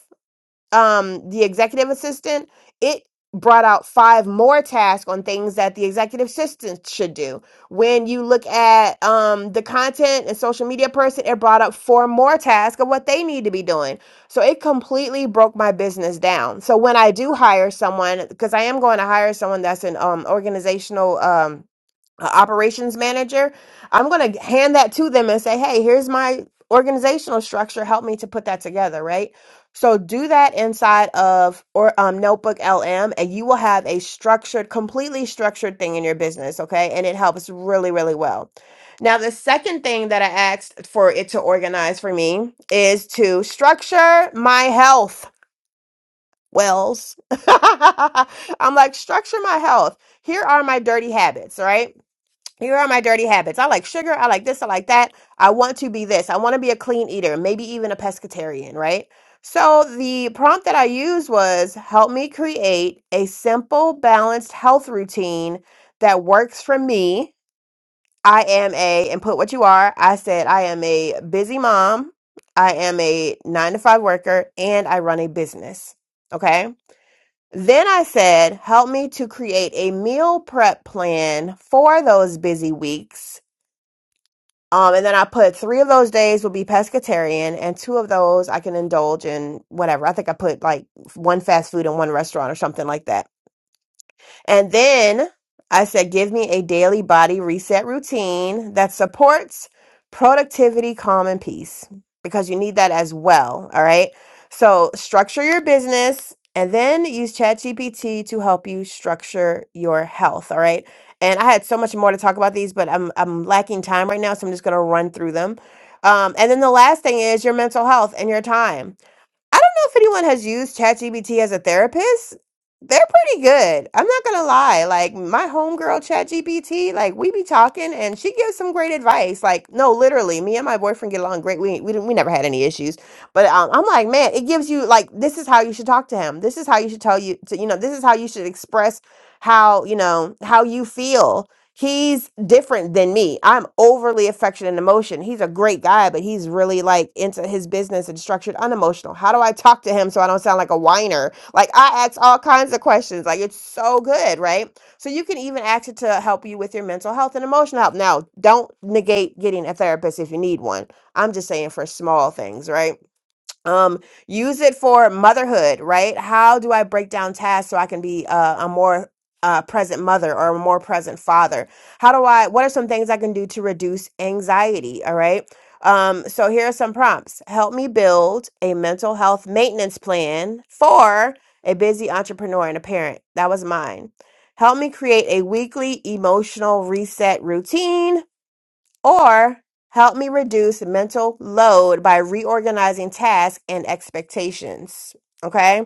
um the executive assistant it brought out five more tasks on things that the executive assistant should do when you look at um the content and social media person it brought up four more tasks of what they need to be doing so it completely broke my business down so when i do hire someone because i am going to hire someone that's an um organizational um uh, operations manager, I'm going to hand that to them and say, hey, here's my organizational structure. Help me to put that together, right? So do that inside of or um, Notebook LM, and you will have a structured, completely structured thing in your business, okay? And it helps really, really well. Now, the second thing that I asked for it to organize for me is to structure my health. Wells, I'm like, structure my health. Here are my dirty habits, right? Here are my dirty habits. I like sugar. I like this. I like that. I want to be this. I want to be a clean eater, maybe even a pescatarian, right? So the prompt that I used was help me create a simple, balanced health routine that works for me. I am a, and put what you are. I said, I am a busy mom. I am a nine to five worker and I run a business. Okay. Then I said, help me to create a meal prep plan for those busy weeks um, and then I put three of those days will be pescatarian, and two of those I can indulge in whatever. I think I put like one fast food and one restaurant or something like that. And then I said, give me a daily body reset routine that supports productivity, calm, and peace because you need that as well. All right. So structure your business and then use ChatGPT to help you structure your health. All right. And I had so much more to talk about these, but I'm, I'm lacking time right now. So I'm just going to run through them. Um, and then the last thing is your mental health and your time. I don't know if anyone has used ChatGPT as a therapist. They're pretty good. I'm not gonna lie. Like my homegirl ChatGPT, like we be talking and she gives some great advice. Like no, literally, me and my boyfriend get along great. We we didn't, we never had any issues. But um, I'm like, man, it gives you like this is how you should talk to him. This is how you should tell you to you know this is how you should express how you know how you feel He's different than me. I'm overly affectionate and emotion. He's a great guy, but he's really like into his business and structured, unemotional. How do I talk to him so I don't sound like a whiner? Like I ask all kinds of questions. Like it's so good, right? So you can even ask it to help you with your mental health and emotional health. Now, don't negate getting a therapist if you need one. I'm just saying for small things, right? um use it for motherhood right how do i break down tasks so i can be uh, a more uh, present mother or a more present father how do i what are some things i can do to reduce anxiety all right um so here are some prompts help me build a mental health maintenance plan for a busy entrepreneur and a parent that was mine help me create a weekly emotional reset routine or help me reduce mental load by reorganizing tasks and expectations. Okay.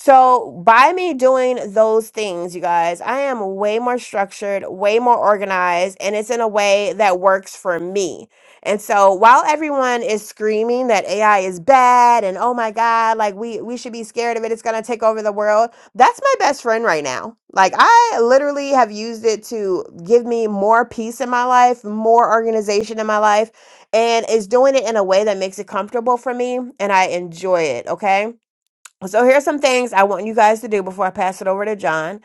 So, by me doing those things, you guys, I am way more structured, way more organized, and it's in a way that works for me. And so, while everyone is screaming that AI is bad and oh my God, like we, we should be scared of it, it's going to take over the world, that's my best friend right now. Like, I literally have used it to give me more peace in my life, more organization in my life, and it's doing it in a way that makes it comfortable for me and I enjoy it. Okay. So, here's some things I want you guys to do before I pass it over to John.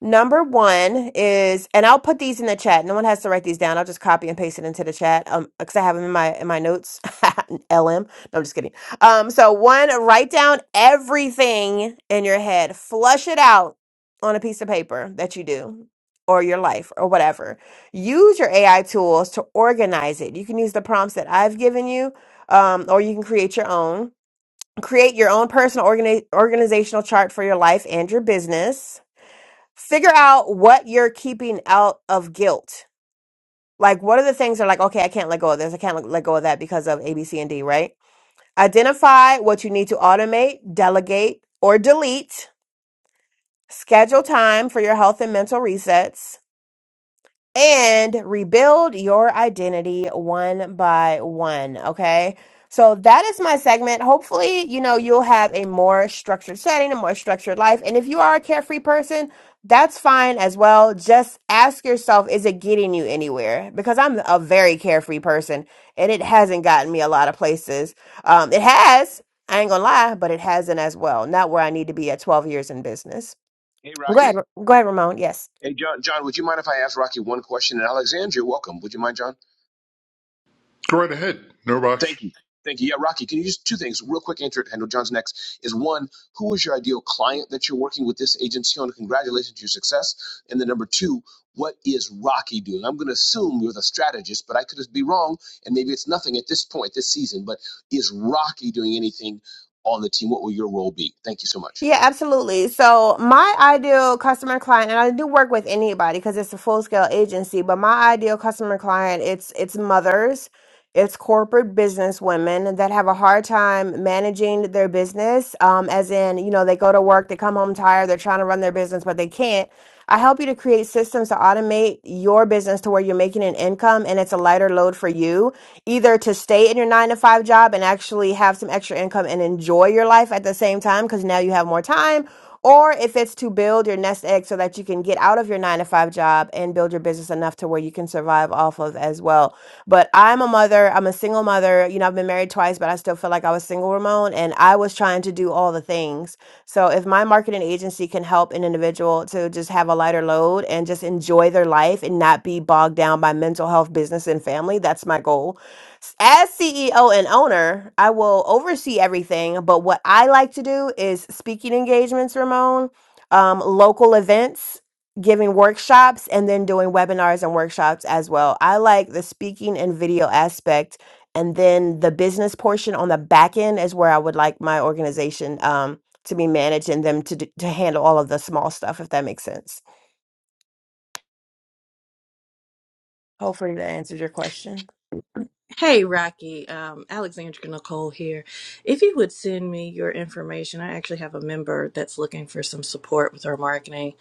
Number one is, and I'll put these in the chat. No one has to write these down. I'll just copy and paste it into the chat. Um, because I have them in my in my notes. LM. No, I'm just kidding. Um, so one, write down everything in your head. Flush it out on a piece of paper that you do, or your life, or whatever. Use your AI tools to organize it. You can use the prompts that I've given you, um, or you can create your own. Create your own personal organi- organizational chart for your life and your business figure out what you're keeping out of guilt. Like, what are the things that are like, okay, I can't let go of this. I can't let let go of that because of A, B, C, and D, right? Identify what you need to automate, delegate, or delete. Schedule time for your health and mental resets. and rebuild your identity one by one. Okay. So that is my segment. Hopefully, you know, you'll have a more structured setting, a more structured life. And if you are a carefree person, that's fine as well. Just ask yourself, is it getting you anywhere? Because I'm a very carefree person and it hasn't gotten me a lot of places. Um, it has, I ain't gonna lie, but it hasn't as well. Not where I need to be at 12 years in business. Hey, Go Rocky. ahead, go ahead, Ramon. Yes. Hey, John. John, would you mind if I ask Rocky one question? And Alexandria, welcome. Would you mind, John? Go right ahead. No rush. Thank you. Thank you. Yeah, Rocky, can you just two things real quick? Answer it. I know John's next. Is one, who is your ideal client that you're working with this agency on? Congratulations to your success. And then number two, what is Rocky doing? I'm going to assume you're the strategist, but I could be wrong, and maybe it's nothing at this point, this season. But is Rocky doing anything on the team? What will your role be? Thank you so much. Yeah, absolutely. So, my ideal customer client, and I do work with anybody because it's a full scale agency, but my ideal customer client, it's it's mothers, it's corporate business women that have a hard time managing their business. Um, as in, you know, they go to work, they come home tired, they're trying to run their business, but they can't. I help you to create systems to automate your business to where you're making an income and it's a lighter load for you, either to stay in your nine to five job and actually have some extra income and enjoy your life at the same time because now you have more time, or if it's to build your nest egg so that you can get out of your nine to five job and build your business enough to where where you can survive off of as well. But I'm a mother, I'm a single mother. You know, I've been married twice, but I still feel like I was single, Ramon, and I was trying to do all the things. So if my marketing agency can help an individual to just have a lighter load and just enjoy their life and not be bogged down by mental health, business, and family, that's my goal. S- As CEO and owner, I will oversee everything, but what I like to do is speaking engagements, Ramon, um, local events giving workshops and then doing webinars and workshops as well. I like the speaking and video aspect. And then the business portion on the back end is where I would like my organization um, to be managed and them to, d- to handle all of the small stuff, if that makes sense. Hopefully that answered your question. Hey, Rocky. Um, Alexandra Nicole here. If you would send me your information, I actually have a member that's looking for some support with our marketing.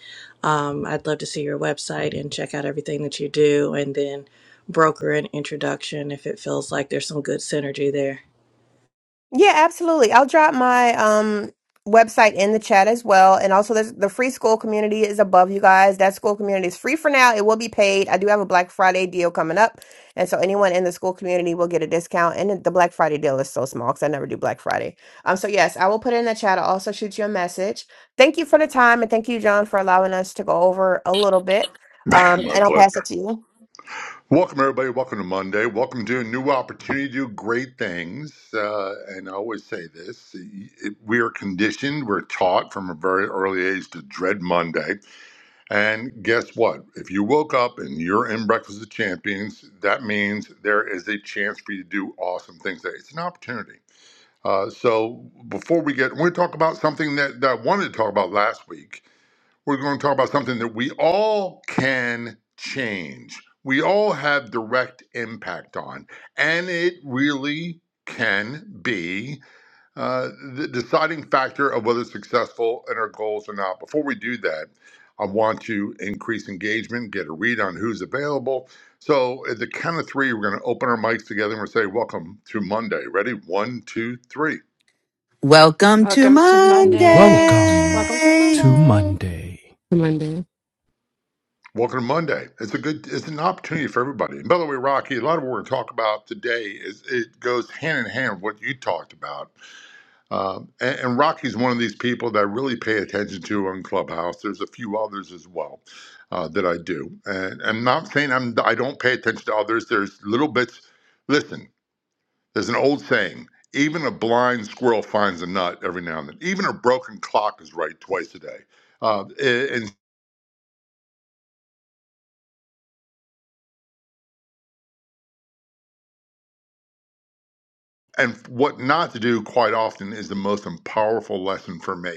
Um, I'd love to see your website and check out everything that you do, and then broker an introduction if it feels like there's some good synergy there. Yeah, absolutely. I'll drop my um website in the chat as well. And also there's the free school community is above you guys. That school community is free for now. It will be paid. I do have a Black Friday deal coming up. And so anyone in the school community will get a discount. And the Black Friday deal is so small because I never do Black Friday. Um so yes, I will put it in the chat. I'll also shoot you a message. Thank you for the time and thank you, John, for allowing us to go over a little bit. Man, Um My and I'll pass it pleasure. to you. Welcome, everybody. Welcome to Monday. Welcome to a new opportunity to do great things. Uh, and I always say this it- we are conditioned, we're taught from a very early age to dread Monday. And guess what? If you woke up and you're in Breakfast of Champions, that means there is a chance for you to do awesome things. Today. It's an opportunity. Uh, so before we get, we're going to talk about something that, that I wanted to talk about last week we're going to talk about something that we all can change. We all have direct impact on, and it really can be uh, the deciding factor of whether successful in our goals or not. Before we do that, I want to increase engagement, get a read on who's available. So at the count of three, we're going to open our mics together and we'll say, "Welcome to Monday." Ready? One, two, three. Welcome to Welcome to Monday. Monday. Welcome Welcome to to Monday. Monday. Monday. Welcome to Monday. It's a good, it's an opportunity for everybody. And by the way, Rocky, a lot of what we're talking about today is it goes hand in hand with what you talked about. Um, and, and Rocky's one of these people that I really pay attention to on Clubhouse. There's a few others as well uh, that I do. And I'm not saying I'm I don't pay attention to others. There's little bits. Listen, there's an old saying. Even a blind squirrel finds a nut every now and then. Even a broken clock is right twice a day. Uh, and and what not to do quite often is the most powerful lesson for me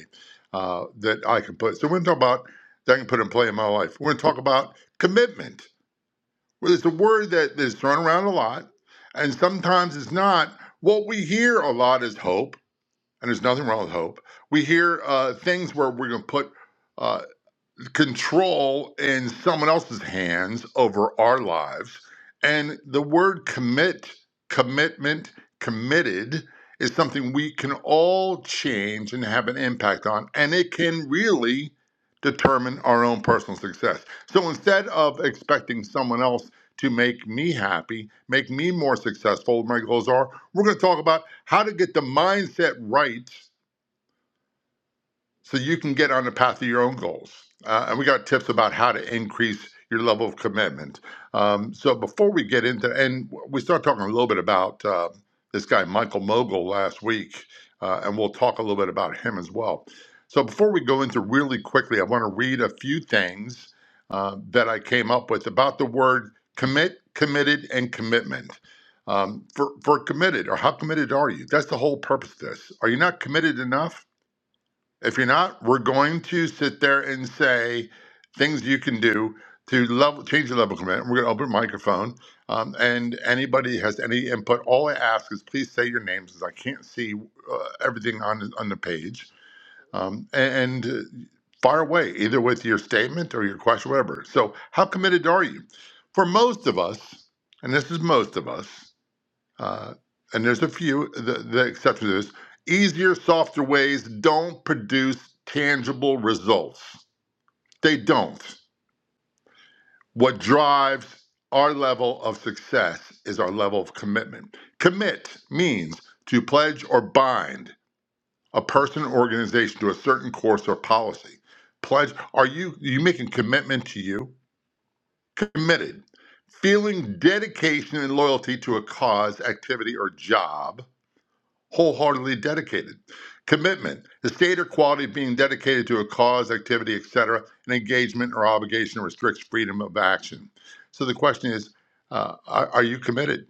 uh, that I can put. So we're going to talk about that I can put in play in my life. We're going to talk about commitment, Well, it's a word that is thrown around a lot, and sometimes it's not. What we hear a lot is hope, and there's nothing wrong with hope. We hear uh, things where we're going to put. uh, control in someone else's hands over our lives. And the word commit, commitment, committed is something we can all change and have an impact on. And it can really determine our own personal success. So instead of expecting someone else to make me happy, make me more successful, my goals are, we're going to talk about how to get the mindset right so you can get on the path of your own goals. Uh, and we got tips about how to increase your level of commitment. Um, so before we get into, and we started talking a little bit about uh, this guy Michael Mogul last week, uh, and we'll talk a little bit about him as well. So before we go into really quickly, I want to read a few things uh, that I came up with about the word commit, committed, and commitment. Um, for for committed, or how committed are you? That's the whole purpose of this. Are you not committed enough? If you're not, we're going to sit there and say things you can do to level change the level command. We're going to open microphone, um, and anybody has any input, all I ask is please say your names, because I can't see uh, everything on on the page, um, and uh, fire away either with your statement or your question, whatever. So, how committed are you? For most of us, and this is most of us. Uh, and there's a few the, the exceptions to this. Easier, softer ways don't produce tangible results. They don't. What drives our level of success is our level of commitment. Commit means to pledge or bind a person or organization to a certain course or policy. Pledge are you are you making commitment to you? Committed. Feeling dedication and loyalty to a cause, activity, or job wholeheartedly dedicated. Commitment, the state or quality of being dedicated to a cause, activity, etc., an engagement or obligation restricts freedom of action. So the question is, uh, are, are you committed?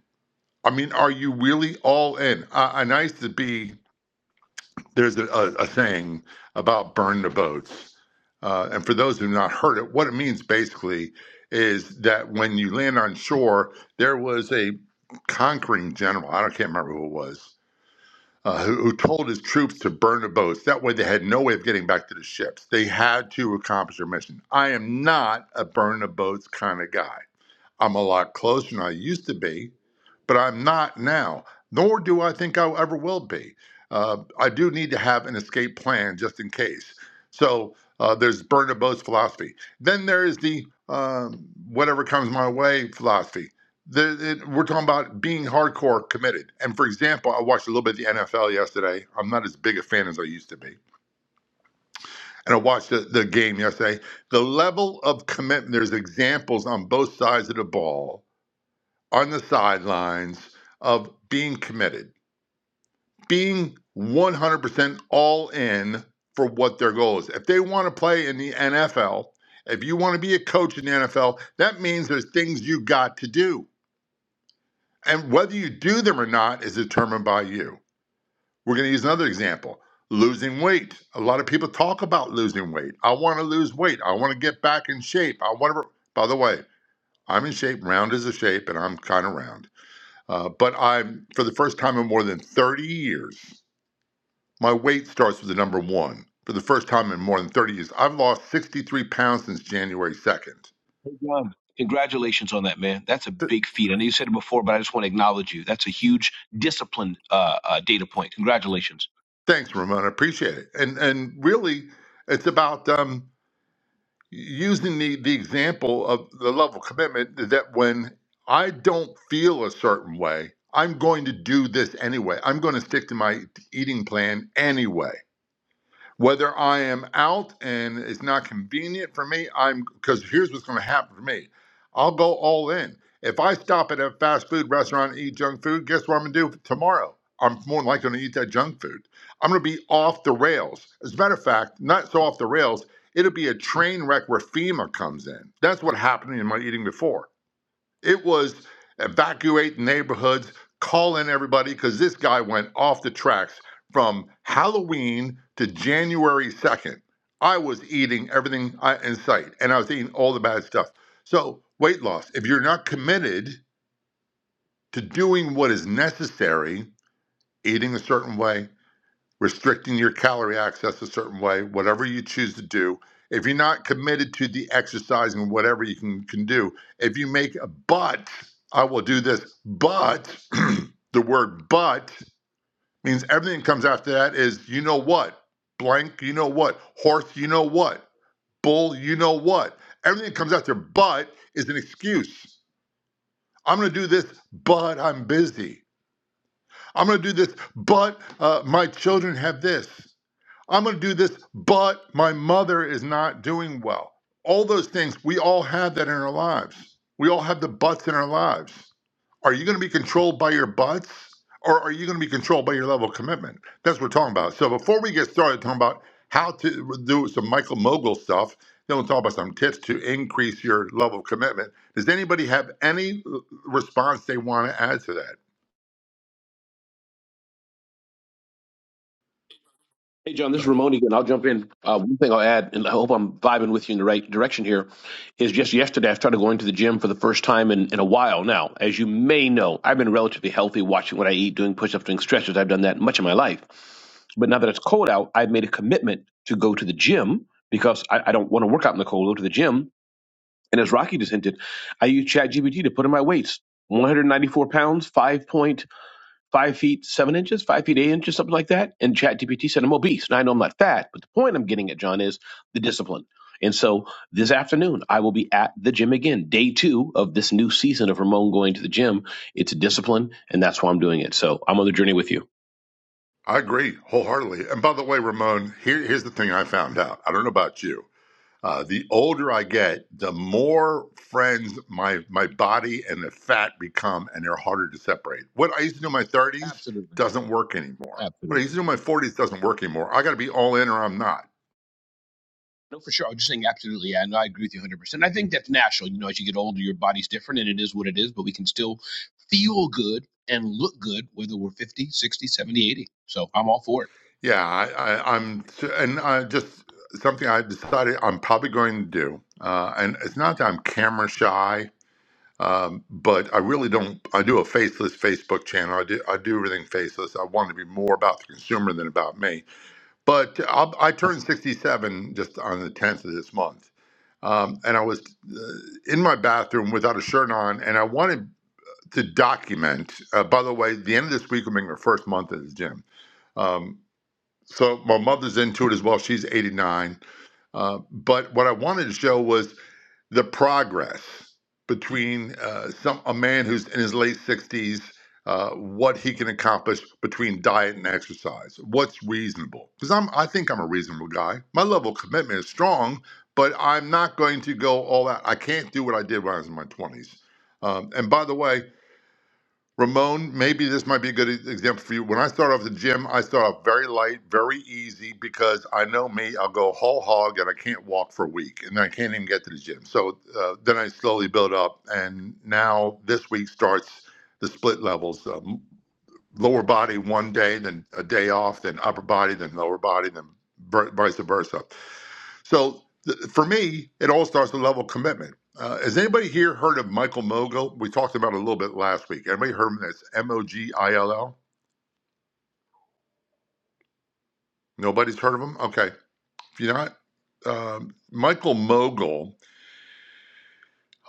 I mean, are you really all in? Uh, I used to be, there's a, a, a saying about burn the boats. Uh, and for those who have not heard it, what it means basically is that when you land on shore, there was a conquering general. I don't, can't remember who it was uh, who, who told his troops to burn the boats. That way, they had no way of getting back to the ships. They had to accomplish their mission. I am not a burn the boats kind of guy. I'm a lot closer than I used to be but I'm not now, nor do I think I ever will be. Uh, I do need to have an escape plan just in case. So uh, there's Bernard Bo's philosophy. Then there is the um whatever comes my way philosophy. The, it, we're talking about being hardcore committed. And for example, I watched a little bit of the NFL yesterday. I'm not as big a fan as I used to be. And I watched the, the game yesterday. The level of commitment, there's examples on both sides of the ball, on the sidelines, of being committed being 100% all in for what their goal is. If they want to play in the NFL, if you want to be a coach in the NFL, that means there's things you got to do. And whether you do them or not is determined by you. We're going to use another example losing weight. A lot of people talk about losing weight. I want to lose weight. I want to get back in shape. I want to, by the way, I'm in shape, round is a shape, and I'm kind of round. Uh, but I'm, for the first time in more than 30 years, My weight starts with the number one. For the first time in more than 30 years, I've lost 63 pounds since January 2nd. Hey, John. Congratulations on that, man. That's a Th- big feat. I know you said it before, but I just want to acknowledge you. That's a huge discipline uh, uh, data point. Congratulations. thanks, Ramon. I appreciate it. And and really, it's about um, using the, the example of the level of commitment that when I don't feel a certain way, I'm going to do this anyway. I'm going to stick to my eating plan anyway. whether I am out and it's not convenient for me, I'm because here's what's going to happen for me. I'll go all in. If I stop at a fast food restaurant and eat junk food, guess what I'm going to do tomorrow? I'm more than likely going to eat that junk food. I'm going to be off the rails. As a matter of fact, not so off the rails, it'll be a train wreck where FEMA comes in. That's what happened in my eating before. It was evacuate neighborhoods, call in everybody, because this guy went off the tracks from Halloween to January 2nd. I was eating everything I, in sight, and I was eating all the bad stuff. So, weight loss, if you're not committed to doing what is necessary, eating a certain way, restricting your calorie access a certain way, whatever you choose to do. If you're not committed to the exercise and whatever you can, can do, if you make a but, I will do this, but the word but means everything that comes after that is you know what, blank, you know what, horse, you know what, bull, you know what. Everything that comes after but is an excuse. I'm going to do this, but I'm busy. I'm going to do this, but uh, my children have this. I'm going to do this, but my mother is not doing well. All those things, we all have that in our lives. We all have the butts in our lives. Are you going to be controlled by your butts or are you going to be controlled by your level of commitment? That's what we're talking about. So before we get started talking about how to do some Michael Mogul stuff, then we'll talk about some tips to increase your level of commitment. Does anybody have any uh, response they want to add to that? Hey, John, this is Ramon again. I'll jump in. Uh, one thing I'll add, and I hope I'm vibing with you in the right direction here, is just yesterday I started going to the gym for the first time in, in a while now. As you may know, I've been relatively healthy, watching what I eat, doing push ups, doing stretches. I've done that much of my life. But now that it's cold out, I've made a commitment to go to the gym because I, I don't want to work out in the cold, go to the gym And as Rocky just hinted, I use ChatGPT to put in my weights 194 pounds, 5.5 feet, 7 inches, 5 feet, 8 inches, something like that. And ChatGPT said I'm obese. Now I know I'm not fat, but the point I'm getting at, John, is the discipline. And so this afternoon, I will be at the gym again, day two of this new season of Ramon going to the gym. It's a discipline, and that's why I'm doing it. So I'm on the journey with you. I agree wholeheartedly. And by the way, Ramon, here, here's the thing I found out. I don't know about you. Uh, the older I get, the more friends my my body and the fat become, and they're harder to separate. What I used to do in my 30s Absolutely. doesn't work anymore. What I Absolutely. used to do in my 40s doesn't work anymore. I got to be all in, or I'm not. No, for sure. I'm just saying, absolutely. Yeah, no, I agree with you 100%. I think that's natural. You know, as you get older, your body's different and it is what it is, but we can still feel good and look good whether we're 50, 60, 70, 80. So I'm all for it. Yeah, I, I, I'm, and I just something I decided I'm probably going to do. Uh, and it's not that I'm camera shy Um, but I really don't. I do a faceless Facebook channel. I do I do everything faceless. I want it to be more about the consumer than about me. But I'll, I turned 67 just on the 10th of this month, um, and I was uh, in my bathroom without a shirt on, and I wanted to document. Uh, by the way, the end of this week will be my first month at the gym. Um, so my mother's into it as well. She's 89. Uh, but what I wanted to show was the progress between uh, some a man who's in his late sixties, uh, what he can accomplish between diet and exercise, what's reasonable? Because I'm, I think I'm a reasonable guy. My level of commitment is strong, but I'm not going to go all out. I can't do what I did when I was in my twenties. Um, and by the way, Ramon, maybe this might be a good example for you. When I start off the gym, I start off very light, very easy, because I know me, I'll go whole hog and I can't walk for a week and I can't even get to the gym. So uh, then I slowly build up. And now this week starts the split levels. um, lower body one day, then a day off, then upper body, then lower body, then ver- vice versa. So th- for me, it all starts with level of commitment. Uh, has anybody here heard of Michael Mogul? We talked about it a little bit last week. Anybody heard of him? That's M O G I L L. Nobody's heard of him. Okay, if you're not, um, Michael Mogul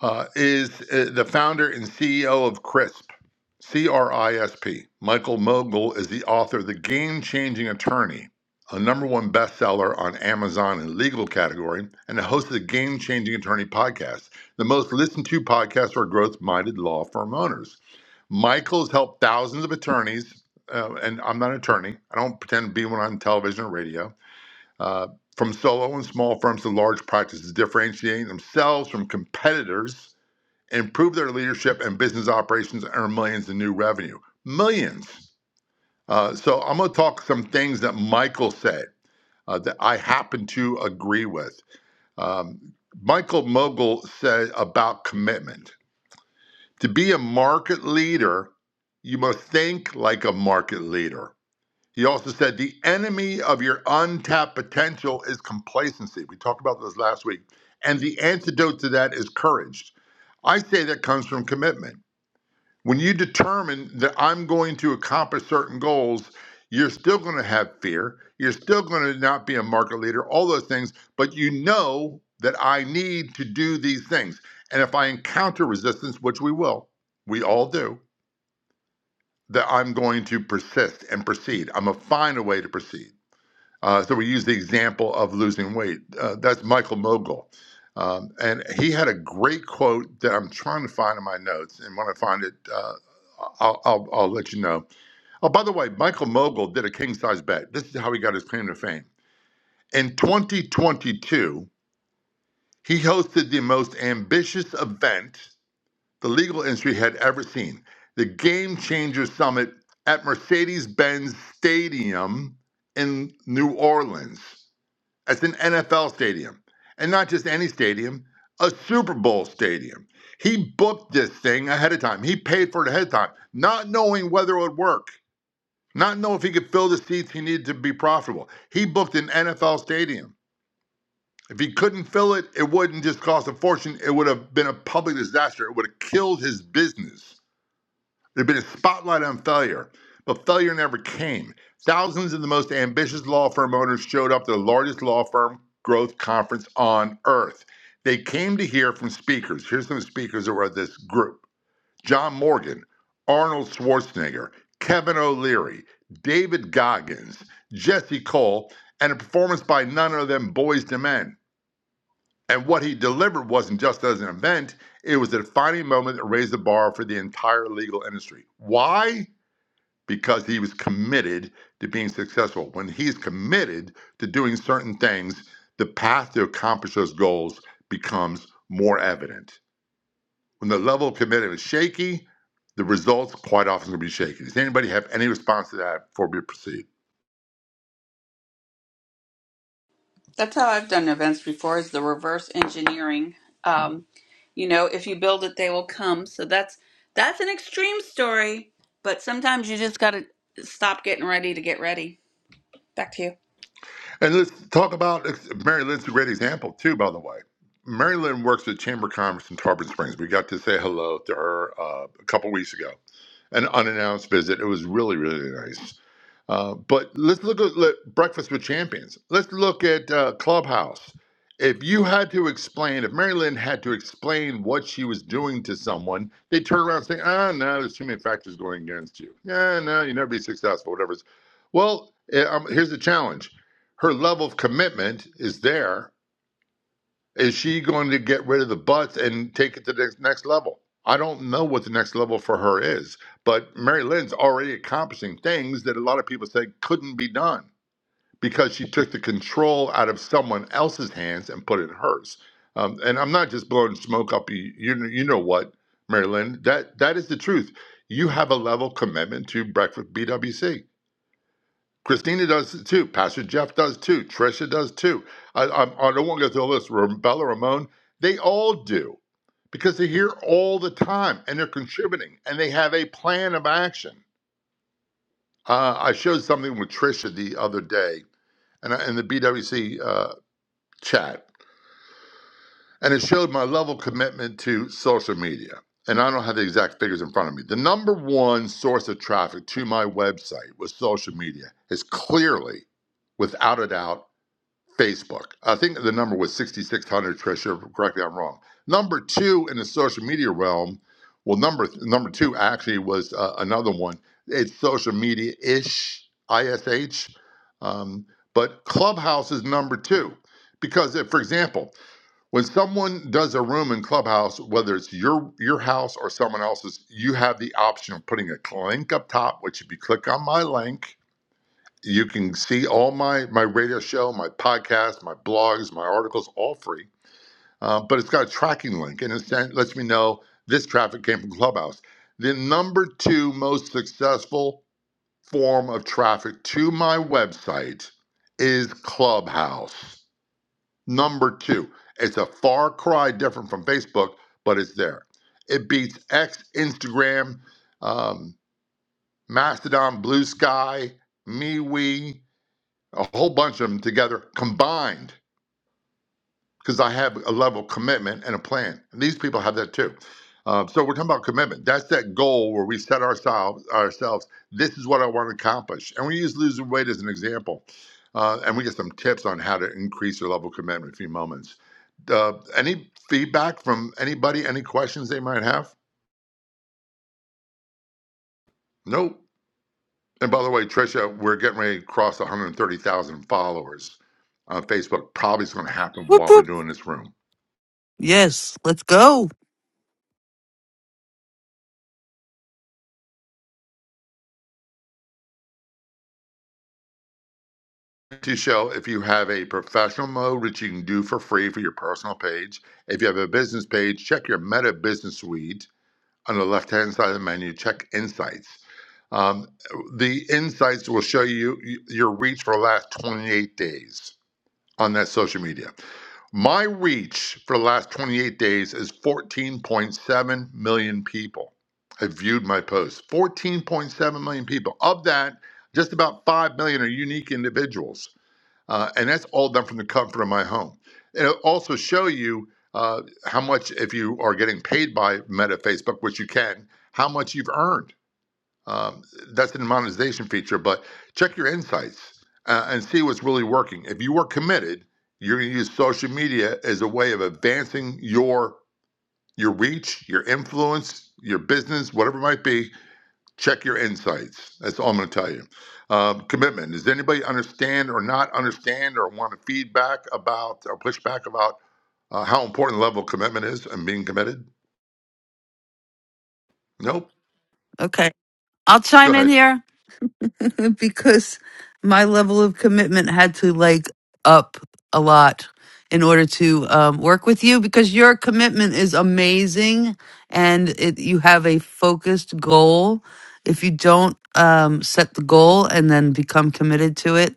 uh, is uh, the founder and CEO of CRISP, C R I S P. Michael Mogul is the author of The Game Changing Attorney, a number one bestseller on Amazon in the legal category, and the host of the Game Changing Attorney podcast, the most listened to podcast for growth minded law firm owners. Michael has helped thousands of attorneys, uh, and I'm not an attorney. I don't pretend to be one on television or radio. Uh, from solo and small firms to large practices, differentiating themselves from competitors improve their leadership and business operations, and earn millions in new revenue. Millions. Uh, so I'm going to talk some things that Michael said uh, that I happen to agree with. Um, Michael Mogul said about commitment. To be a market leader, you must think like a market leader. He also said the enemy of your untapped potential is complacency. We talked about this last week. And the antidote to that is courage. I say that comes from commitment. When you determine that I'm going to accomplish certain goals, you're still going to have fear. You're still going to not be a market leader, all those things, but you know that I need to do these things. And if I encounter resistance, which we will, we all do, that I'm going to persist and proceed. I'm going to find a way to proceed. Uh, so we use the example of losing weight. Uh, that's Michael Mogul. Um, and he had a great quote that I'm trying to find in my notes. And when I find it, uh, I'll, I'll, I'll let you know. Oh, by the way, Michael Mogul did a king size bet. This is how he got his claim to fame. In 2022, he hosted the most ambitious event the legal industry had ever seen the Game Changer Summit at Mercedes Benz Stadium in New Orleans. That's an NFL stadium. And not just any stadium, a Super Bowl stadium. He booked this thing ahead of time. He paid for it ahead of time, not knowing whether it would work, not knowing if he could fill the seats he needed to be profitable. He booked an NFL stadium. If he couldn't fill it, it wouldn't just cost a fortune. It would have been a public disaster. It would have killed his business. There'd been a spotlight on failure, but failure never came. Thousands of the most ambitious law firm owners showed up to the largest law firm growth conference on earth. They came to hear from speakers. Here's some speakers that were at this group John Morgan, Arnold Schwarzenegger, Kevin O'Leary, David Goggins, Jesse Cole, and a performance by none other than Boys to Men. And what he delivered wasn't just as an event, it was a defining moment that raised the bar for the entire legal industry. Why? because he was committed to being successful. When he's committed to doing certain things, the path to accomplish those goals becomes more evident. When the level of commitment is shaky, the results quite often will be shaky. Does anybody have any response to that before we proceed? That's how I've done events before is the reverse engineering. Um, you know, if you build it, they will come. So that's that's an extreme story, but sometimes you just gotta stop getting ready to get ready. Back to you. And let's talk about Mary Lynn's a great example too, by the way. Mary Lynn works at Chamber of Commerce in Tarpon Springs. We got to say hello to her uh, a couple weeks ago. an unannounced visit. It was really, really nice. Uh, but let's look at let, Breakfast with Champions. Let's look at uh, Clubhouse. If you had to explain, if Mary Lynn had to explain what she was doing to someone, they turn around and say, ah, no, there's too many factors going against you. Yeah, no, you never be successful, whatever. It's. Well, eh, um, here's the challenge her level of commitment is there is she going to get rid of the butts and take it to the next level? I don't know what the next level for her is, but Mary Lynn's already accomplishing things that a lot of people say couldn't be done because she took the control out of someone else's hands and put it in hers. Um, and I'm not just blowing smoke up you, you, you know what, Mary Lynn, that, that is the truth. You have a level commitment to Breakfast BWC Christina does it too. Pastor Jeff does too. Trisha does too. I, I, I don't want to go through all this. Ram- Bella Ramon, they all do because they're here all the time and they're contributing and they have a plan of action. Uh, I showed something with Trisha the other day and I- in the BWC uh, chat, and it showed my level of commitment to social media. And I don't have the exact figures in front of me. The number one source of traffic to my website was social media. Is clearly, without a doubt Facebook. I think the number was 6,600, Trisha. Correct me if I'm wrong. Number two in the social media realm, well, number number two actually was uh, another one. It's social media ish, ISH. Um, but Clubhouse is number two. Because, if, for example, when someone does a room in Clubhouse, whether it's your your house or someone else's, you have the option of putting a link up top, which if you click on my link, you can see all my my radio show, my podcast, my blogs, my articles, all free. Uh, but it's got a tracking link, and it lets me know this traffic came from Clubhouse. The number two most successful form of traffic to my website is Clubhouse. Number two, it's a far cry different from Facebook, but it's there. It beats X, Instagram, um, Mastodon, Blue Sky, MeWe a whole bunch of them together combined because I have a level of commitment and a plan. And these people have that too. Uh, so we're talking about commitment. That's that goal where we set ourselves ourselves. This is what I want to accomplish, and we use losing weight as an example. Uh, and we get some tips on how to increase your level of commitment in a few moments. Uh, any feedback from anybody? Any questions they might have? Nope. And by the way, Tricia, we're getting ready to cross 130,000 followers on Facebook. Probably is going to happen Whoop, while we're whoop. doing this room. Yes, let's go. to show if you have a professional mode, which you can do for free for your personal page. If you have a business page, check your Meta Business Suite on the left hand side of the menu, check Insights. Um, the Insights will show you your reach for the last 28 days on that social media. My reach for the last 28 days is 14.7 million people have viewed my posts. 14.7 million people. Of that, just about 5 million are unique individuals uh, and that's all done from the comfort of my home. It'll also show you uh, how much, if you are getting paid by Meta, Facebook, which you can, how much you've earned. Um, that's in the monetization feature, but check your insights uh, and see what's really working. If you are committed, you're going to use social media as a way of advancing your your reach, your influence, your business, whatever it might be, Check your insights. That's all I'm going to tell you. Um, commitment. Does anybody understand or not understand or want to feedback about or pushback about uh, how important the level of commitment is and being committed? Nope. Okay. I'll Go chime in ahead. here. because my level of commitment had to like up a lot in order to um, work with you because your commitment is amazing and it, you have a focused goal if you don't um, set the goal and then become committed to it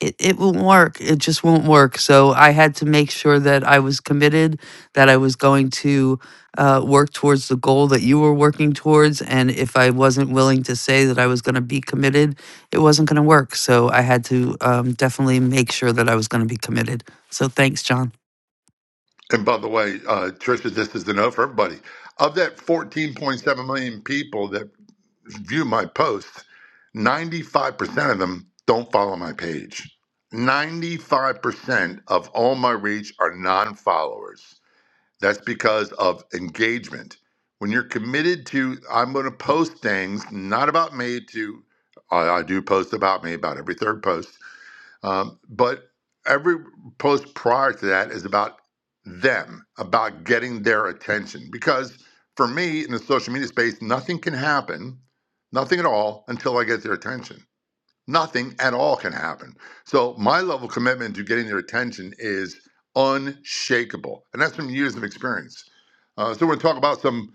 it, it won't work it just won't work so i had to make sure that i was committed that i was going to uh, work towards the goal that you were working towards. And if I wasn't willing to say that I was going to be committed, it wasn't going to work. So I had to um, definitely make sure that I was going to be committed. So thanks, John. And by the way, uh, Trisha, this is the note for everybody. Of that 14.7 million people that view my posts, 95% of them don't follow my page. 95% of all my reach are non followers. That's because of engagement. When you're committed to, I'm going to post things not about me. To I, I do post about me about every third post, um, but every post prior to that is about them, about getting their attention. Because for me in the social media space, nothing can happen, nothing at all, until I get their attention nothing at all can happen. So my level of commitment to getting their attention is unshakable, and that's from years of experience. Uh, so we're going to talk about some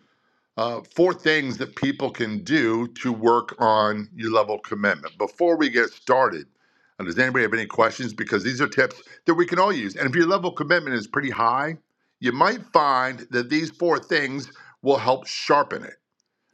uh, four things that people can do to work on your level of commitment. Before we get started, uh, does anybody have any questions? Because these are tips that we can all use, and if your level of commitment is pretty high, you might find that these four things will help sharpen it.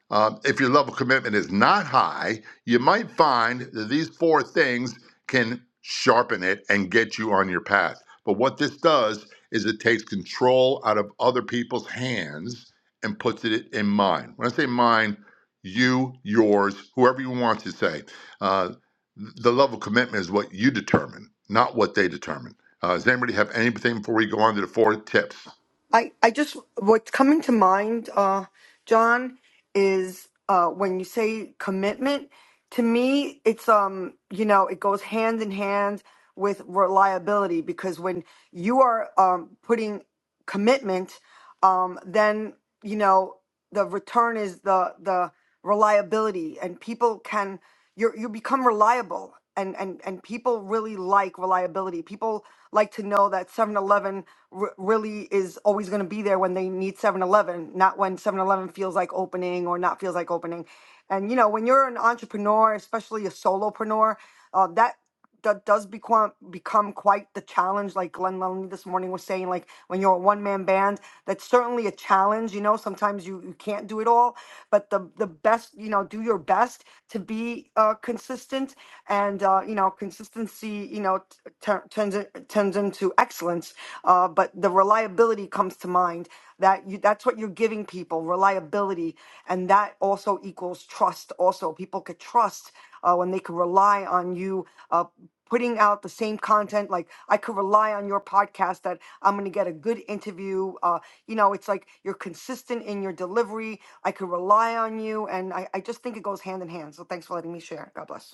Um, if your level of commitment is not high, you might find that these four things can sharpen it and get you on your path. But what this does is it takes control out of other people's hands and puts it in mine. When I say mine, you, yours, whoever you want to say. Uh, the level of commitment is what you determine, not what they determine. Uh, does anybody have anything before we go on to the four tips? I, I just what's coming to mind, uh, John, is uh, when you say commitment. To me, it's um, you know, it goes hand in hand with reliability because when you are um, putting commitment, um, then you know the return is the the reliability, and people can you you become reliable, and and and people really like reliability. People like to know that Seven Eleven r- really is always going to be there when they need 7-Eleven, not when 7-Eleven feels like opening or not feels like opening. And you know, when you're an entrepreneur, especially a solopreneur, uh, that that does become become quite the challenge. Like Glenn Lundy this morning was saying, like when you're a one man band, that's certainly a challenge. You know, sometimes you, you can't do it all, but the the best, you know, do your best to be uh, consistent, and uh, you know, consistency, you know, t- tur- turns in- turns into excellence. Uh, but the reliability comes to mind. That you that's what you're giving people reliability, and that also equals trust. Also, people could trust uh, when they could rely on you uh, putting out the same content like i could rely on your podcast that i'm going to get a good interview uh, you know it's like you're consistent in your delivery i could rely on you and I, I just think it goes hand in hand so thanks for letting me share god bless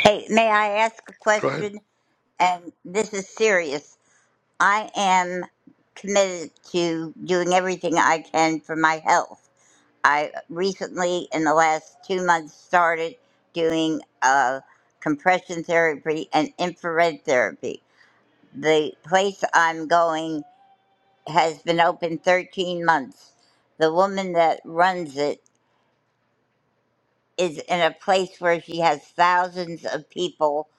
Hey, may I ask a Go ahead. question? And this is serious. I am committed to doing everything I can for my health I recently, in the last two months, started doing uh, compression therapy and infrared therapy. The place I'm going has been open 13 months. The woman that runs it is in a place where she has thousands of people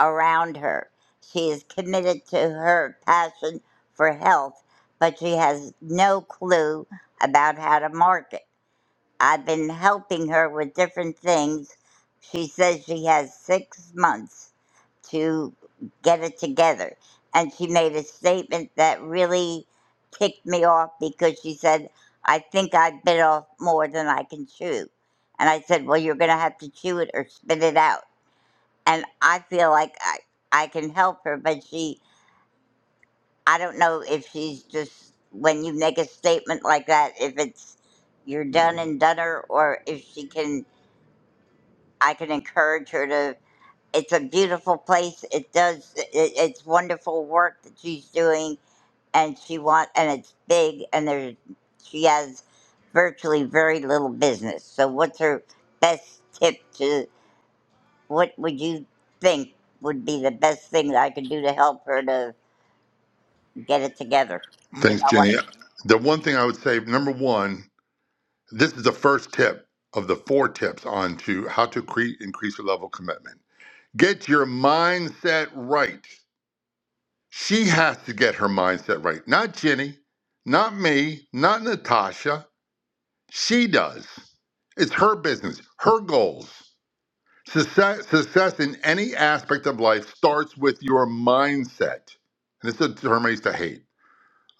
around her. She is committed to her passion for health, but she has no clue about how to market I've been helping her with different things. She says she has six months to get it together. And she made a statement that really ticked me off because she said, I think I bit off more than I can chew. And I said, Well, you're going to have to chew it or spit it out. And I feel like I, I can help her, but she, I don't know if she's just, when you make a statement like that, if it's you're done and done her or if she can I can encourage her to. It's a beautiful place. It does. It, it's wonderful work that she's doing, and she want and it's big, and there's she has virtually very little business. So, what's her best tip to? What would you think would be the best thing that I could do to help her to get it together? Because Thanks, I want. Jenny. The one thing I would say, number one, This is the first tip of the four tips on to how to create increase your level of commitment. Get your mindset right. She has to get her mindset right. Not Jenny, not me, not Natasha. She does. It's her business, her goals. Success, success in any aspect of life starts with your mindset. And this a term I to hate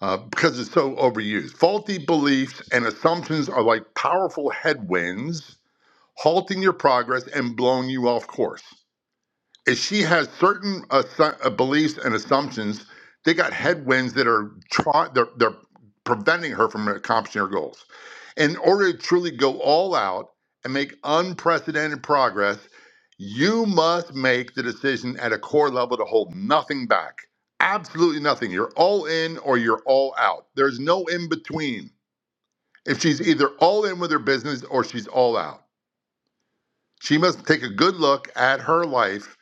uh, because it's so overused. Faulty beliefs and assumptions are like powerful headwinds halting your progress and blowing you off course. If she has certain assu- uh, beliefs and assumptions, they got headwinds that are try- they're, they're preventing her from accomplishing her goals. In order to truly go all out and make unprecedented progress, you must make the decision at a core level to hold nothing back. Absolutely nothing. You're all in or you're all out. There's no in between. If she's either all in with her business or she's all out. She must take a good look at her life.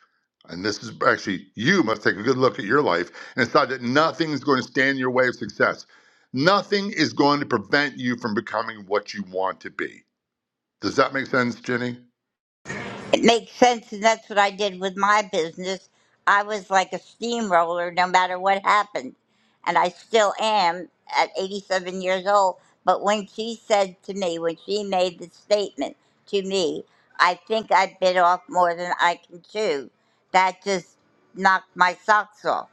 And this is actually, you must take a good look at your life and decide that nothing is going to stand in your way of success. Nothing is going to prevent you from becoming what you want to be. Does that make sense, Jenny? It makes sense, and that's what I did with my business. I was like a steamroller no matter what happened, and I still am at 87 years old. But when she said to me, when she made the statement to me, I think I bit off more than I can chew. That just knocked my socks off.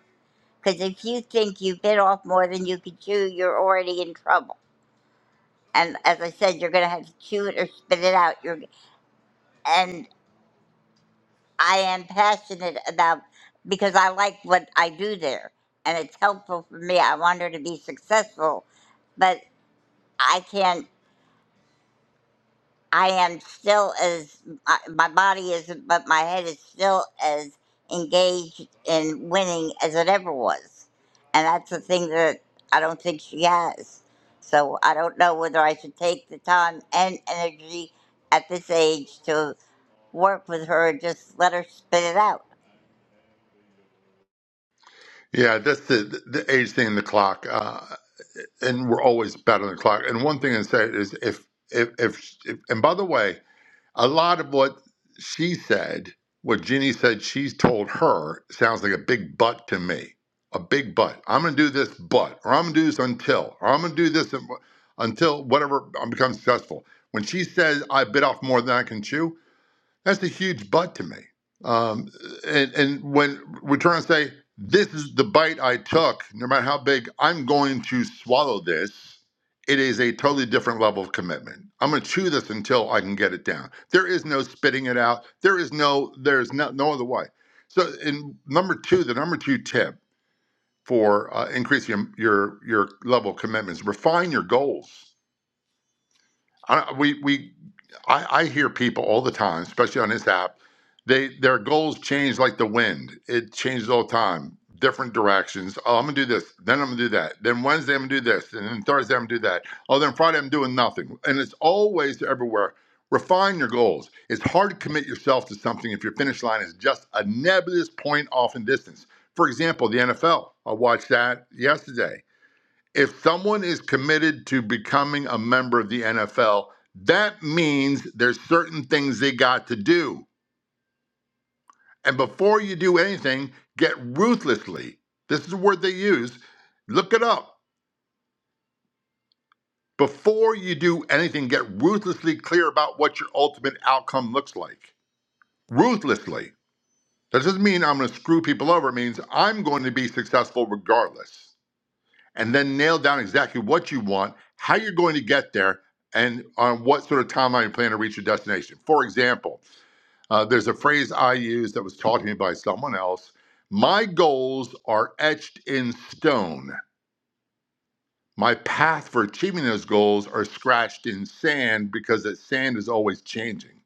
Because if you think you bit off more than you can chew, you're already in trouble. And as I said, you're going to have to chew it or spit it out. You're, and. I am passionate about because I like what I do there and it's helpful for me. I want her to be successful, but I can't, I am still as, I- my body isn't, but my head is still as engaged in winning as it ever was. And that's the thing that I don't think she has. So I don't know whether I should take the time and energy at this age to work with her and just let her spit it out. Yeah, that's the, the age thing and the clock. Uh, and we're always better than the clock. And one thing I say is if, if, if, if, and by the way, A lot of what she said, what Ginny said she's told her, sounds like a big but to me. A big but. I'm going to do this but, or I'm going to do this until, or I'm going to do this until whatever I become successful. When she says, I bit off more than I can chew, that's a huge but to me. Um, and, and when we're trying to say, this is the bite I took, no matter how big, I'm going to swallow this, it is a totally different level of commitment. I'm going to chew this until I can get it down. There is no spitting it out. There is no, there's no, no other way. So in number two, the number two tip for uh, increasing your, your, your level of commitment is refine your goals. I, we, we I, I hear people all the time, especially on this app, they their goals change like the wind. It changes all the time, different directions. Oh, I'm gonna do this, then I'm gonna do that. Then Wednesday I'm gonna do this, and then Thursday I'm gonna do that. Oh, then Friday I'm doing nothing. And it's always everywhere. Refine your goals. It's hard to commit yourself to something if your finish line is just a nebulous point off in distance. For example, the NFL. I watched that yesterday if someone is committed to becoming a member of the NFL, that means there's certain things they got to do. And before you do anything, get ruthlessly. This is the word they use. Look it up. Before you do anything, get ruthlessly clear about what your ultimate outcome looks like. Ruthlessly. That doesn't mean I'm going to screw people over. It means I'm going to be successful regardless. and then nail down exactly what you want, how you're going to get there, and on what sort of timeline you plan to reach your destination. For example, uh, there's a phrase I use that was taught to me by someone else. My goals are etched in stone. My path for achieving those goals are scratched in sand because that sand is always changing.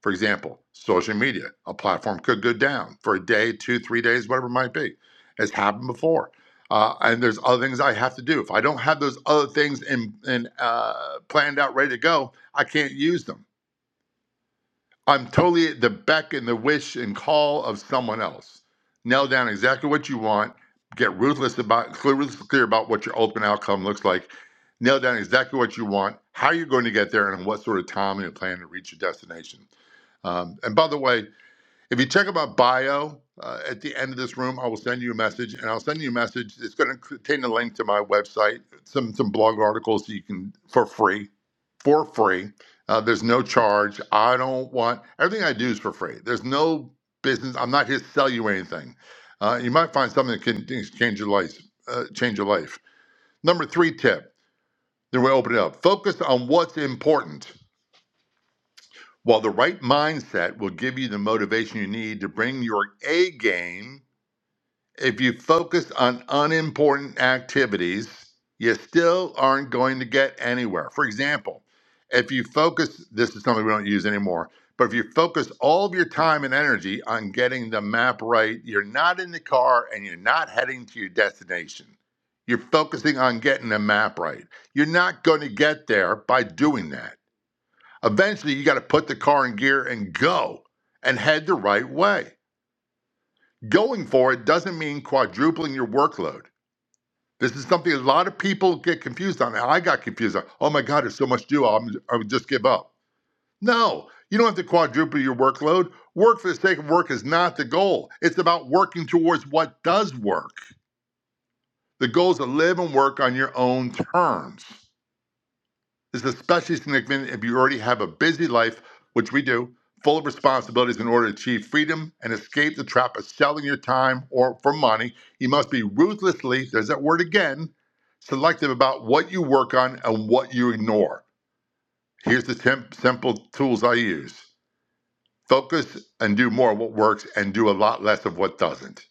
For example, social media, a platform could go down for a day, two, three days, whatever it might be. It's happened before. Uh, and there's other things I have to do. If I don't have those other things in, in, uh, planned out, ready to go, I can't use them. I'm totally at the beck and the wish and call of someone else. Nail down exactly what you want. Get ruthless about clear, ruthless clear about what your ultimate outcome looks like. Nail down exactly what you want, how you're going to get there, and what sort of time and plan to reach your destination. Um, and by the way, if you check about bio uh, at the end of this room, I will send you a message, and I'll send you a message. It's going to contain a link to my website, some some blog articles that you can for free, for free. Uh, there's no charge. I don't want everything I do is for free. There's no business. I'm not here to sell you anything. Uh, you might find something that can change your life. Uh, change your life. Number three tip. Then we open it up. Focus on what's important. While the right mindset will give you the motivation you need to bring your A game If you focus on unimportant activities, you still aren't going to get anywhere. For example, if you focus, this is something we don't use anymore, but if you focus all of your time and energy on getting the map right, you're not in the car and you're not heading to your destination. You're focusing on getting the map right. You're not going to get there by doing that. Eventually, you got to put the car in gear and go and head the right way. Going for it doesn't mean quadrupling your workload. This is something a lot of people get confused on. I got confused on. Oh my God, there's so much to do. I'm, I would just give up. No, you don't have to quadruple your workload. Work for the sake of work is not the goal. It's about working towards what does work. The goal is to live and work on your own terms is especially significant if you already have a busy life, which we do, full of responsibilities in order to achieve freedom and escape the trap of selling your time or for money. You must be ruthlessly, there's that word again, selective about what you work on and what you ignore. Here's the temp- simple tools I use focus and do more of what works and do a lot less of what doesn't.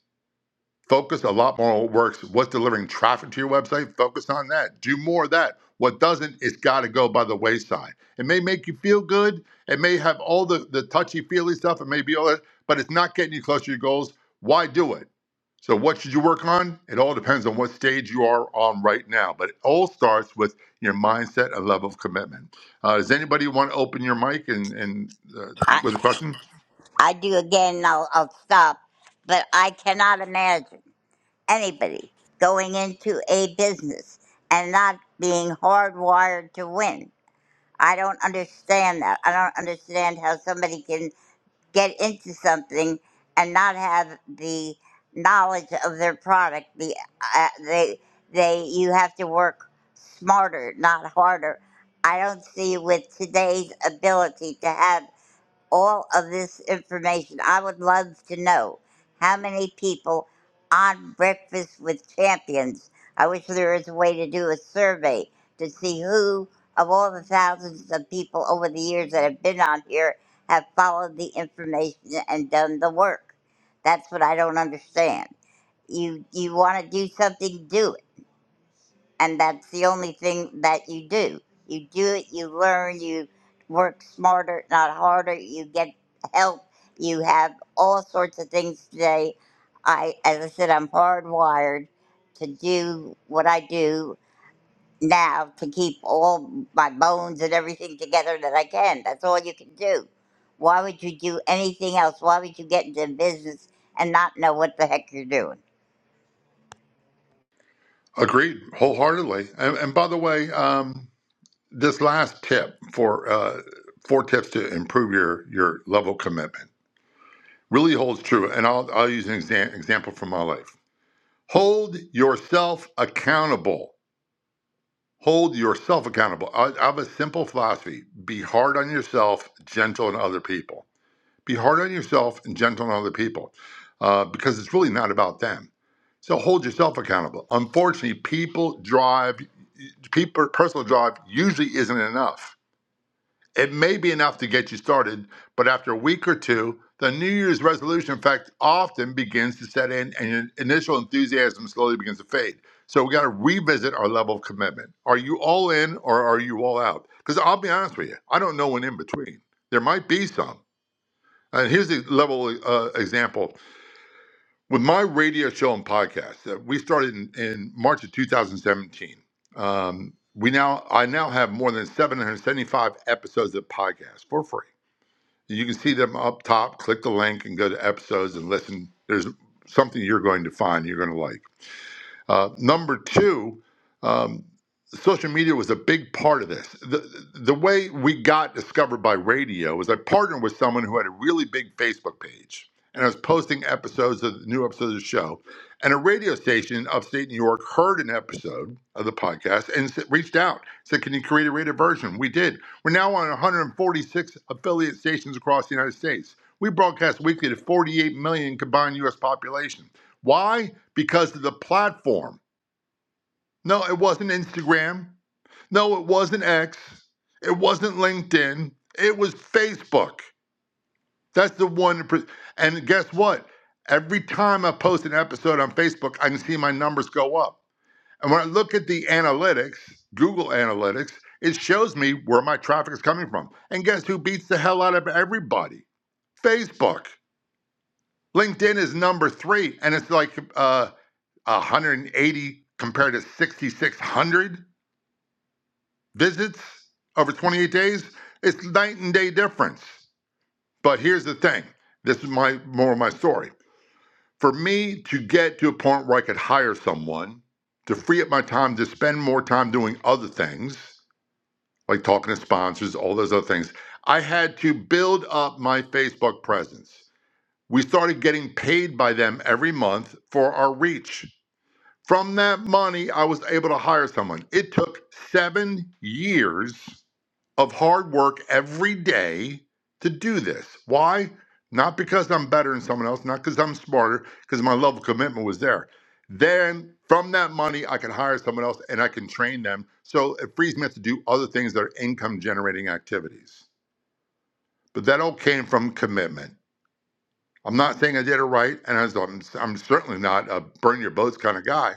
Focus a lot more on what works. What's delivering traffic to your website? Focus on that. Do more of that. What doesn't, it's got to go by the wayside. It may make you feel good. It may have all the, the touchy feely stuff. It may be all that, but it's not getting you closer to your goals. Why do it? So, what should you work on? It all depends on what stage you are on right now, but it all starts with your mindset and level of commitment. Uh, does anybody want to open your mic and, and uh, with a question? I do again and I'll, I'll stop. But I cannot imagine anybody going into a business and not being hardwired to win. I don't understand that. I don't understand how somebody can get into something and not have the knowledge of their product. The uh, they they you have to work smarter, not harder. I don't see with today's ability to have all of this information. I would love to know how many people on Breakfast with Champions. I wish there was a way to do a survey to see who, of all the thousands of people over the years that have been on here, have followed the information and done the work. That's what I don't understand. You you want to do something? Do it and that's the only thing that you do. You do it, you learn, you work smarter, not harder, you get help, you have all sorts of things today. I, as I said, I'm hardwired to do what I do now to keep all my bones and everything together that I can. That's all you can do. Why would you do anything else? Why would you get into business and not know what the heck you're doing? Agreed, wholeheartedly. And, and by the way, um, this last tip for uh, four tips to improve your your level of commitment really holds true and i'll, I'll use an exa- example from my life hold yourself accountable hold yourself accountable I, I have a simple philosophy be hard on yourself gentle on other people be hard on yourself and gentle on other people uh, because it's really not about them so hold yourself accountable unfortunately people drive people personal drive usually isn't enough It may be enough to get you started, but after a week or two, the New Year's resolution effect often begins to set in and your initial enthusiasm slowly begins to fade. So we got to revisit our level of commitment. Are you all in or are you all out? Because I'll be honest with you, I don't know an in between. There might be some. And here's a level uh, example with my radio show and podcast that we started in, in March of 2017. Um, we now I now have more than 775 episodes of podcasts for free. You can see them up top. Click the link and go to episodes and listen. There's something you're going to find you're going to like. Uh, number two, um, social media was a big part of this. The, the way we got discovered by radio was I partnered with someone who had a really big Facebook page. And I was posting episodes of new episodes of the show. And a radio station in upstate New York heard an episode of the podcast and s- reached out, said, Can you create a rated version? We did. We're now on 146 affiliate stations across the United States. We broadcast weekly to 48 million combined U.S. population. Why? Because of the platform. No, it wasn't Instagram. No, it wasn't X. It wasn't LinkedIn. It was Facebook. That's the one. And guess what? Every time I post an episode on Facebook, I can see my numbers go up. And when I look at the analytics, Google Analytics, it shows me where my traffic is coming from. And guess who beats the hell out of everybody? Facebook. LinkedIn is number three, and it's like uh, 180 compared to 6,600 visits over 28 days. It's night and day difference. But here's the thing. This is my more of my story. For me to get to a point where I could hire someone to free up my time to spend more time doing other things, like talking to sponsors, all those other things, I had to build up my Facebook presence. We started getting paid by them every month for our reach From that money, I was able to hire someone. It took seven years of hard work every day to do this. Why? Not because I'm better than someone else, not because I'm smarter, because my level of commitment was there. Then from that money, I can hire someone else and I can train them. So it frees me up to do other things that are income generating activities. But that all came from commitment. I'm not saying I did it right, and I was- I'm, I'm certainly not a burn your boats kind of guy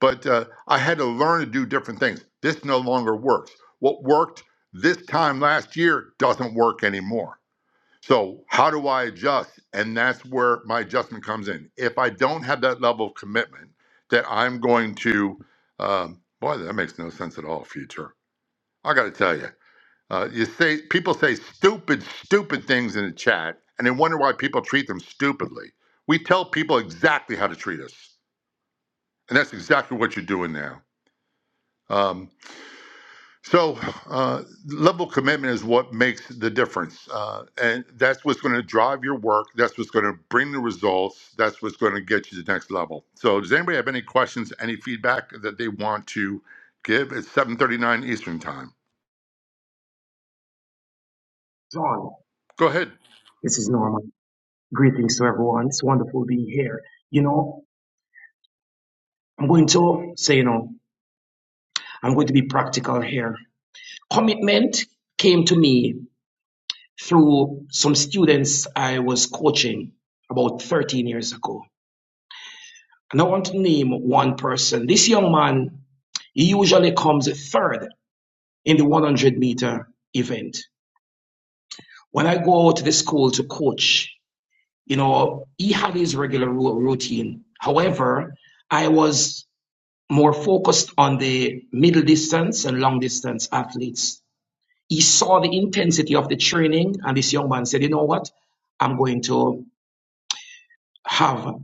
but uh, I had to learn to do different things. This no longer works. What worked this time last year doesn't work anymore. So, how do I adjust? And that's where my adjustment comes in. If I don't have that level of commitment that I'm going to, um, boy, that makes no sense at all, future. I got to tell you, uh, you say people say stupid, stupid things in the chat, and they wonder why people treat them stupidly. We tell people exactly how to treat us, and that's exactly what you're doing now. Um, So, uh, level of commitment is what makes the difference. Uh, and that's what's going to drive your work. That's what's going to bring the results. That's what's going to get you to the next level. So, does anybody have any questions, any feedback that they want to give? It's 7.39 Eastern Time. John, Go ahead. this is Norman. Greetings to everyone. It's wonderful being here. You know, I'm going to say, you know, I'm going to be practical here. Commitment came to me through some students I was coaching about 13 years ago. And I want to name one person. This young man, he usually comes third in the 100 meter event. When I go out to the school to coach, you know, he had his regular routine. However, I was more focused on the middle distance and long distance athletes. He saw the intensity of the training, and this young man said, You know what? I'm going to have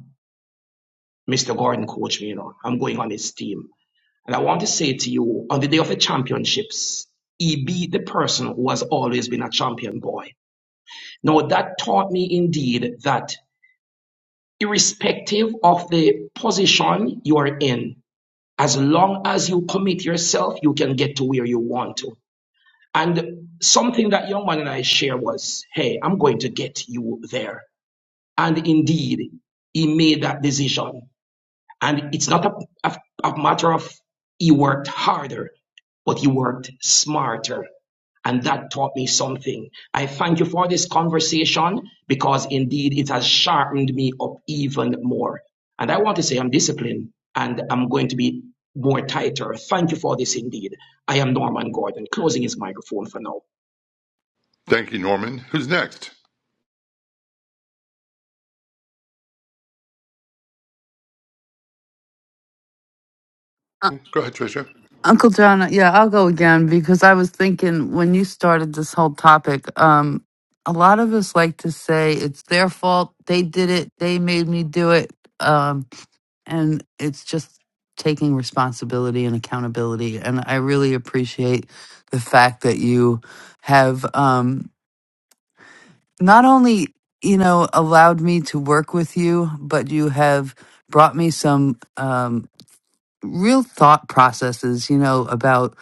Mr. Gordon coach me, you know, I'm going on his team. And I want to say to you, on the day of the championships, he beat the person who has always been a champion boy. Now, that taught me indeed that irrespective of the position you are in, as long as you commit yourself, you can get to where you want to. And something that young man and I share was, hey, I'm going to get you there. And indeed, he made that decision. And it's not a, a, a matter of he worked harder, but he worked smarter. And that taught me something. I thank you for this conversation because indeed it has sharpened me up even more. And I want to say I'm disciplined and I'm going to be more tighter. Thank you for this indeed. I am Norman Gordon, closing his microphone for now. Thank you, Norman. Who's next? Uh, Go ahead, Tricia. Uncle John, uh, yeah, I'll go again because I was thinking when you started this whole topic, um, a lot of us like to say it's their fault, they did it, they made me do it, um, and it's just taking responsibility and accountability. And I really appreciate the fact that you have. Um, not only you know allowed me to work with you but you have brought me some um real thought processes you know about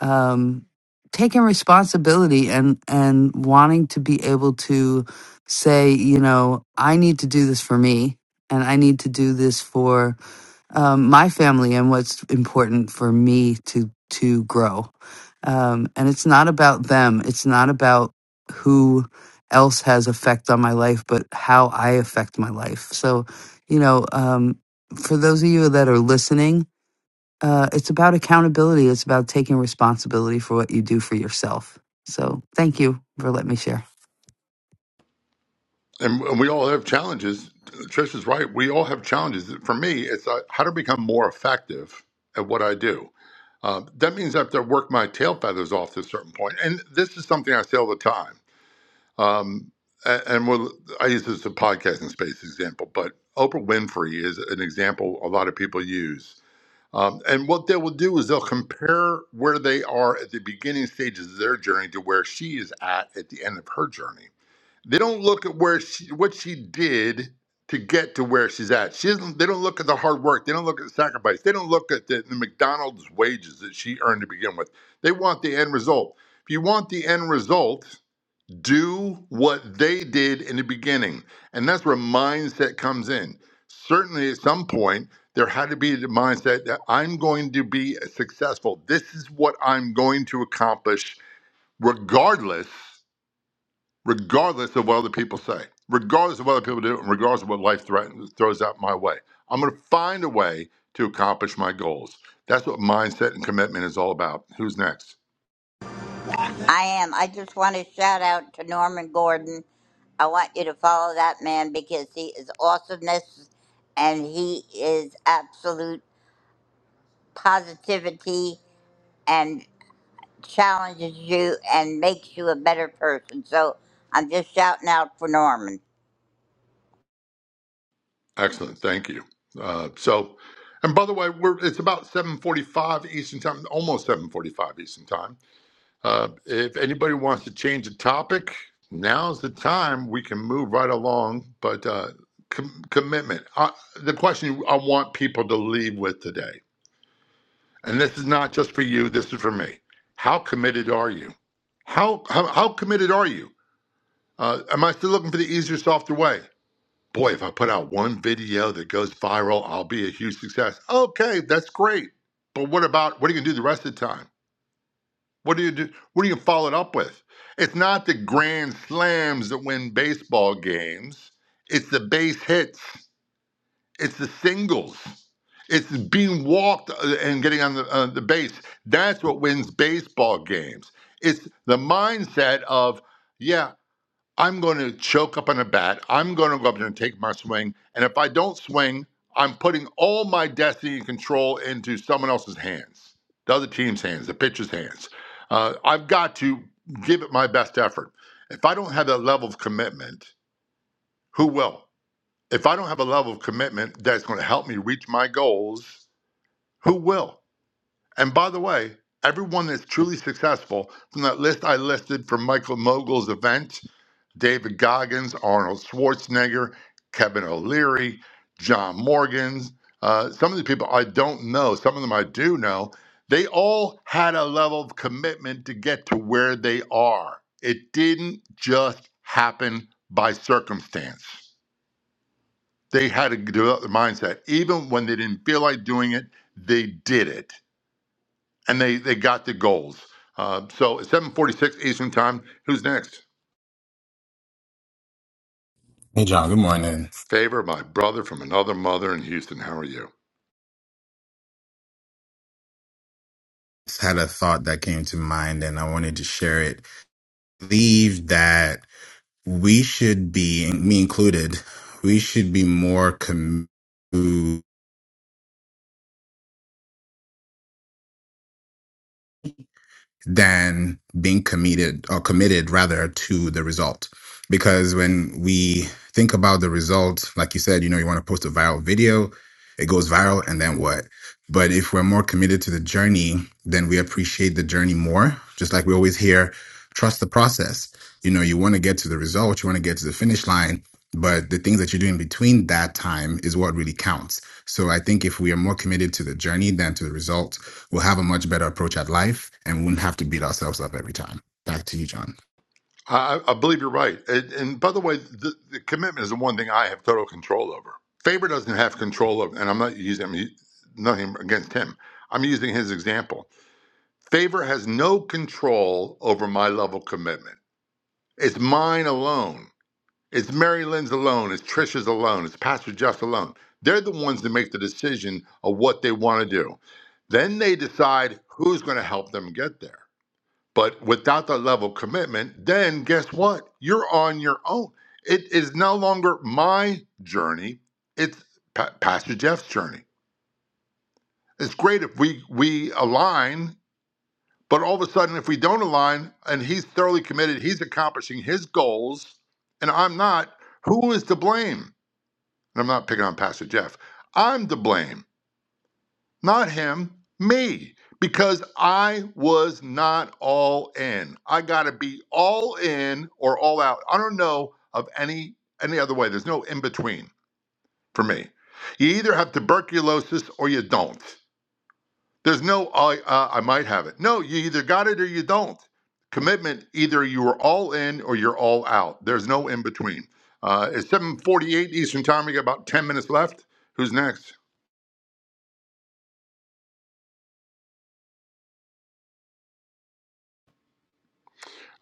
um taking responsibility and and wanting to be able to say you know i need to do this for me and i need to do this for um, my family and what's important for me to to grow. Um, and it's not about them. It's not about who else has effect on my life, but how I affect my life. So, you know, um, for those of you that are listening, uh, it's about accountability. It's about taking responsibility for what you do for yourself. So, thank you for letting me share. and we all have challenges. Trish is right. We all have challenges. For me, it's uh, how to become more effective at what I do. Um, that means I have to work my tail feathers off to a certain point. And this is something I say all the time. Um, a- and we'll, I use this as a podcasting space example, but Oprah Winfrey is an example a lot of people use. Um, and what they will do is they'll compare where they are at the beginning stages of their journey to where she is at at the end of her journey they don't look at where she, what she did to get to where she's at. She doesn't. They don't look at the hard work. They don't look at the sacrifice. They don't look at the, the McDonald's wages that she earned to begin with. They want the end result. If you want the end result, do what they did in the beginning, and that's where mindset comes in. Certainly, at some point, there had to be the mindset that I'm going to be successful. This is what I'm going to accomplish, regardless regardless of what other people say, regardless of what other people do, and regardless of what life threatens, throws out my way. I'm going to find a way to accomplish my goals. That's what mindset and commitment is all about. Who's next? I am. I just want to shout out to Norman Gordon. I want you to follow that man because he is awesomeness and he is absolute positivity and challenges you and makes you a better person. So I'm just shouting out for Norman. Excellent. Thank you. Uh, so, and by the way, we're, it's about 7:45 Eastern Time, almost 7:45 Eastern Time. Uh, if anybody wants to change the topic, now's the time. We can move right along. But uh, com- commitment. Uh, the question I want people to leave with today and this is not just for you, this is for me. How committed are you? How how, how committed are you? Uh, am I still looking for the easier, softer way? Boy, if I put out one video that goes viral, I'll be a huge success. Okay, that's great. But what about what are you gonna do the rest of the time? What do you do? What are you gonna follow it up with? It's not the grand slams that win baseball games. It's the base hits. It's the singles. It's being walked uh, and getting on the, uh, the base. That's what wins baseball games. It's the mindset of, yeah, I'm going to choke up on a bat. I'm going to go up there and take my swing. And if I don't swing, I'm putting all my destiny and control into someone else's hands, the other team's hands, the pitcher's hands. Uh, I've got to give it my best effort. If I don't have that level of commitment, who will? if I don't have a level of commitment that's going to help me reach my goals, who will? And by the way, everyone that's truly successful from that list I listed from Michael Mogul's event, David Goggins, Arnold Schwarzenegger, Kevin O'Leary, John Morgan's, uh, some of the people I don't know, some of them I do know, they all had a level of commitment to get to where they are. It didn't just happen by circumstance they had to develop the mindset. Even when they didn't feel like doing it, they did it, and they they got the goals. Uh, so it's 7:46 Eastern Time. Who's next? Hey, John, good morning. Favor, my brother from another mother in Houston. How are you? Just had a thought that came to mind and I wanted to share it. I believe that we should be, me included, we should be more committed than being committed or committed rather to the result. Because when we think about the result, like you said, you know, you want to post a viral video, it goes viral, and then what? But if we're more committed to the journey, then we appreciate the journey more. Just like we always hear, trust the process. You know, you want to get to the result, you want to get to the finish line, but the things that you do in between that time is what really counts. So I think if we are more committed to the journey than to the result, We'll have a much better approach at life and we wouldn't have to beat ourselves up every time. Back to you, John. I, I I believe you're right. And, and by the way, the, the commitment is the one thing I have total control over. Favor doesn't have control of, and I'm not using I'm u- nothing against him. I'm using his example. Favor has no control over my level of commitment. It's mine alone. It's Mary Lynn's alone. It's Trisha's alone. It's Pastor Jeff's alone. They're the ones that make the decision of what they want to do. Then they decide who's going to help them get there. But without that level of commitment, then guess what? You're on your own. It is no longer my journey. It's Pa- Pastor Jeff's journey. It's great if we we align, but all of a sudden, if we don't align, and he's thoroughly committed, he's accomplishing his goals, and I'm not. Who is to blame? and I'm not picking on Pastor Jeff, I'm to blame, not him, me, because I was not all in. I got to be all in or all out. I don't know of any any other way. There's no in between for me. You either have tuberculosis or you don't. There's no I uh, I might have it. No, you either got it or you don't. Commitment: either you are all in or you're all out. There's no in between. Uh, it's 7:48 Eastern Time. We got about 10 minutes left. Who's next?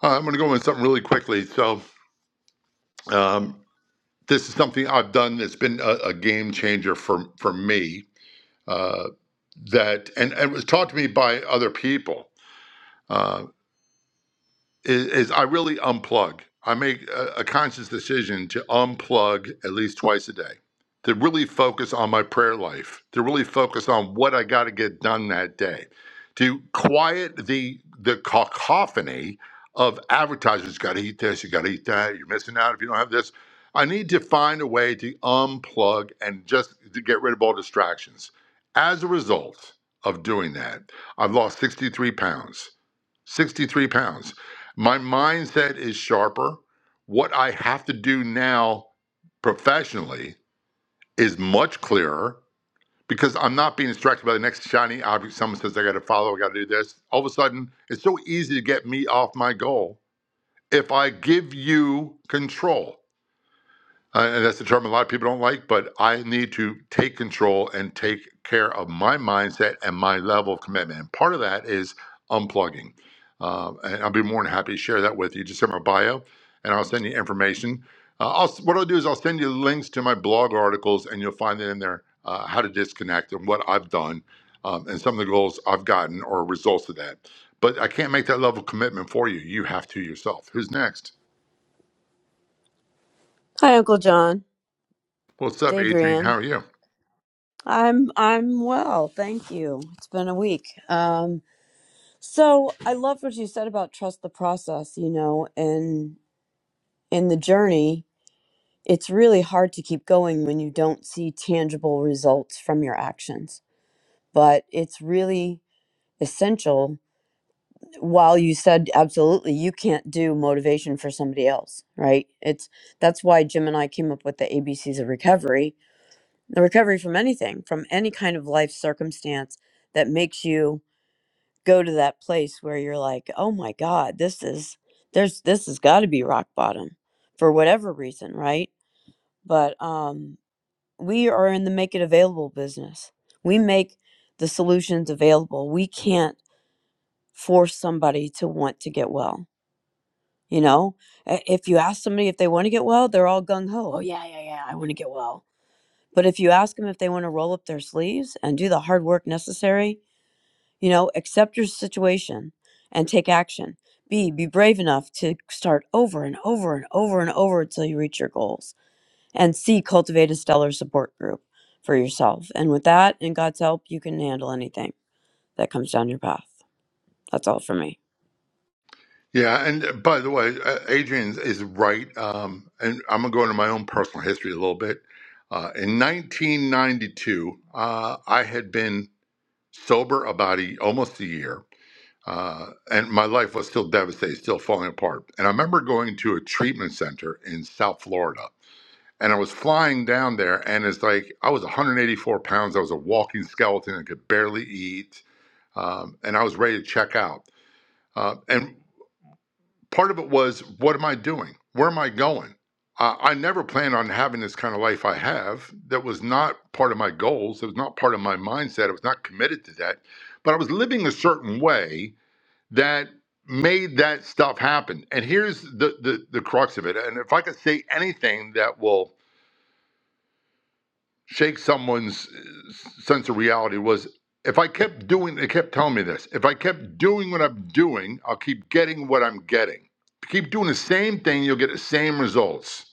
Uh, I'm going to go into something really quickly. So, um, this is something I've done that's been a, a game changer for for me. Uh, that and, and it was taught to me by other people. Uh, is, is I really unplug. I make a, a conscious decision to unplug at least twice a day, to really focus on my prayer life, to really focus on what I got to get done that day, to quiet the the cacophony of advertisers. Got to eat this. You got to eat that. You're missing out if you don't have this. I need to find a way to unplug and just to get rid of all distractions. As a result of doing that, I've lost 63 pounds. 63 pounds. My mindset is sharper. What I have to do now professionally is much clearer because I'm not being distracted by the next shiny object. Someone says, I got to follow, I got to do this. All of a sudden, it's so easy to get me off my goal if I give you control. Uh, and that's a term a lot of people don't like, but I need to take control and take care of my mindset and my level of commitment. And part of that is unplugging. Um, and I'll be more than happy to share that with you. Just send my bio, and I'll send you information. Uh, I'll, what I'll do is I'll send you links to my blog articles, and you'll find it in there uh, how to disconnect and what I've done, um, and some of the goals I've gotten or results of that. But I can't make that level of commitment for you. You have to yourself. Who's next? Hi, Uncle John. What's It's up, Adrian? How Adrian. are you? I'm I'm well, thank you. It's been a week. Um, so I love what you said about trust the process. You know, and in the journey, it's really hard to keep going when you don't see tangible results from your actions. But it's really essential. While you said absolutely, you can't do motivation for somebody else, right? It's that's why Jim and I came up with the ABCs of recovery The recovery from anything, from any kind of life circumstance that makes you go to that place where you're like, "Oh my god, this is there's this has got to be rock bottom for whatever reason, right?" But um we are in the make it available business. We make the solutions available. We can't force somebody to want to get well, you know? I- If you ask somebody if they want to get well, they're all gung ho. Oh yeah, yeah, yeah, I want to get well But if you ask them if they want to roll up their sleeves and do the hard work necessary, you know, accept your situation and take action. B, be brave enough to start over and over and over and over until you reach your goals. And C, cultivate a stellar support group for yourself. And with that and God's help, you can handle anything that comes down your path. That's all for me. Yeah, and uh, by the way, uh, Adrian is right. Um, and I'm gonna go into my own personal history a little bit. Uh, in 1992, uh, I had been sober about a, almost a year, uh, and my life was still devastated, still falling apart. And I remember going to a treatment center in South Florida, and I was flying down there, and it's like I was 184 pounds. I was a walking skeleton. I could barely eat, um, and I was ready to check out. Uh, and part of it was what am i doing where am i going uh, i never planned on having this kind of life i have that was not part of my goals it was not part of my mindset i was not committed to that but i was living a certain way that made that stuff happen and here's the the, the crux of it and if i could say anything that will shake someone's uh, sense of reality was if I kept doing, they kept telling me this, if I kept doing what I'm doing, I'll keep getting what I'm getting. If you keep doing the same thing, you'll get the same results.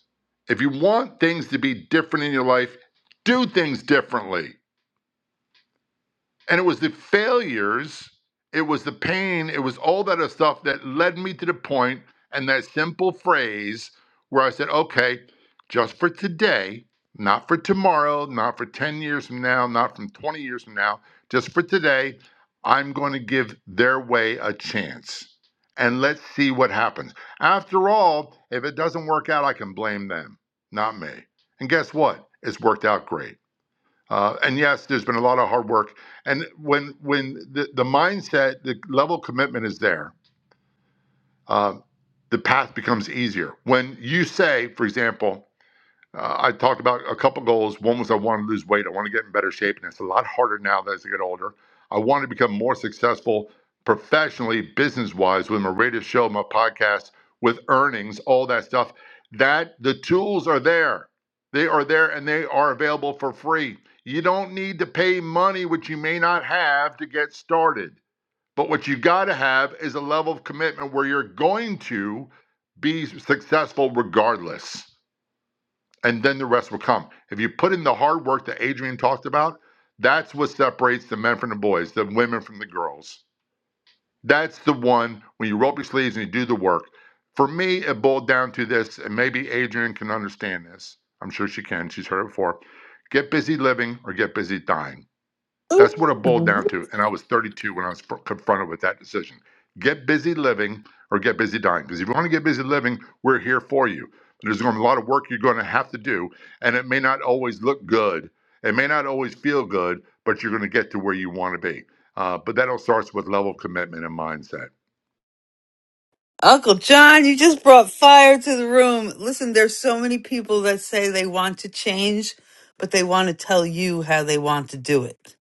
If you want things to be different in your life, do things differently. And it was the failures, it was the pain, it was all that other stuff that led me to the point and that simple phrase where I said, okay, just for today, not for tomorrow, not for 10 years from now, not from 20 years from now, just for today, I'm going to give their way a chance. And let's see what happens. After all, if it doesn't work out, I can blame them, not me. And guess what? It's worked out great. Uh, and yes, there's been a lot of hard work. And when when the, the mindset, the level of commitment is there, uh, the path becomes easier. When you say, for example, uh, I talked about a couple goals. One was I want to lose weight. I want to get in better shape, and it's a lot harder now that as I get older. I want to become more successful professionally, business wise, with my radio show, my podcast, with earnings, all that stuff. That the tools are there. They are there and they are available for free. You don't need to pay money, which you may not have, to get started. But what you got to have is a level of commitment where you're going to be successful regardless and then the rest will come. If you put in the hard work that Adrian talked about, that's what separates the men from the boys, the women from the girls. That's the one when you roll up your sleeves and you do the work. For me, it boiled down to this, and maybe Adrian can understand this. I'm sure she can. She's heard it before. Get busy living or get busy dying that's what it boiled down to. And I was 32 when I was fr- confronted with that decision. Get busy living or get busy dying. Because if you want to get busy living, we're here for you. There's going to be a lot of work you're going to have to do, and it may not always look good. It may not always feel good, but you're going to get to where you want to be. Uh, but that all starts with level of commitment and mindset. Uncle John, you just brought fire to the room. Listen, there's so many people that say they want to change, but they want to tell you how they want to do it.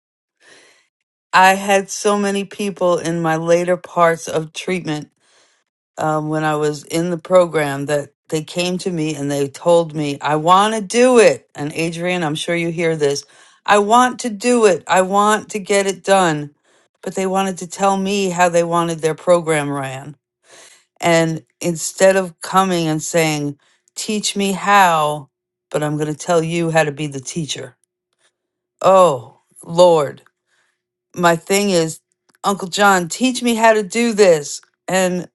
I had so many people in my later parts of treatment um, when I was in the program that they came to me and they told me, I want to do it. And Adrian, I'm sure you hear this. I want to do it. I want to get it done. But they wanted to tell me how they wanted their program ran and instead of coming and saying, Teach me how, but I'm going to tell you how to be the teacher. Oh, Lord. My thing is, Uncle John, teach me how to do this. And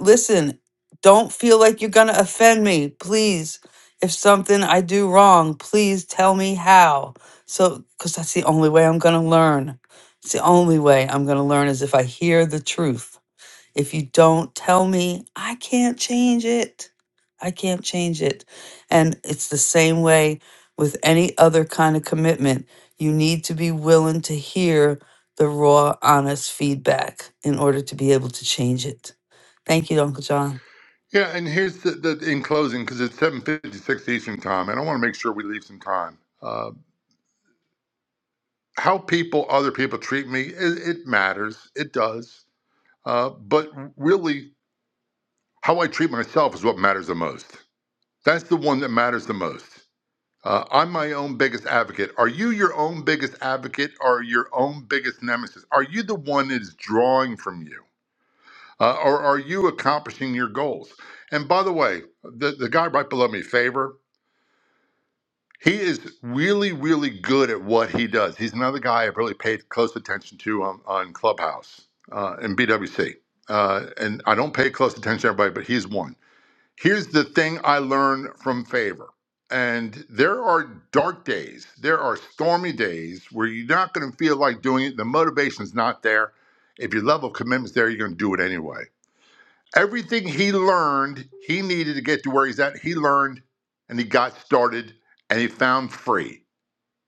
listen, don't feel like you're going to offend me. Please, if something I do wrong, please tell me how. So, because that's the only way I'm going to learn. It's the only way I'm going to learn is if I hear the truth if you don't tell me, I can't change it. I can't change it. And it's the same way with any other kind of commitment. You need to be willing to hear the raw, honest feedback in order to be able to change it. Thank you, Uncle John. Yeah, and here's the, the in closing because it's 7:56 Eastern time, and I want to make sure we leave some time. Uh, how people, other people treat me, it, it matters. It does Uh, but really, how I treat myself is what matters the most. That's the one that matters the most. Uh, I'm my own biggest advocate. Are you your own biggest advocate or your own biggest nemesis? Are you the one that is drawing from you? Uh, or are you accomplishing your goals? And by the way, the, the guy right below me, Favor, he is really, really good at what he does. He's another guy I've really paid close attention to on, on Clubhouse uh, and BWC. Uh, and I don't pay close attention to everybody, but he's one Here's the thing I learned from favor. And there are dark days, there are stormy days where you're not going to feel like doing it. The motivation's not there. If your level of commitment's there, you're going to do it anyway. Everything he learned, he needed to get to where he's at, he learned and he got started and he found free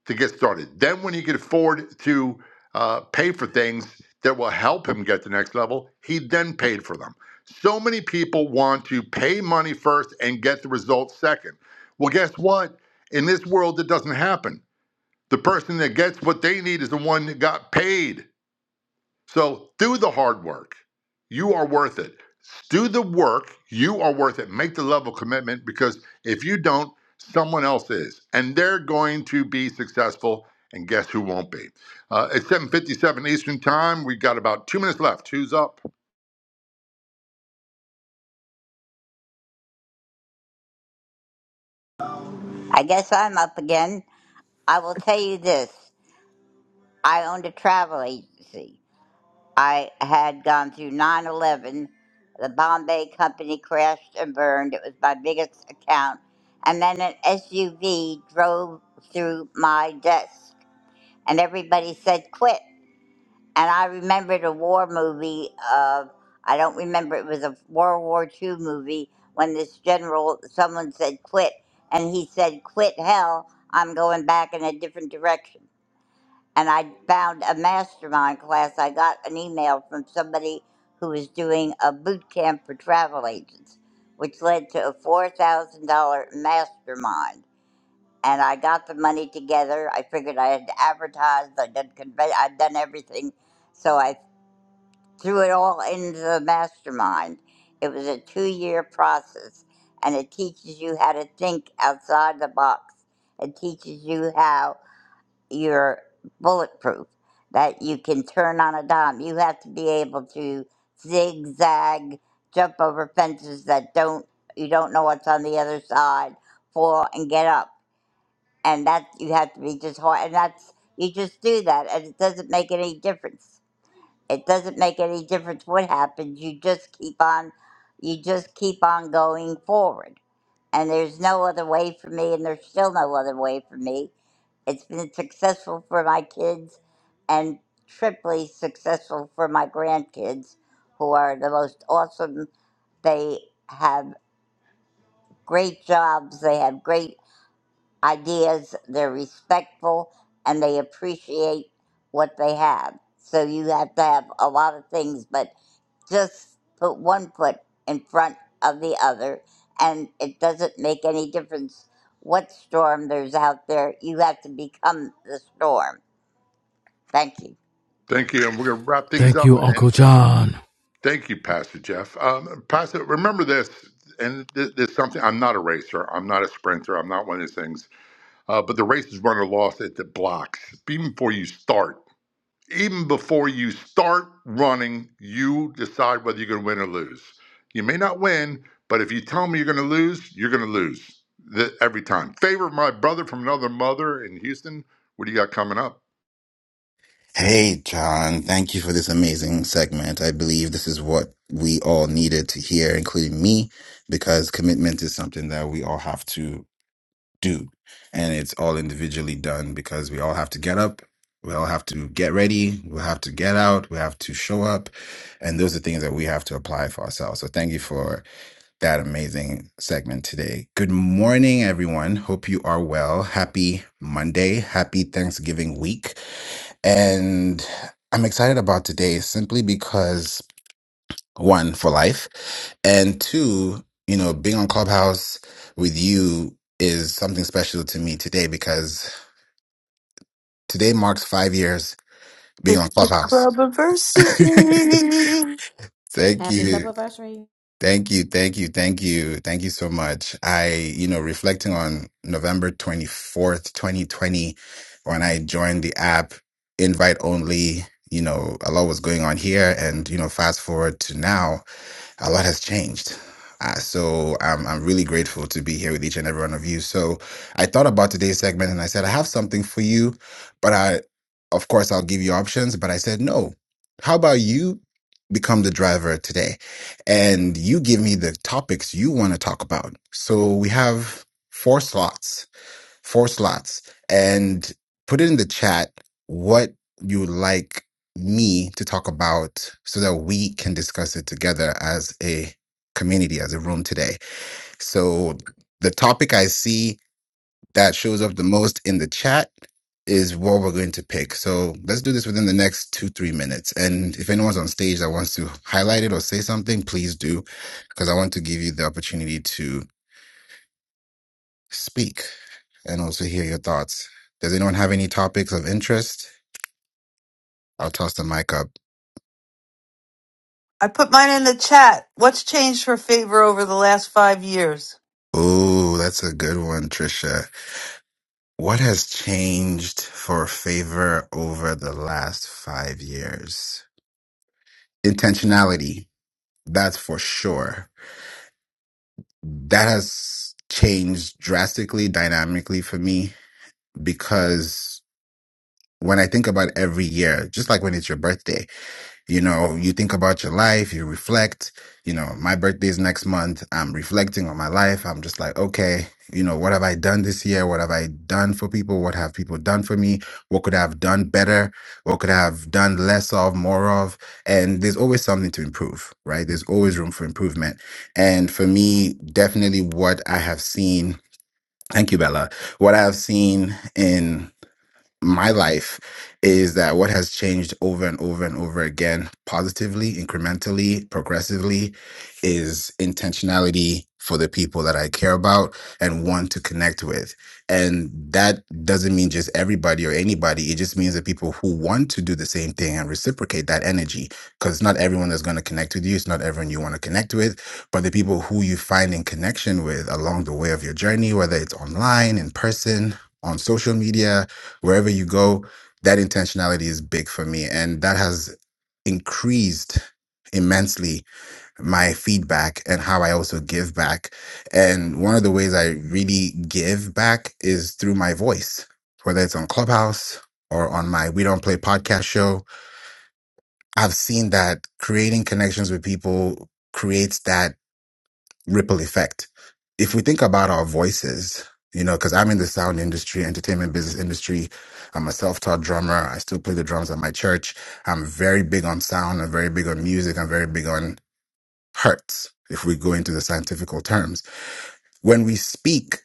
to get started. Then, when he could afford to uh, pay for things that will help him get to the next level, he then paid for them. So many people want to pay money first and get the results second. Well, guess what? In this world, it doesn't happen. The person that gets what they need is the one that got paid. So do the hard work. You are worth it. Do the work. You are worth it. Make the level of commitment because if you don't, someone else is, and they're going to be successful. And guess who won't be? Uh, it's 7:57 Eastern Time. We have got about two minutes left. Who's up? I guess I'm up again. I will tell you this I owned a travel agency I had gone through 9 11. The Bombay company crashed and burned. It was my biggest account. And then an SUV drove through my desk, and everybody said, quit. And I remembered a war movie of, I don't remember, it was a World War II movie when this general, someone said, quit. And he said, quit hell, I'm going back in a different direction and I found a mastermind class. I got an email from somebody who was doing a boot camp for travel agents, which led to a $4,000 mastermind. And I got the money together. I figured I had advertised, I did convey, I'd done everything. So I threw it all into the mastermind. It was a two year process, and it teaches you how to think outside the box. It teaches you how you're bulletproof, that you can turn on a dime. You have to be able to zigzag, jump over fences that don't you don't know what's on the other side, fall and get up. And that you have to be just hard and that's you just do that and it doesn't make any difference. It doesn't make any difference what happens. You just keep on you just keep on going forward. And there's no other way for me and there's still no other way for me it's been successful for my kids and triply successful for my grandkids, who are the most awesome. They have great jobs, they have great ideas, they're respectful, and they appreciate what they have. So you have to have a lot of things, but just put one foot in front of the other, and it doesn't make any difference what storm there's out there. You have to become the storm Thank you. Thank you, and we're gonna wrap things Thank up. you, Uncle And John. thank you, Pastor Jeff. Um, Pastor, remember this. And th- this something. I'm not a racer. I'm not a sprinter. I'm not one of these things. Uh, but the race is won or lost at the blocks, even before you start even before you start running, you decide whether you're going to win or lose. You may not win, but if you tell me you're going to lose, you're going to lose the, every time. Favor my brother from another mother in Houston. What do you got coming up? Hey, John, thank you for this amazing segment. I believe this is what we all needed to hear, including me, because commitment is something that we all have to do. And it's all individually done because we all have to get up, we all have to get ready, we have to get out, we have to show up. And those are things that we have to apply for ourselves. So thank you for that amazing segment today. Good morning, everyone. Hope you are well. Happy Monday. Happy Thanksgiving week. And I'm excited about today simply because one, for life, and two, you know, being on Clubhouse with you is something special to me today because today marks five years being on It's the Clubhouse. club anniversary. Thank Happy club you. anniversary. Thank you, thank you, thank you, thank you so much. I, you know, reflecting on November 24th, 2020, when I joined the app, invite only, you know, a lot was going on here. And, you know, fast forward to now a lot has changed. Uh, so I'm I'm really grateful to be here with each and every one of you. So I thought about today's segment and I said I have something for you, but I of course I'll give you options. But I said no. How about you become the driver today, and you give me the topics you want to talk about. So we have four slots four slots and put it in the chat what you would like me to talk about so that we can discuss it together as a community, as a room today. So the topic I see that shows up the most in the chat is what we're going to pick. So let's do this within the next two, three minutes. And if anyone's on stage that wants to highlight it or say something, please do, because I want to give you the opportunity to speak and also hear your thoughts. Does anyone have any topics of interest? I'll toss the mic up. I put mine in the chat. What's changed for favor over the last five years? Ooh, that's a good one, Trisha. What has changed for favor over the last five years? Intentionality, that's for sure. That has changed drastically, dynamically for me, because when I think about every year, just like when it's your birthday, you know you think about your life you reflect you know my birthday's next month i'm reflecting on my life i'm just like okay you know what have i done this year what have i done for people what have people done for me what could i have done better what could i have done less of more of and there's always something to improve right there's always room for improvement and for me definitely what i have seen thank you bella what i have seen in my life is that what has changed over and over and over again, positively, incrementally, progressively, is intentionality for the people that I care about and want to connect with. And that doesn't mean just everybody or anybody. It just means the people who want to do the same thing and reciprocate that energy. Because it's not everyone that's going to connect with you. It's not everyone you want to connect with. But the people who you find in connection with along the way of your journey, whether it's online, in person, on social media, wherever you go, that intentionality is big for me. And that has increased immensely my feedback and how I also give back. And one of the ways I really give back is through my voice, whether it's on Clubhouse or on my We Don't Play podcast show. I've seen that creating connections with people creates that ripple effect. If we think about our voices, you know, because I'm in the sound industry, entertainment business industry. I'm a self taught drummer. I still play the drums at my church. I'm very big on sound. I'm very big on music. I'm very big on hertz, if we go into the scientific terms. When we speak,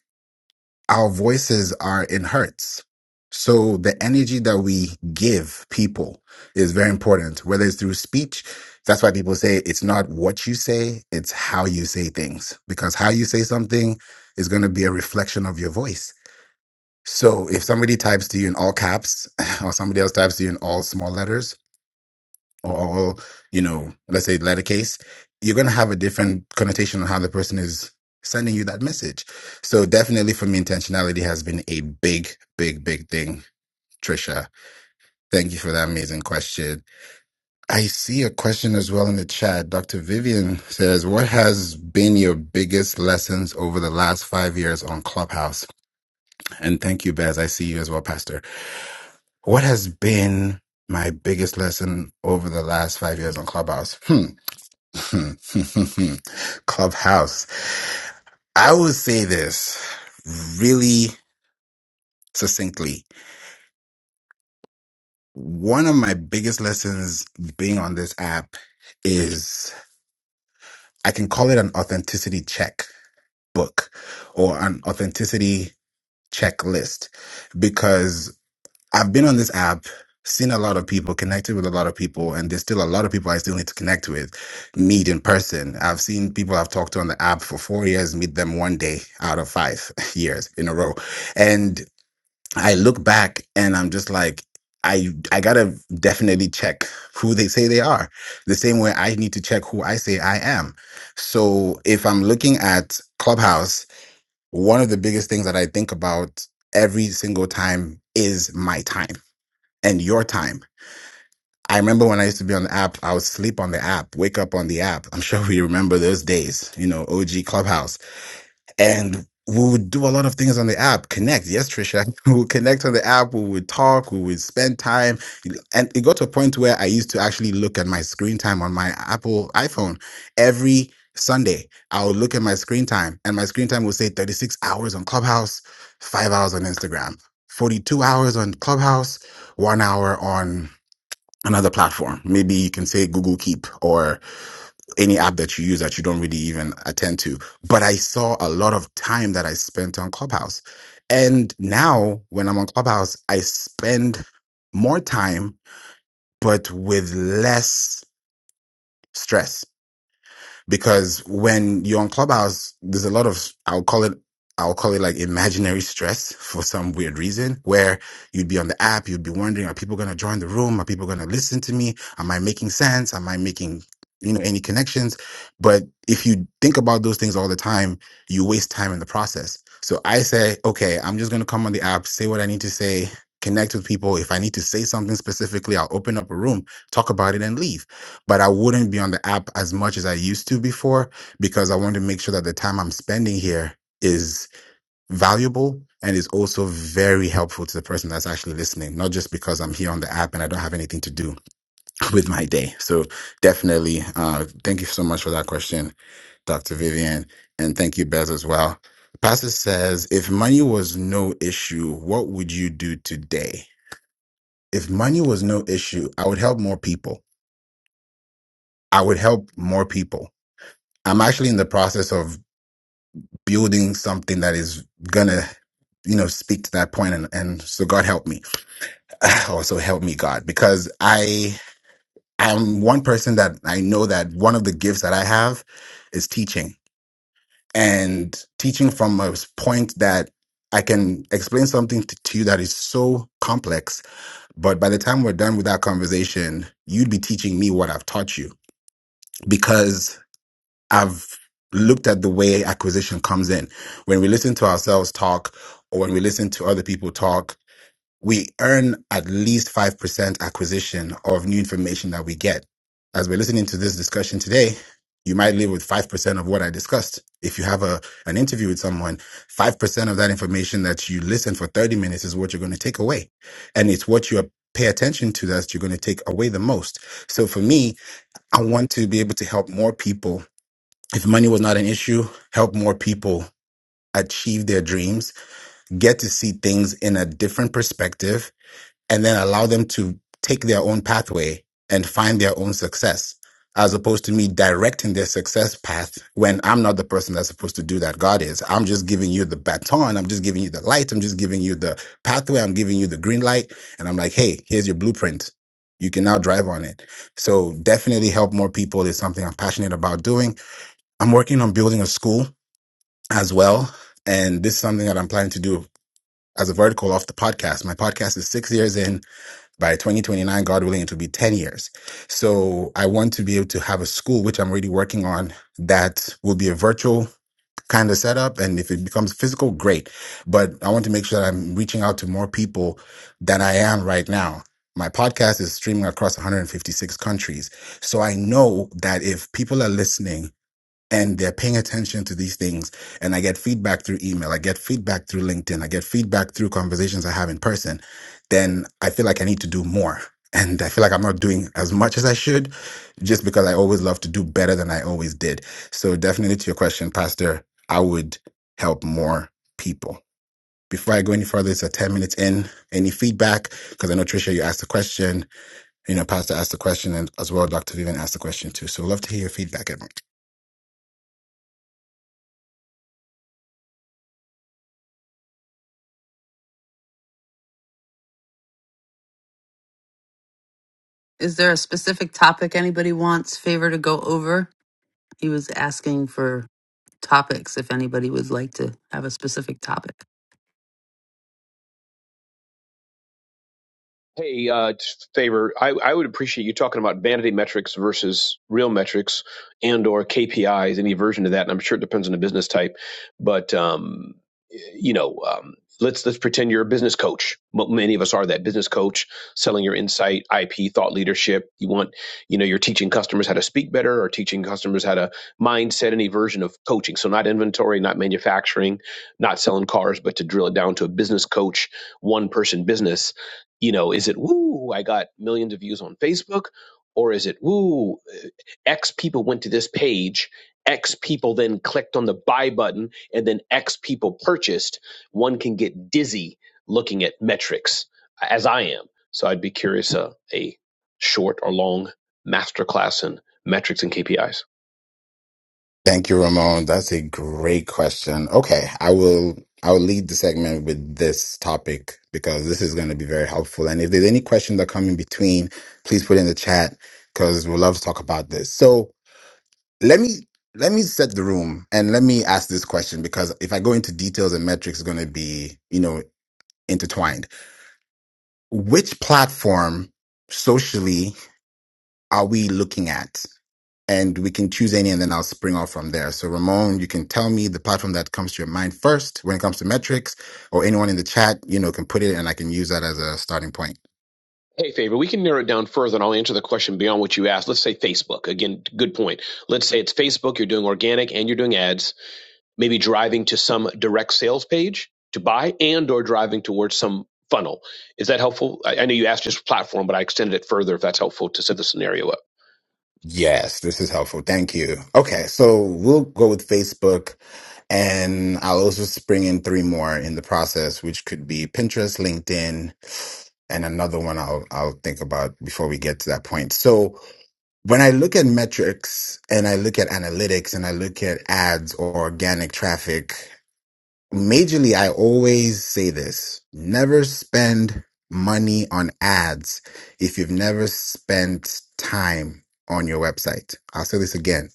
our voices are in hertz. So the energy that we give people is very important, whether it's through speech. That's why people say it's not what you say, it's how you say things, because how you say something is going to be a reflection of your voice. So if somebody types to you in all caps or somebody else types to you in all small letters, or, or you know, let's say letter case, you're gonna have a different connotation on how the person is sending you that message. So definitely for me, intentionality has been a big, big, big thing. Trisha, thank you for that amazing question. I see a question as well in the chat. Dr. Vivian says, What has been your biggest lessons over the last five years on Clubhouse? And thank you, Bez. I see you as well, Pastor. What has been my biggest lesson over the last five years on Clubhouse? Hmm. Hmm, hmm, hmm, hmm. Clubhouse. I will say this really succinctly. One of my biggest lessons being on this app is I can call it an authenticity check book or an authenticity checklist I've been on this app, seen a lot of people, connected with a lot of people, and there's still a lot of people I still need to connect with, meet in person. I've seen people I've talked to on the app for four years, meet them one day out of five years in a row. And I look back and I'm just like, I, I gotta definitely check who they say they are the same way i need to check who i say i am so if i'm looking at clubhouse one of the biggest things that i think about every single time is my time and your time. I remember when I used to be on the app, I would sleep on the app, wake up on the app. I'm sure we remember those days, you know, OG Clubhouse. And we would do a lot of things on the app, connect. Yes, Trisha. We would connect on the app, we would talk, we would spend time. And it got to a point where I used to actually look at my screen time on my Apple iPhone every Sunday. I would look at my screen time, and my screen time would say 36 hours on Clubhouse, five hours on Instagram, 42 hours on Clubhouse, one hour on another platform. Maybe you can say Google Keep or any app that you use that you don't really even attend to. But I saw a lot of time that I spent on Clubhouse. And now when I'm on Clubhouse, I spend more time, but with less stress because when you're on clubhouse there's a lot of i'll call it i'll call it like imaginary stress for some weird reason where you'd be on the app you'd be wondering are people going to join the room are people going to listen to me am i making sense am i making you know any connections but if you think about those things all the time you waste time in the process so i say okay i'm just going to come on the app say what i need to say connect with people if i need to say something specifically i'll open up a room talk about it and leave but I wouldn't be on the app as much as I used to before because I want to make sure that the time I'm spending here is valuable and is also very helpful to the person that's actually listening, not just because I'm here on the app and I don't have anything to do with my day. So definitely, uh, thank you so much for that question, Dr. Vivian, and thank you, Bez, as well. Pastor says, if money was no issue, what would you do today? If money was no issue, I would help more people. I would help more people. I'm actually in the process of building something that is gonna, you know, speak to that point, and and so God help me, also help me God, because I am one person that I know that one of the gifts that I have is teaching, and teaching from a point that I can explain something to, to you that is so complex, but by the time we're done with that conversation, you'd be teaching me what I've taught you because. I've looked at the way acquisition comes in. When we listen to ourselves talk or when we listen to other people talk, we earn at least 5% acquisition of new information that we get. As we're listening to this discussion today, you might leave with 5% of what I discussed. If you have a, an interview with someone, 5% of that information that you listen for 30 minutes is what you're going to take away. And it's what you pay attention to that you're going to take away the most. So for me, I want to be able to help more people if money was not an issue, help more people achieve their dreams, get to see things in a different perspective, and then allow them to take their own pathway and find their own success, as opposed to me directing their success path when I'm not the person that's supposed to do that. God is. I'm just giving you the baton. I'm just giving you the light. I'm just giving you the pathway. I'm giving you the green light. And I'm like, hey, here's your blueprint. You can now drive on it. So definitely help more people is something I'm passionate about doing I'm working on building a school as well. And this is something that I'm planning to do as a vertical off the podcast. My podcast is six years in. By 2029, God willing, it will be 10 years. So I want to be able to have a school, which I'm really working on, that will be a virtual kind of setup. And if it becomes physical, great. But I want to make sure that I'm reaching out to more people than I am right now. My podcast is streaming across 156 countries. So I know that if people are listening, and they're paying attention to these things. And I get feedback through email, I get feedback through LinkedIn, I get feedback through conversations I have in person, then I feel like I need to do more. And I feel like I'm not doing as much as I should just because I always love to do better than I always did. So, definitely to your question, Pastor, I would help more people. Before I go any further, it's a 10 minutes in. Any feedback? Because I know, Tricia, you asked the question. You know, Pastor asked the question, and as well, Dr. Vivian asked the question too. So, love to hear your feedback, everyone. Is there a specific topic anybody wants favor to go over? He was asking for topics if anybody would like to have a specific topic. Hey, uh, just a favor. I, I would appreciate you talking about vanity metrics versus real metrics and or KPIs, any version of that. And I'm sure it depends on the business type, but um, y- you know, um, let's let's pretend you're a business coach. M- Many of us are that business coach, selling your insight, IP, thought leadership. You want, you know, you're teaching customers how to speak better, or teaching customers how to mindset any version of coaching. So not inventory, not manufacturing, not selling cars, but to drill it down to a business coach, one person business you know, is it woo, I got millions of views on Facebook? Or is it woo, uh, X people went to this page, X people then clicked on the buy button, and then X people purchased? One can get dizzy looking at metrics, uh, as I am. So I'd be curious uh, a short or long masterclass in metrics and KPIs. Thank you, Ramon. That's a great question. Okay, I will I will lead the segment with this topic because this is going to be very helpful. And if there's any questions that come in between, please put it in the chat because we love to talk about this. So let me let me set the room and let me ask this question because if I go into details and metrics, it's going to be you know intertwined. Which platform socially are we looking at? and we can choose any and then I'll spring off from there. So Ramon, you can tell me the platform that comes to your mind first when it comes to metrics or anyone in the chat, you know, can put it and I can use that as a starting point. Hey, favor, we can narrow it down further and I'll answer the question beyond what you asked. Let's say Facebook. Again, good point. Let's say it's Facebook, you're doing organic and you're doing ads maybe driving to some direct sales page to buy and or driving towards some funnel. Is that helpful? I, I know you asked just platform, but I extended it further if that's helpful to set the scenario up. Yes, this is helpful. Thank you. Okay, so we'll go with Facebook and I'll also spring in three more in the process, which could be Pinterest, LinkedIn, and another one I'll I'll think about before we get to that point. So when I look at metrics and I look at analytics and I look at ads or organic traffic, majorly, I always say this never spend money on ads if you've never spent time on your website. I'll say this again.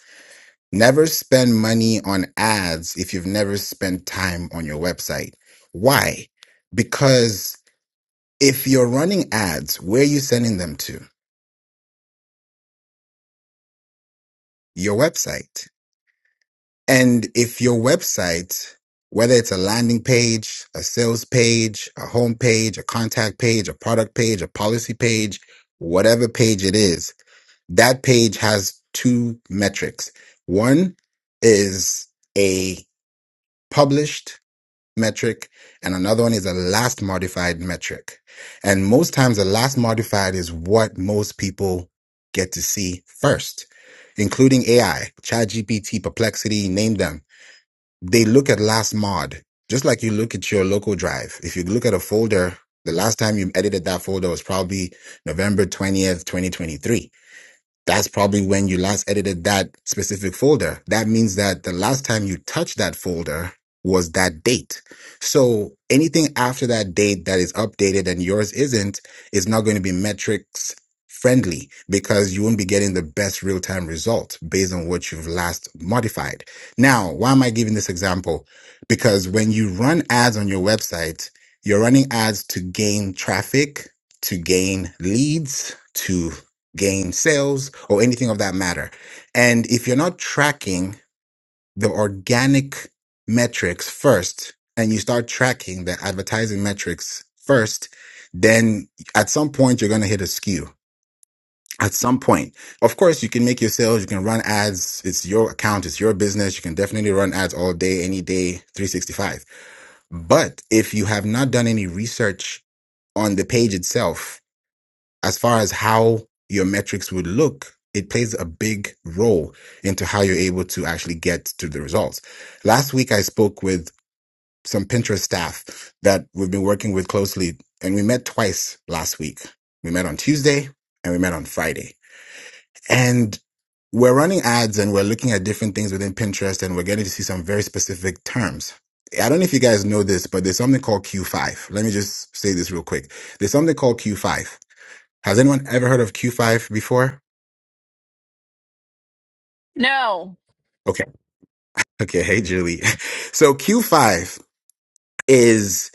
Never spend money on ads if you've never spent time on your website. Why? Because if you're running ads, where are you sending them to? Your website And if your website, whether it's a landing page, a sales page, a home page, a contact page, a product page, a policy page, whatever page it is, that page has two metrics. One is a published metric and another one is a last modified metric. And most times the last modified is what most people get to see first, including AI, ChatGPT, Perplexity, name them they look at last mod, just like you look at your local drive. If you look at a folder, the last time you edited that folder was probably November 20th, 2023. That's probably when you last edited that specific folder. That means that the last time you touched that folder was that date. So anything after that date that is updated and yours isn't is not going to be metrics friendly because you won't be getting the best real time result based on what you've last modified. Now, why am I giving this example? Because when you run ads on your website, you're running ads to gain traffic, to gain leads, to gain sales, or anything of that matter. And if you're not tracking the organic metrics first and you start tracking the advertising metrics first, then at some point you're going to hit a skew. At some point, of course, you can make your sales, you can run ads. It's your account, it's your business. You can definitely run ads all day, any day, 365. But if you have not done any research on the page itself as far as how your metrics would look, it plays a big role into how you're able to actually get to the results. Last week, I spoke with some Pinterest staff that we've been working with closely, and we met twice last week. We met on Tuesday and we met on Friday. And we're running ads and we're looking at different things within Pinterest and we're getting to see some very specific terms. I don't know if you guys know this, but there's something called Q5. Let me just say this real quick. There's something called Q5 has anyone ever heard of Q5 before? No, Okay. Okay. Hey, Julie. So Q5 is,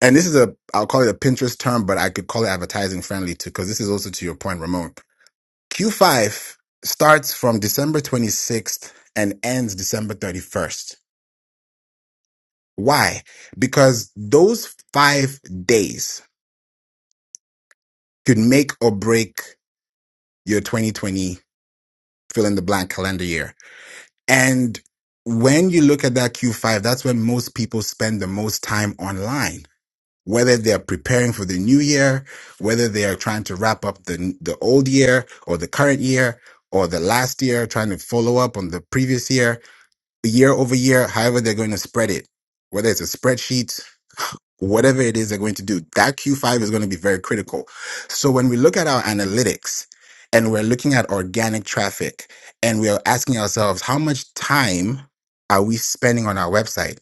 and this is a, I'll call it a Pinterest term, but I could call it advertising friendly too, because this is also to your point, Ramon. Q5 starts from December 26th and ends December 31st. Why? Because those five days could make or break your 2020 fill in the blank calendar year. And when you look at that Q5, that's when most people spend the most time online, whether they're preparing for the new year, whether they are trying to wrap up the, the old year or the current year or the last year, trying to follow up on the previous year, year over year, however they're going to spread it, whether it's a spreadsheet whatever it is they're going to do. That Q5 is going to be very critical. So when we look at our analytics and we're looking at organic traffic and we're asking ourselves, how much time are we spending on our website?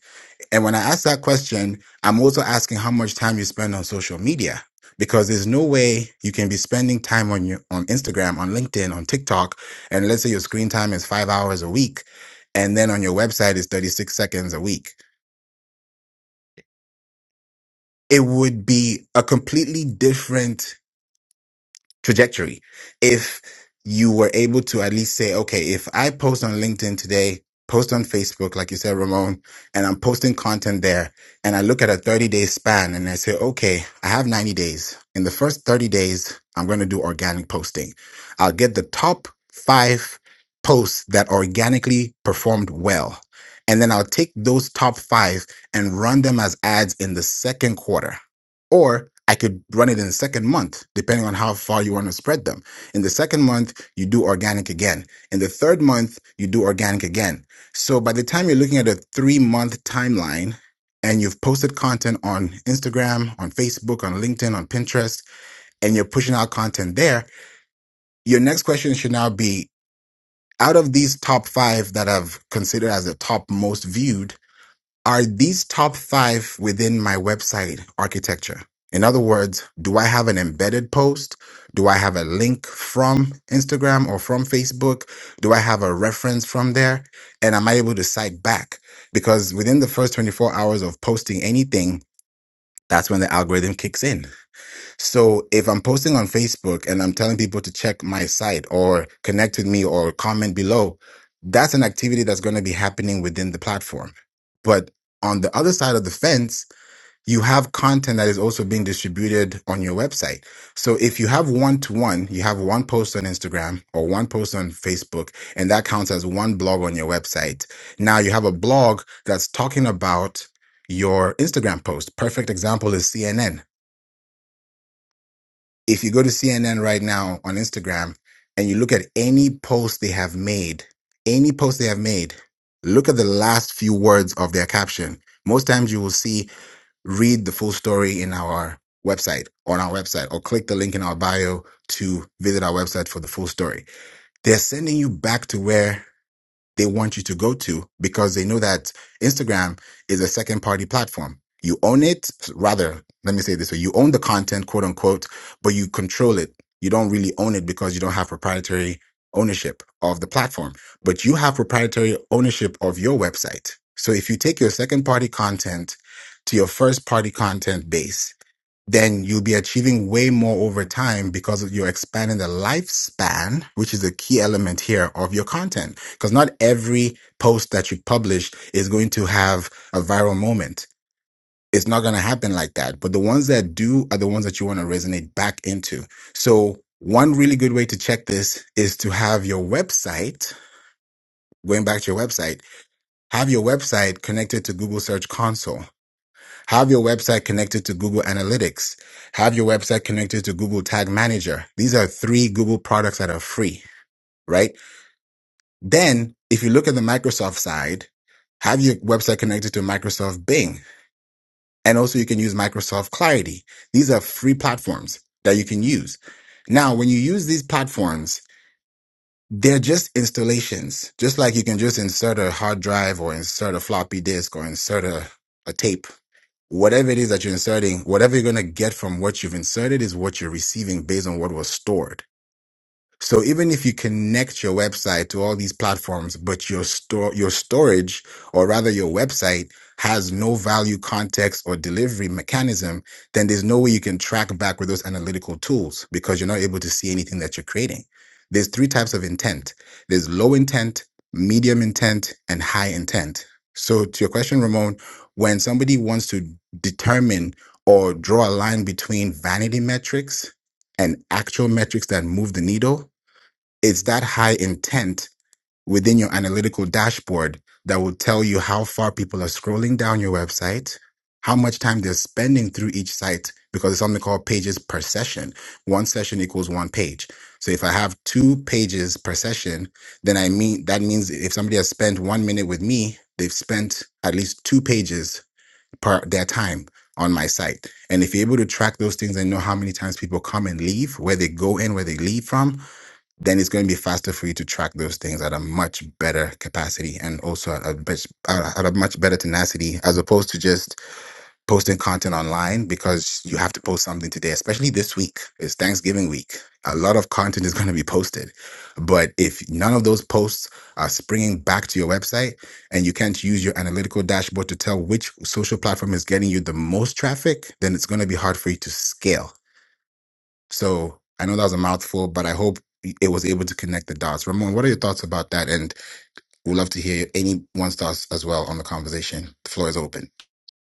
And when I ask that question, I'm also asking how much time you spend on social media. Because there's no way you can be spending time on your on Instagram, on LinkedIn, on TikTok, and let's say your screen time is five hours a week, and then on your website is 36 seconds a week it would be a completely different trajectory if you were able to at least say, okay, if I post on LinkedIn today, post on Facebook, like you said, Ramon, and I'm posting content there, and I look at a 30 day span and I say, okay, I have 90 days. In the first 30 days, I'm going to do organic posting. I'll get the top five posts that organically performed well. And then I'll take those top five and run them as ads in the second quarter or I could run it in the second month, depending on how far you want to spread them. In the second month, you do organic again. In the third month, you do organic again. So by the time you're looking at a three month timeline and you've posted content on Instagram, on Facebook, on LinkedIn, on Pinterest, and you're pushing out content there, your next question should now be out of these top five that I've considered as the top most viewed, are these top five within my website architecture? In other words, do I have an embedded post? Do I have a link from Instagram or from Facebook? Do I have a reference from there? And am I able to cite back? Because within the first 24 hours of posting anything, that's when the algorithm kicks in. So if I'm posting on Facebook and I'm telling people to check my site or connect with me or comment below, that's an activity that's going to be happening within the platform. But on the other side of the fence, you have content that is also being distributed on your website. So if you have one to one, you have one post on Instagram or one post on Facebook, and that counts as one blog on your website. Now you have a blog that's talking about your Instagram post. Perfect example is CNN. If you go to CNN right now on Instagram and you look at any post they have made, any post they have made, look at the last few words of their caption. Most times you will see, read the full story in our website, on our website, or click the link in our bio to visit our website for the full story. They're sending you back to where they want you to go to because they know that Instagram is a second party platform. You own it, rather, let me say it this way you own the content, quote unquote, but you control it. You don't really own it because you don't have proprietary ownership of the platform, but you have proprietary ownership of your website. So if you take your second party content to your first party content base, then you'll be achieving way more over time because of- you're expanding the lifespan, which is a key element here of your content. Because not every post that you publish is going to have a viral moment. It's not going to happen like that. But the ones that do are the ones that you want to resonate back into. So one really good way to check this is to have your website, going back to your website, have your website connected to Google Search Console. Have your website connected to Google Analytics. Have your website connected to Google Tag Manager. These are three Google products that are free, right? Then if you look at the Microsoft side, have your website connected to Microsoft Bing. And also you can use Microsoft Clarity. These are free platforms that you can use. Now, when you use these platforms, they're just installations, just like you can just insert a hard drive or insert a floppy disk or insert a, a tape whatever it is that you're inserting, whatever you're going to get from what you've inserted is what you're receiving based on what was stored. So even if you connect your website to all these platforms, but your store, your storage, or rather your website has no value context or delivery mechanism, then there's no way you can track back with those analytical tools because you're not able to see anything that you're creating. There's three types of intent. There's low intent, medium intent, and high intent. So to your question, Ramon, when somebody wants to determine or draw a line between vanity metrics and actual metrics that move the needle, it's that high intent within your analytical dashboard that will tell you how far people are scrolling down your website, how much time they're spending through each site, because it's something called pages per session. One session equals one page. So if I have two pages per session, then I mean that means if somebody has spent one minute with me, they've spent at least two pages per their time on my site. And if you're able to track those things and know how many times people come and leave, where they go and where they leave from, then it's going to be faster for you to track those things at a much better capacity and also at a, much- at a much better tenacity as opposed to just posting content online because you have to post something today especially this week it's thanksgiving week a lot of content is going to be posted but if none of those posts are springing back to your website and you can't use your analytical dashboard to tell which social platform is getting you the most traffic then it's going to be hard for you to scale so I know that was a mouthful, but I hope it was able to connect the dots. Ramon, what are your thoughts about that? And we'd love to hear anyone's thoughts as well on the conversation. The floor is open.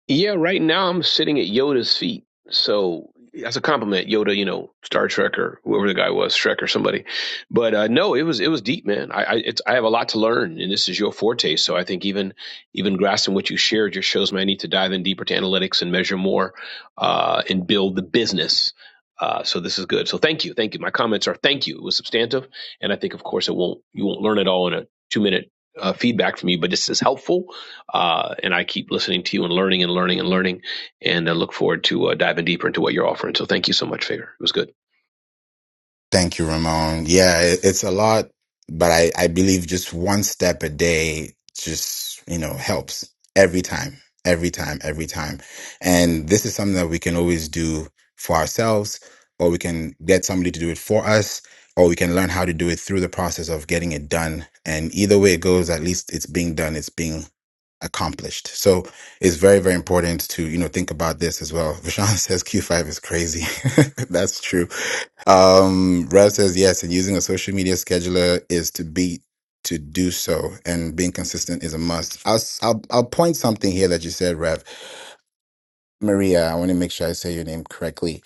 Yeah, right now I'm sitting at Yoda's feet. So that's a compliment, Yoda, you know, Star Trek or whoever the guy was, Shrek or somebody. But uh, no, it was it was deep, man. I I, it's, I have a lot to learn, and this is your forte. So I think even even grasping what you shared just shows me I need to dive in deeper to analytics and measure more uh, and build the business. Uh, so this is good. So thank you, thank you. My comments are thank you. It was substantive, and I think of course it won't you won't learn it all in a two minute uh, feedback from you, but this is helpful uh, and I keep listening to you and learning and learning and learning, and I look forward to uh, diving deeper into what you're offering. So thank you so much, Favor. It was good. Thank you, Ramon. Yeah, it, it's a lot, but I, I believe just one step a day just, you know, helps every time, every time, every time. And this is something that we can always do for ourselves, or we can get somebody to do it for us, or we can learn how to do it through the process of getting it done. And either way it goes, at least it's being done, it's being accomplished. So it's very, very important to, you know, think about this as well. Vishal says Q5 is crazy. That's true um, Rev says yes, and using a social media scheduler is to be to do so, and being consistent is a must. I'll s- I'll, I'll point something here that you said, Rev Maria. I want to make sure I say your name correctly.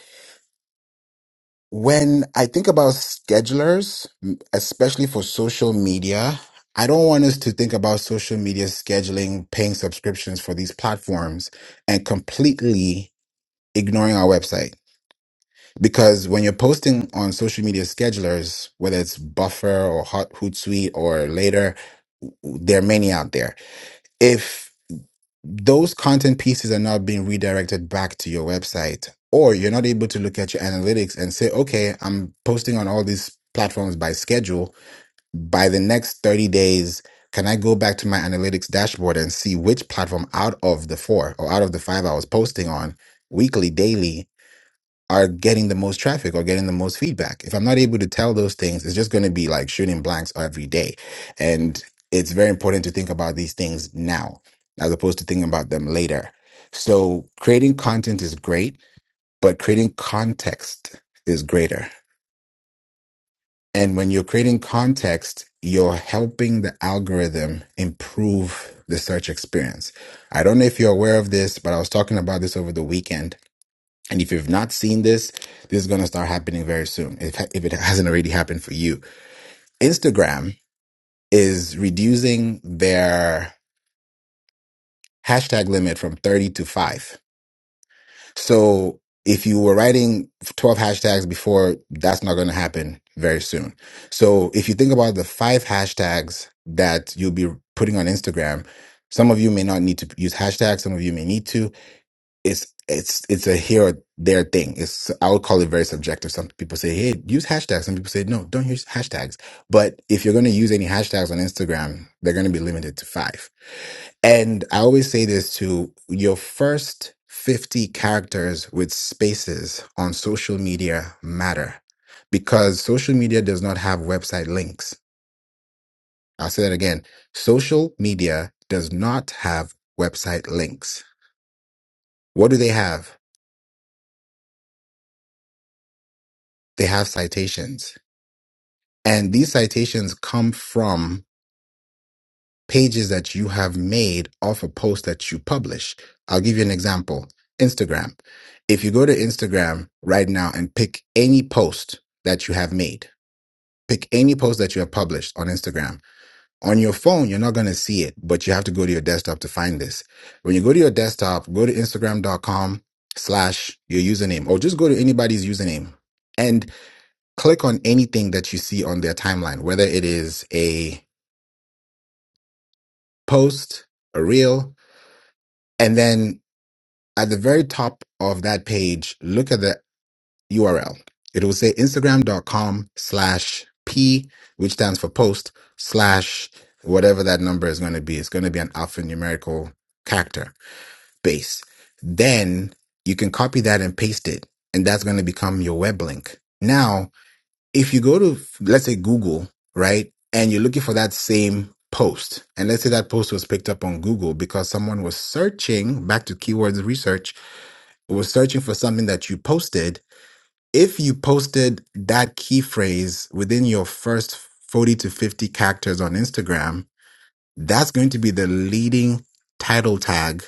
When I think about schedulers, m- especially for social media, I don't want us to think about social media scheduling, paying subscriptions for these platforms, and completely ignoring our website Because when you're posting on social media schedulers, whether it's Buffer or Hot Hootsuite or later, there are many out there. If those content pieces are not being redirected back to your website, or you're not able to look at your analytics and say, okay, I'm posting on all these platforms by schedule, by the next 30 days, can I go back to my analytics dashboard and see which platform out of the four or out of the five I was posting on weekly, daily are getting the most traffic or getting the most feedback. If I'm not able to tell those things, it's just going to be like shooting blanks every day. And it's very important to think about these things now as opposed to thinking about them later. So creating content is great, but creating context is greater. And when you're creating context, you're helping the algorithm improve the search experience. I don't know if you're aware of this, but I was talking about this over the weekend and if you've not seen this, this is going to start happening very soon, if, if it hasn't already happened for you. Instagram is reducing their hashtag limit from 30 to 5. So if you were writing 12 hashtags before, that's not going to happen very soon. So if you think about the five hashtags that you'll be putting on Instagram, some of you may not need to use hashtags, some of you may need to. it's it's it's a here or there thing. It's I would call it very subjective. Some people say, "Hey, use hashtags." Some people say, "No, don't use hashtags." But if you're going to use any hashtags on Instagram, they're going to be limited to five. And I always say this to your first fifty characters with spaces on social media matter because social media does not have website links. I'll say that again. Social media does not have website links. What do they have? They have citations And these citations come from pages that you have made off a post that you publish. I'll give you an example Instagram. If you go to Instagram right now and pick any post that you have made, pick any post that you have published on Instagram. On your phone, you're not going to see it, but you have to go to your desktop to find this. When you go to your desktop, go to instagram.com slash your username or just go to anybody's username and click on anything that you see on their timeline, whether it is a post, a reel, and then at the very top of that page, look at the URL. It will say Instagram.com slash P, which stands for post, slash whatever that number is going to be. It's going to be an alphanumerical character base. Then you can copy that and paste it, and that's going to become your web link. Now if you go to let's say google right and you're looking for that same post and let's say that post was picked up on google because someone was searching back to keywords research was searching for something that you posted if you posted that key phrase within your first 40 to 50 characters on instagram that's going to be the leading title tag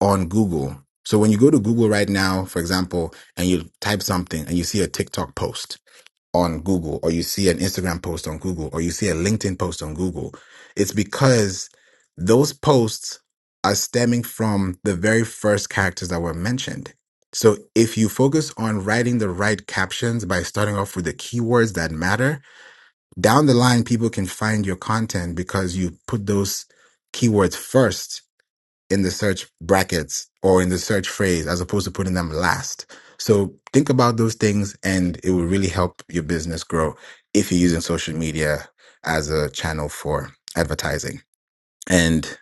on google so when you go to google right now for example and you type something and you see a tiktok post on Google or you see an Instagram post on Google or you see a LinkedIn post on Google, it's because those posts are stemming from the very first characters that were mentioned. So if you focus on writing the right captions by starting off with the keywords that matter, down the line, people can find your content because you put those keywords first in the search brackets or in the search phrase as opposed to putting them last. So think about those things and it will really help your business grow if you're using social media as a channel for advertising. And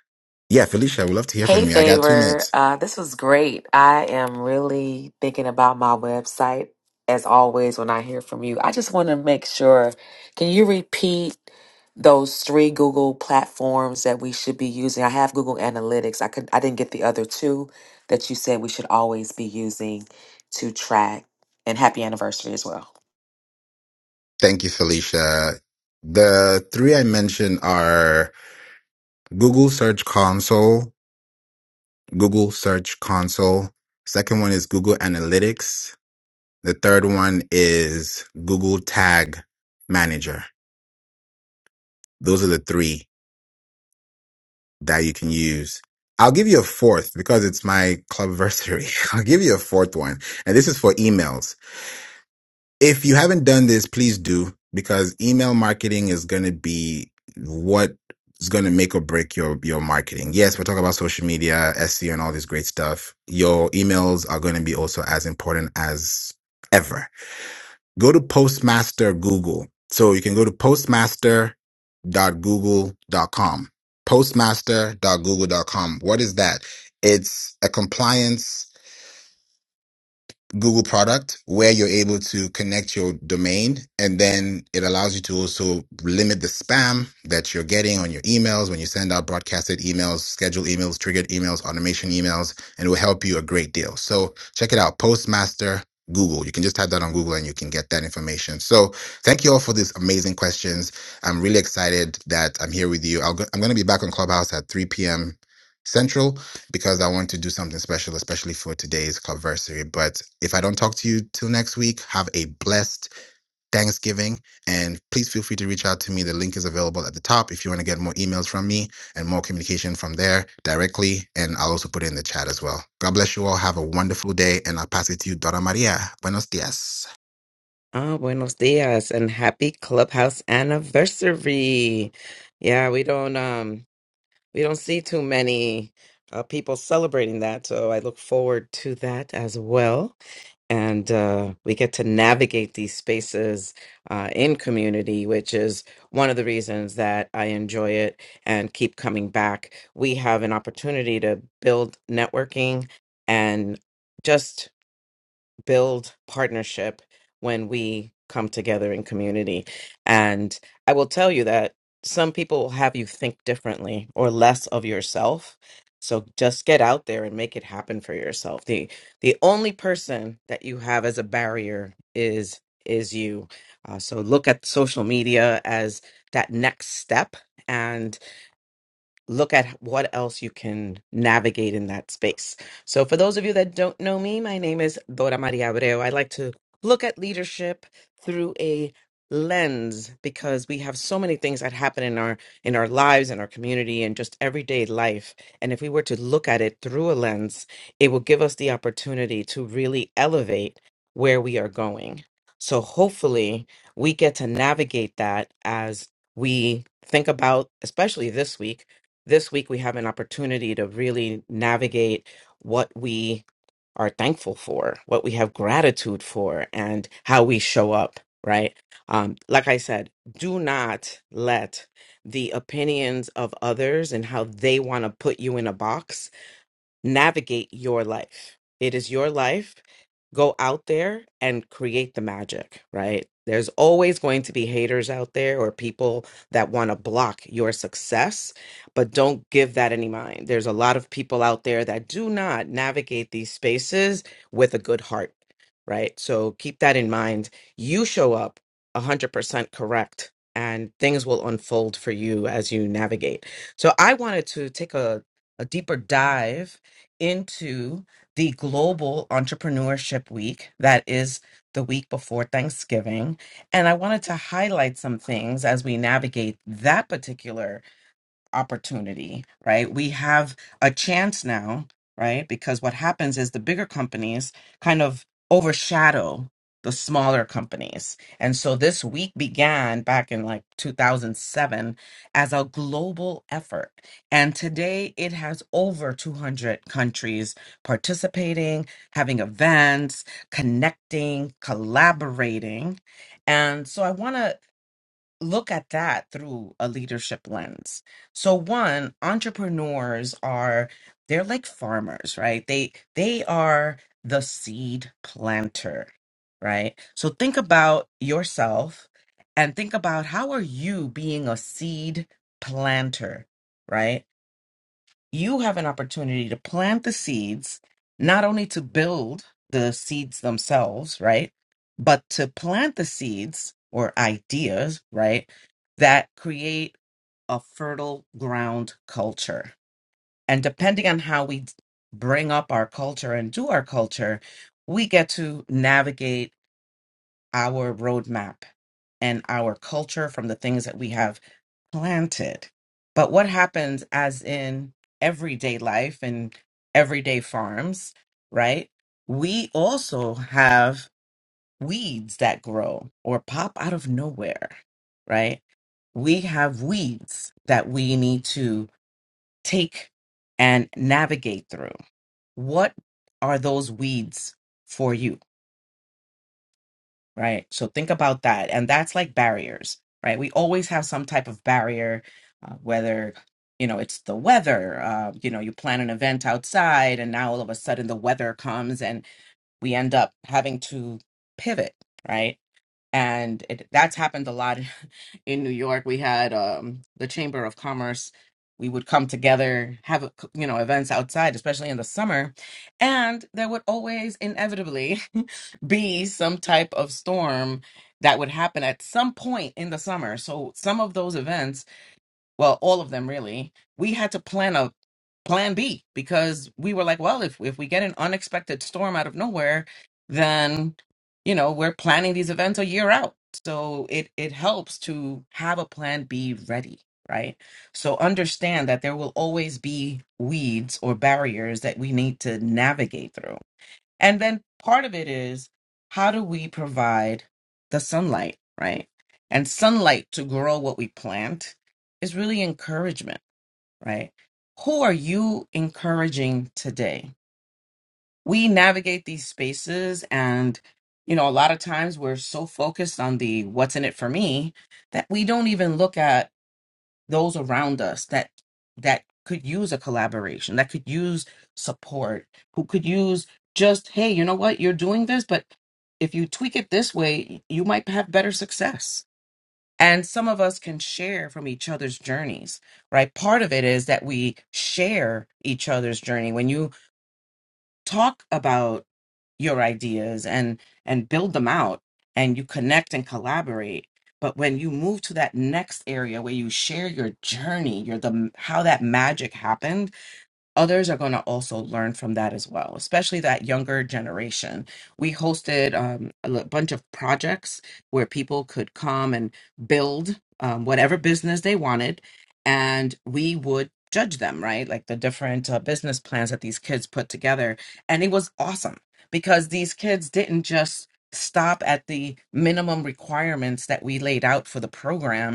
yeah, Felicia, I would love to hear Hey, from you. I got two Favor. minutes. Uh, this was great. I am really thinking about my website. As always, when I hear from you, I just want to make sure. Can you repeat those three Google platforms that we should be using? I have Google Analytics. I could. I didn't get the other two that you said we should always be using to track. And happy anniversary as well. Thank you, Felicia. The three I mentioned are Google Search Console, Google Search Console. Second one is Google Analytics. The third one is Google Tag Manager. Those are the three that you can use. I'll give you a fourth because it's my clubversary. I'll give you a fourth one. And this is for emails. If you haven't done this, please do because email marketing is going to be what is going to make or break your, your marketing. Yes, we're talking about social media, SEO and all this great stuff. Your emails are going to be also as important as ever Go to Postmaster Google. So you can go to postmaster.google.com. Postmaster.google.com. What is that? It's a compliance Google product where you're able to connect your domain and then it allows you to also limit the spam that you're getting on your emails when you send out broadcasted emails, scheduled emails, triggered emails, automation emails, and it will help you a great deal. So check it out. Postmaster Google. You can just type that on Google and you can get that information. So thank you all for these amazing questions. I'm really excited that I'm here with you. I'll go, I'm going to be back on Clubhouse at 3 p.m. Central because I want to do something special, especially for today's clubversary. But if I don't talk to you till next week, have a blessed Thanksgiving. And please feel free to reach out to me. The link is available at the top if you want to get more emails from me and more communication from there directly. And I'll also put it in the chat as well. God bless you all. Have a wonderful day. And I'll pass it to you, Dora Maria. Buenos dias. Ah, buenos dias and happy clubhouse anniversary. Yeah, we don't um we don't see too many uh, people celebrating that, so I look forward to that as well. And uh, we get to navigate these spaces uh, in community, which is one of the reasons that I enjoy it and keep coming back. We have an opportunity to build networking and just build partnership when we come together in community. And I will tell you that some people will have you think differently or less of yourself. So just get out there and make it happen for yourself. The the only person that you have as a barrier is is you. Uh, so look at social media as that next step and look at what else you can navigate in that space. So, for those of you that don't know me, my name is Dora Maria Abreu. I like to look at leadership through a lens because we have so many things that happen in our in our lives in our community and just everyday life and if we were to look at it through a lens it will give us the opportunity to really elevate where we are going so hopefully we get to navigate that as we think about especially this week this week we have an opportunity to really navigate what we are thankful for, what we have gratitude for, and how we show up, right? Um, like I said, do not let the opinions of others and how they want to put you in a box navigate your life. It is your life. Go out there and create the magic, right? There's always going to be haters out there or people that want to block your success, but don't give that any mind. There's a lot of people out there that do not navigate these spaces with a good heart, right? So keep that in mind. You show up 100% correct and things will unfold for you as you navigate. So I wanted to take a a deeper dive into the Global Entrepreneurship Week. That is the week before Thanksgiving. And I wanted to highlight some things as we navigate that particular opportunity, right? We have a chance now, right? Because what happens is the bigger companies kind of overshadow the smaller companies. And so this week began back in like 2007 as a global effort. And today it has over 200 countries participating, having events, connecting, collaborating. And so I want to look at that through a leadership lens. So one, entrepreneurs are they're like farmers, right? They they are the seed planter, right? So think about yourself and think about how are you being a seed planter, right? you have an opportunity to plant the seeds, not only to build the seeds themselves, right? But to plant the seeds or ideas, right? That create a fertile ground culture. And depending on how we bring up our culture and do our culture, we get to navigate our roadmap and our culture from the things that we have planted. But what happens as in everyday life and everyday farms, right? We also have weeds that grow or pop out of nowhere, right? We have weeds that we need to take and navigate through. What are those weeds for you? right? So think about that. And that's like barriers, right? We always have some type of barrier, uh, whether you know it's the weather uh, you know you plan an event outside and now all of a sudden the weather comes and we end up having to pivot right and it, that's happened a lot in New York. We had um, the Chamber of Commerce. We would come together, have a c- you know events outside, especially in the summer, and there would always inevitably be some type of storm that would happen at some point in the summer. So some of those events well, all of them really, we had to plan a plan B because we were like, well, if if we get an unexpected storm out of nowhere, then you know we're planning these events a year out. So it it helps to have a plan B ready, right? So understand that there will always be weeds or barriers that we need to navigate through and then part of it is how do we provide the sunlight, right? And sunlight to grow what we plant is really encouragement, right? Who are you encouraging today? We navigate these spaces and you know, a lot of times we're so focused on the what's in it for me that we don't even look at those around us that that could use a collaboration that could use support who could use just hey you know what you're doing this but if you tweak it this way you might have better success and some of us can share from each other's journeys right part of it is that we share each other's journey when you talk about your ideas and and build them out and you connect and collaborate but when you move to that next area where you share your journey your the how that magic happened others are going to also learn from that as well, especially that younger generation. We hosted um, a l- bunch of projects where people could come and build um, whatever business they wanted, and we would judge them, right? Like the different uh, business plans that these kids put together. And it was awesome because these kids didn't just stop at the minimum requirements that we laid out for the program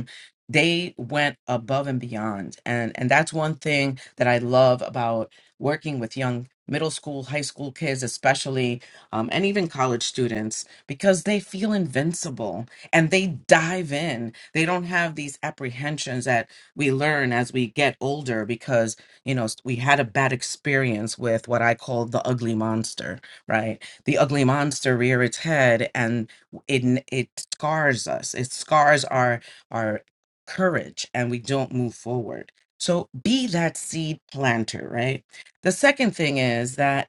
they went above and beyond and and that's one thing that i love about working with young middle school high school kids especially um, and even college students because they feel invincible and they dive in they don't have these apprehensions that we learn as we get older because you know we had a bad experience with what i call the ugly monster right the ugly monster rear its head and it it scars us it scars our our courage and we don't move forward. So be that seed planter, right? The second thing is that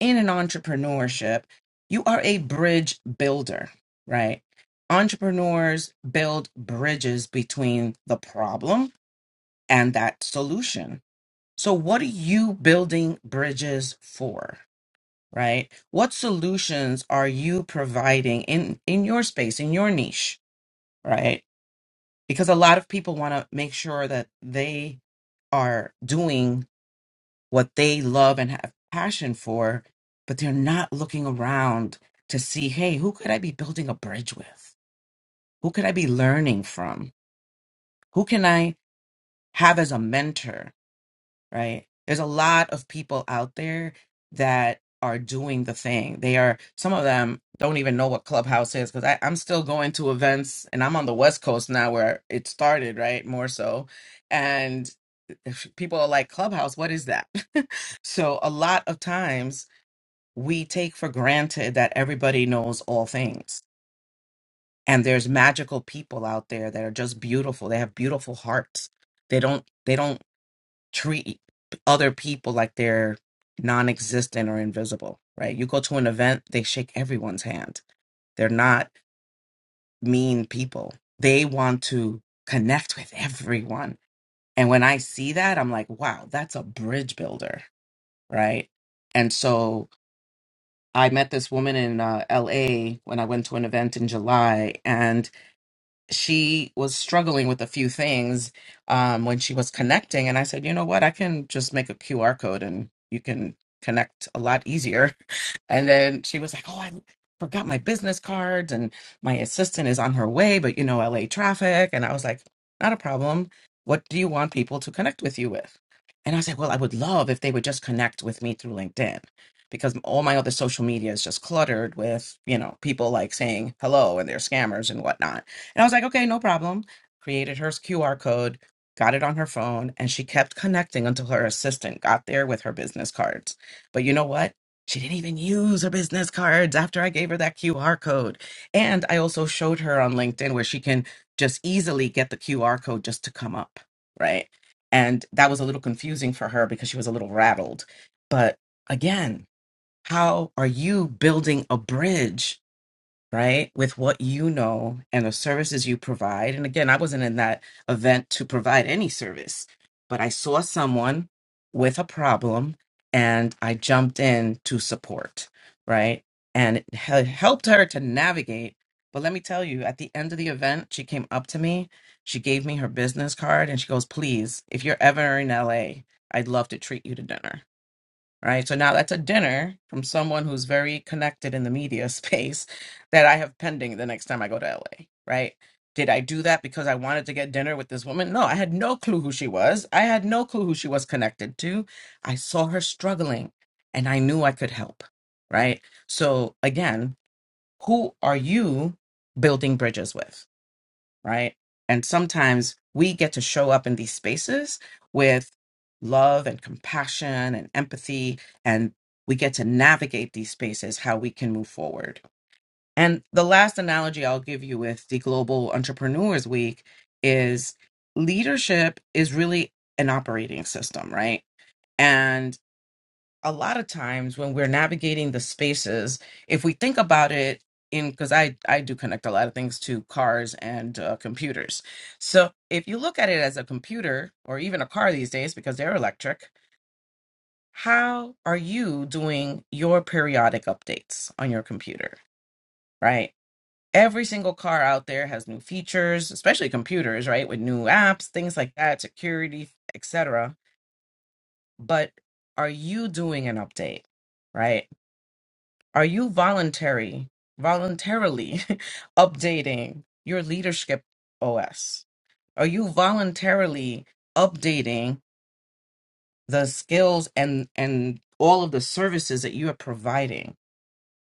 in an entrepreneurship, you are a bridge builder, right? Entrepreneurs build bridges between the problem and that solution. So, what are you building bridges for, right? What solutions are you providing in, in your space, in your niche, right? Because a lot of people want to make sure that they are doing what they love and have passion for, but they're not looking around to see, hey, who could I be building a bridge with? Who could I be learning from? Who can I have as a mentor? Right? There's a lot of people out there that are doing the thing. They are, some of them don't even know what Clubhouse is because I'm still going to events and I'm on the West Coast now where it started, right? More so. if people are like clubhouse what is that so a lot of times we take for granted that everybody knows all things and there's magical people out there that are just beautiful they have beautiful hearts they don't they don't treat other people like they're non-existent or invisible right you go to an event they shake everyone's hand they're not mean people they want to connect with everyone and when i see that i'm like wow that's a bridge builder right? And so I met this woman in uh, LA when I went to an event in July, and she was struggling with a few things um, when she was connecting. And I said, you know what? I can just make a QR code and you can connect a lot easier. And then she was like, oh, I forgot my business cards and my assistant is on her way, but you know, LA traffic. And I was like, not a problem. What do you want people to connect with you with? And I said, well, I would love if they would just connect with me through LinkedIn because all my other social media is just cluttered with, you know, people like saying hello and they're scammers and whatnot. And I was like, okay, no problem. Created her QR code, got it on her phone, and she kept connecting until her assistant got there with her business cards. But you know what? She didn't even use her business cards after I gave her that QR code. And I also showed her on LinkedIn where she can just easily get the QR code just to come up, right? And that was a little confusing for her because she was a little rattled. But again, how are you building a bridge right? With what you know and the services you provide. And again, I wasn't in that event to provide any service, but I saw someone with a problem and I jumped in to support, right? And it hel- helped her to navigate. But let me tell you, at the end of the event, she came up to me. She gave me her business card and she goes, Please, if you're ever in LA, I'd love to treat you to dinner right? So now that's a dinner from someone who's very connected in the media space that I have pending the next time I go to LA, right? Did I do that because I wanted to get dinner with this woman? No, I had no clue who she was. I had no clue who she was connected to. I saw her struggling and I knew I could help, right? So again, who are you building bridges with? right? And sometimes we get to show up in these spaces with love and compassion and empathy, and we get to navigate these spaces how we can move forward. And the last analogy I'll give you with the Global Entrepreneurs Week is leadership is really an operating system, right? And a lot of times when we're navigating the spaces, if we think about it in because I I do connect a lot of things to cars and uh, computers. So if you look at it as a computer or even a car these days because they're electric, how are you doing your periodic updates on your computer, right? Every single car out there has new features, especially computers, right? With new apps, things like that, security, etc. But are you doing an update? right? Are you voluntary, voluntarily updating your leadership OS? Are you voluntarily updating the skills and and all of the services that you are providing?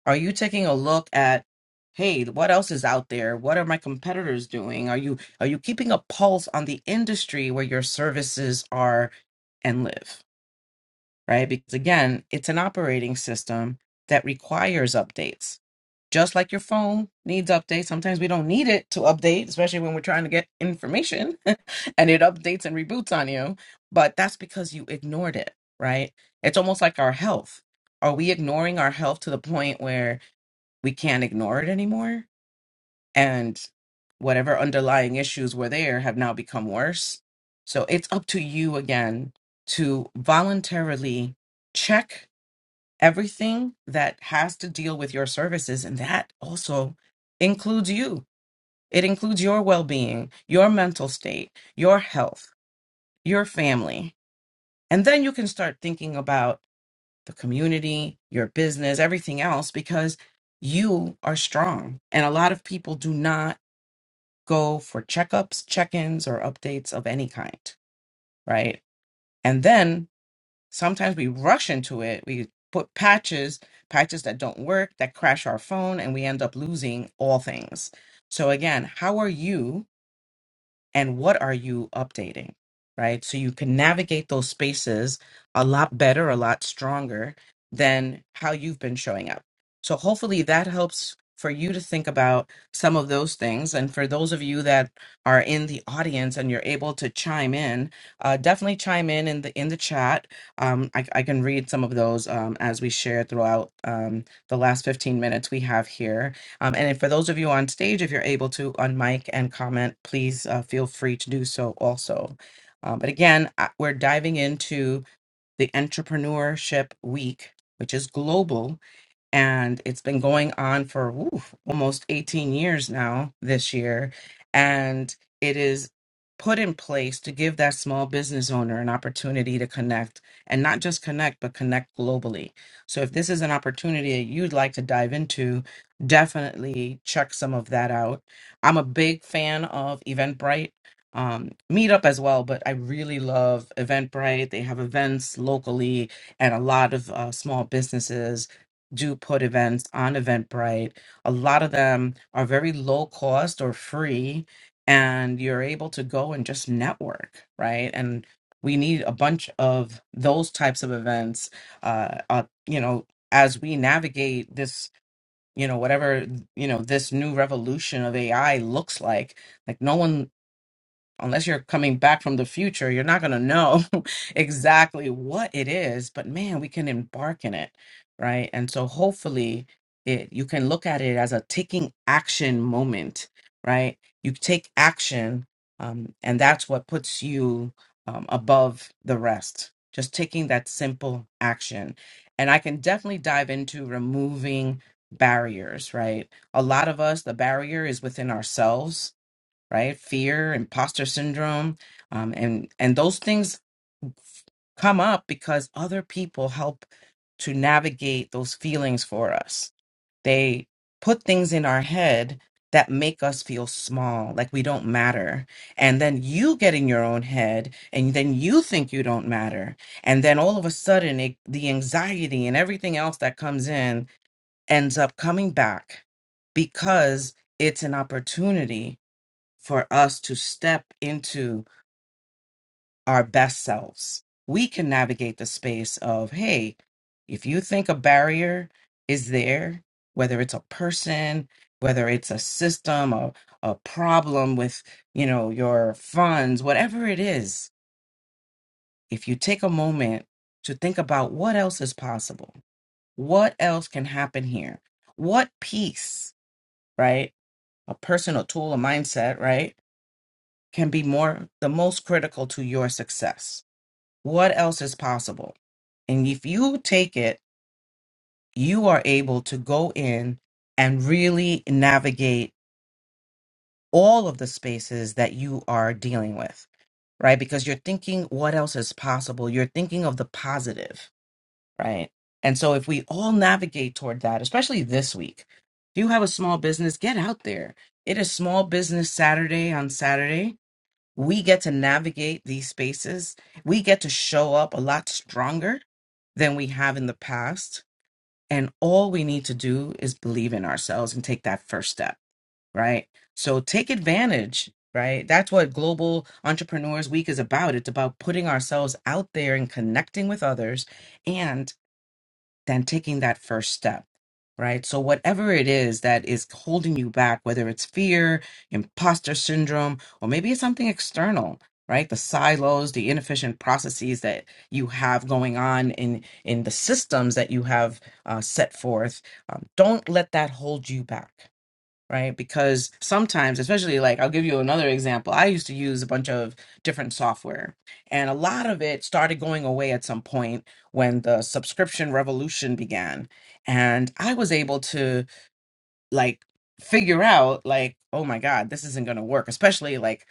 Are you taking a look at hey, what else is out there? What are my competitors doing? Are you are you keeping a pulse on the industry where your services are and live? right? Because again, it's an operating system that requires updates. Just like your phone needs updates, sometimes we don't need it to update, especially when we're trying to get information and it updates and reboots on you. But that's because you ignored it, right? It's almost like our health. Are we ignoring our health to the point where we can't ignore it anymore? and whatever underlying issues were there have now become worse. So it's up to you again to voluntarily check everything that has to deal with your services. And that also includes you, it includes your well being, your mental state, your health, your family. And then you can start thinking about the community, your business, everything else, because you are strong. And a lot of people do not go for checkups, check ins, or updates of any kind, right? And then sometimes we rush into it. We put patches, patches that don't work, that crash our phone, and we end up losing all things. So, again, how are you? and what are you updating right so you can navigate those spaces a lot better a lot stronger than how you've been showing up so hopefully that helps for you to think about some of those things and for those of you that are in the audience and you're able to chime in uh, definitely chime in in the in the chat um, I, I can read some of those um, as we share throughout um, the last 15 minutes we have here um, and if- for those of you on stage, if you're able to unmic and comment, please uh, feel free to do so also. Um, but again, I- we're diving into the Entrepreneurship Week, which is global and it's been going on for oof, almost 18 years now this year and it is put in place to give that small business owner an opportunity to connect and not just connect but connect globally so if this is an opportunity that you'd like to dive into definitely check some of that out i'm a big fan of eventbrite um, meetup as well but i really love eventbrite they have events locally and a lot of uh, small businesses do put events on Eventbrite. A lot of them are very low cost or free, and you're able to go and just network, right? And we need a bunch of those types of events, uh, uh, you know, as we navigate this, you know, whatever, you know, this new revolution of AI looks like. Like, no one unless you're coming back from the future, you're not going to know exactly what it is, but man, we can embark in it, right? And so hopefully it you can look at it as a taking action moment, right? You take action um, and that's what puts you um, above the rest. Just taking that simple action. And I can definitely dive into removing barriers, right? A lot of us, the barrier is within ourselves right? Fear, imposter syndrome, um, and and those things come up because other people help to navigate those feelings for us. They put things in our head that make us feel small, like we don't matter. And then you get in your own head and then you think you don't matter. And then all of a sudden it, the anxiety and everything else that comes in ends up coming back because it's an opportunity for us to step into our best selves. We can navigate the space of, hey, if you think a barrier is there, whether it's a person, whether it's a system, a, a problem with, you know, your funds, whatever it is, if you take a moment to think about what else is possible, what else can happen here, what piece, right? A person, a tool, a mindset, right? can be more the most critical to your success. What else is possible? And if you take it, you are able to go in and really navigate all of the spaces that you are dealing with, right? Because you're thinking what else is possible. You're thinking of the positive, right? And so if we all navigate toward that, especially this week, if you have a small business, get out there. It is small business Saturday on Saturday we get to navigate these spaces. We get to show up a lot stronger than we have in the past. And all we need to do is believe in ourselves and take that first step, right? So take advantage, right? That's what Global Entrepreneurs Week is about. It's about putting ourselves out there and connecting with others. And than taking that first step, right? So, whatever it is that is holding you back, whether it's fear, imposter syndrome, or maybe it's something external, right? The silos, the inefficient processes that you have going on in, in the systems that you have uh, set forth, um, don't let that hold you back right? Because sometimes, especially like I'll give you another example. I used to use a bunch of different software, and a lot of it started going away at some point when the subscription revolution began. And I was able to like figure out like, oh my God, this isn't going to work, especially like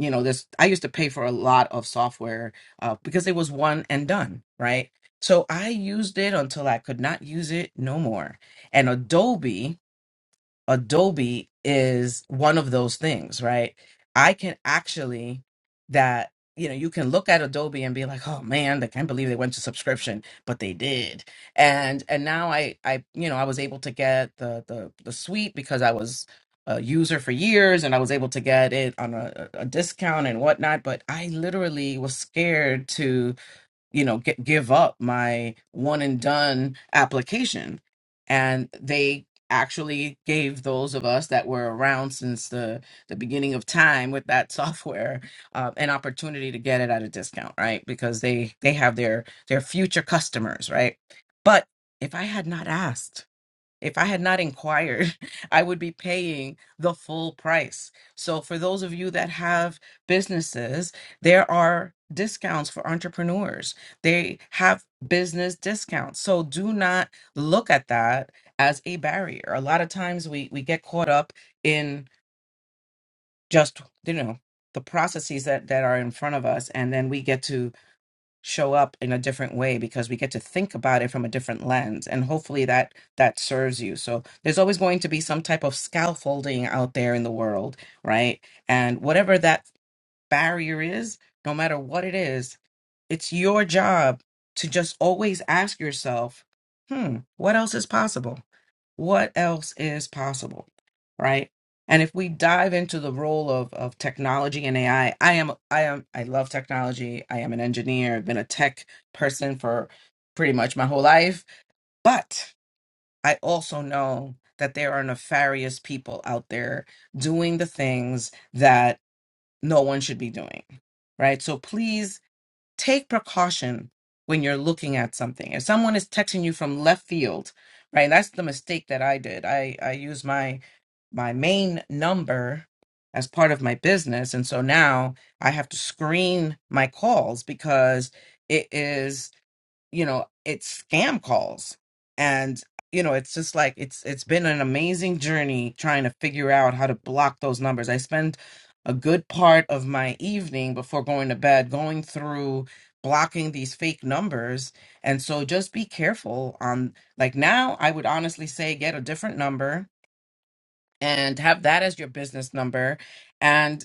you know this i used to pay for a lot of software uh, because it was one and done right so i used it until i could not use it no more and adobe Adobe is one of those things, right? I can actually that you know you can look at Adobe and be like, oh man, I can't believe they went to subscription, but they did. And and now I I you know I was able to get the the the suite because I was a user for years and I was able to get it on a, a discount and whatnot. But I literally was scared to you know g- give up my one and done application and they actually gave those of us that were around since the the beginning of time with that software uh, an opportunity to get it at a discount right because they they have their their future customers right but if i had not asked if I had not inquired, I would be paying the full price. So, for those of you that have businesses, there are discounts for entrepreneurs. They have business discounts. So, do not look at that as a barrier. A lot of times we, we get caught up in just, you know, the processes that, that are in front of us, and then we get to show up in a different way because we get to think about it from a different lens and hopefully that that serves you so there's always going to be some type of scaffolding out there in the world right and whatever that barrier is no matter what it is it's your job to just always ask yourself hmm what else is possible what else is possible right and if we dive into the role of, of technology and ai i I am i am i love technology i am an engineer i've been a tech person for pretty much my whole life but i also know that there are nefarious people out there doing the things that no one should be doing right so please take precaution when you're looking at something. If someone is texting you from left field, right? That's the mistake that I did. I I used my my main number as part of my business, and so now I have to screen my calls because it is you know it's scam calls and you know it's just like it's it's been an amazing journey trying to figure out how to block those numbers i spend a good part of my evening before going to bed going through blocking these fake numbers and so just be careful on like now i would honestly say get a different number and have that as your business number and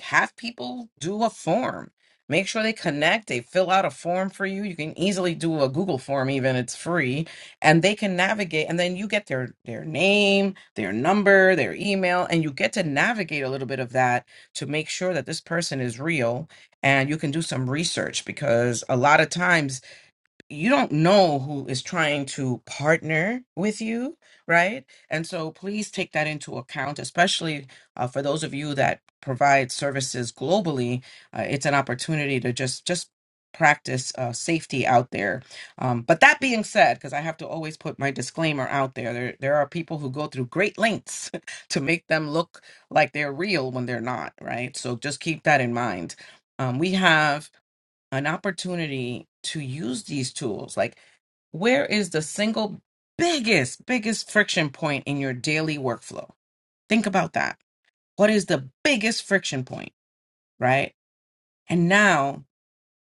have people do a form make sure they connect they fill out a form for you you can easily do a google form even it's free and they can navigate and then you get their their name their number their email and you get to navigate a little bit of that to make sure that this person is real and you can do some research because a lot of times you don't know who is trying to partner with you, right? And so please take that into account, especially uh, for those of you that provide services globally. Uh, it's an opportunity to just just practice uh, safety out there. Um, but that being said, because I have to always put my disclaimer out there, there there are people who go through great lengths to make them look like they're real when they're not, right? So just keep that in mind. Um, we have an opportunity to use these tools. Like, where is the single biggest, biggest friction point in your daily workflow? Think about that. What is the biggest friction point, right? And now,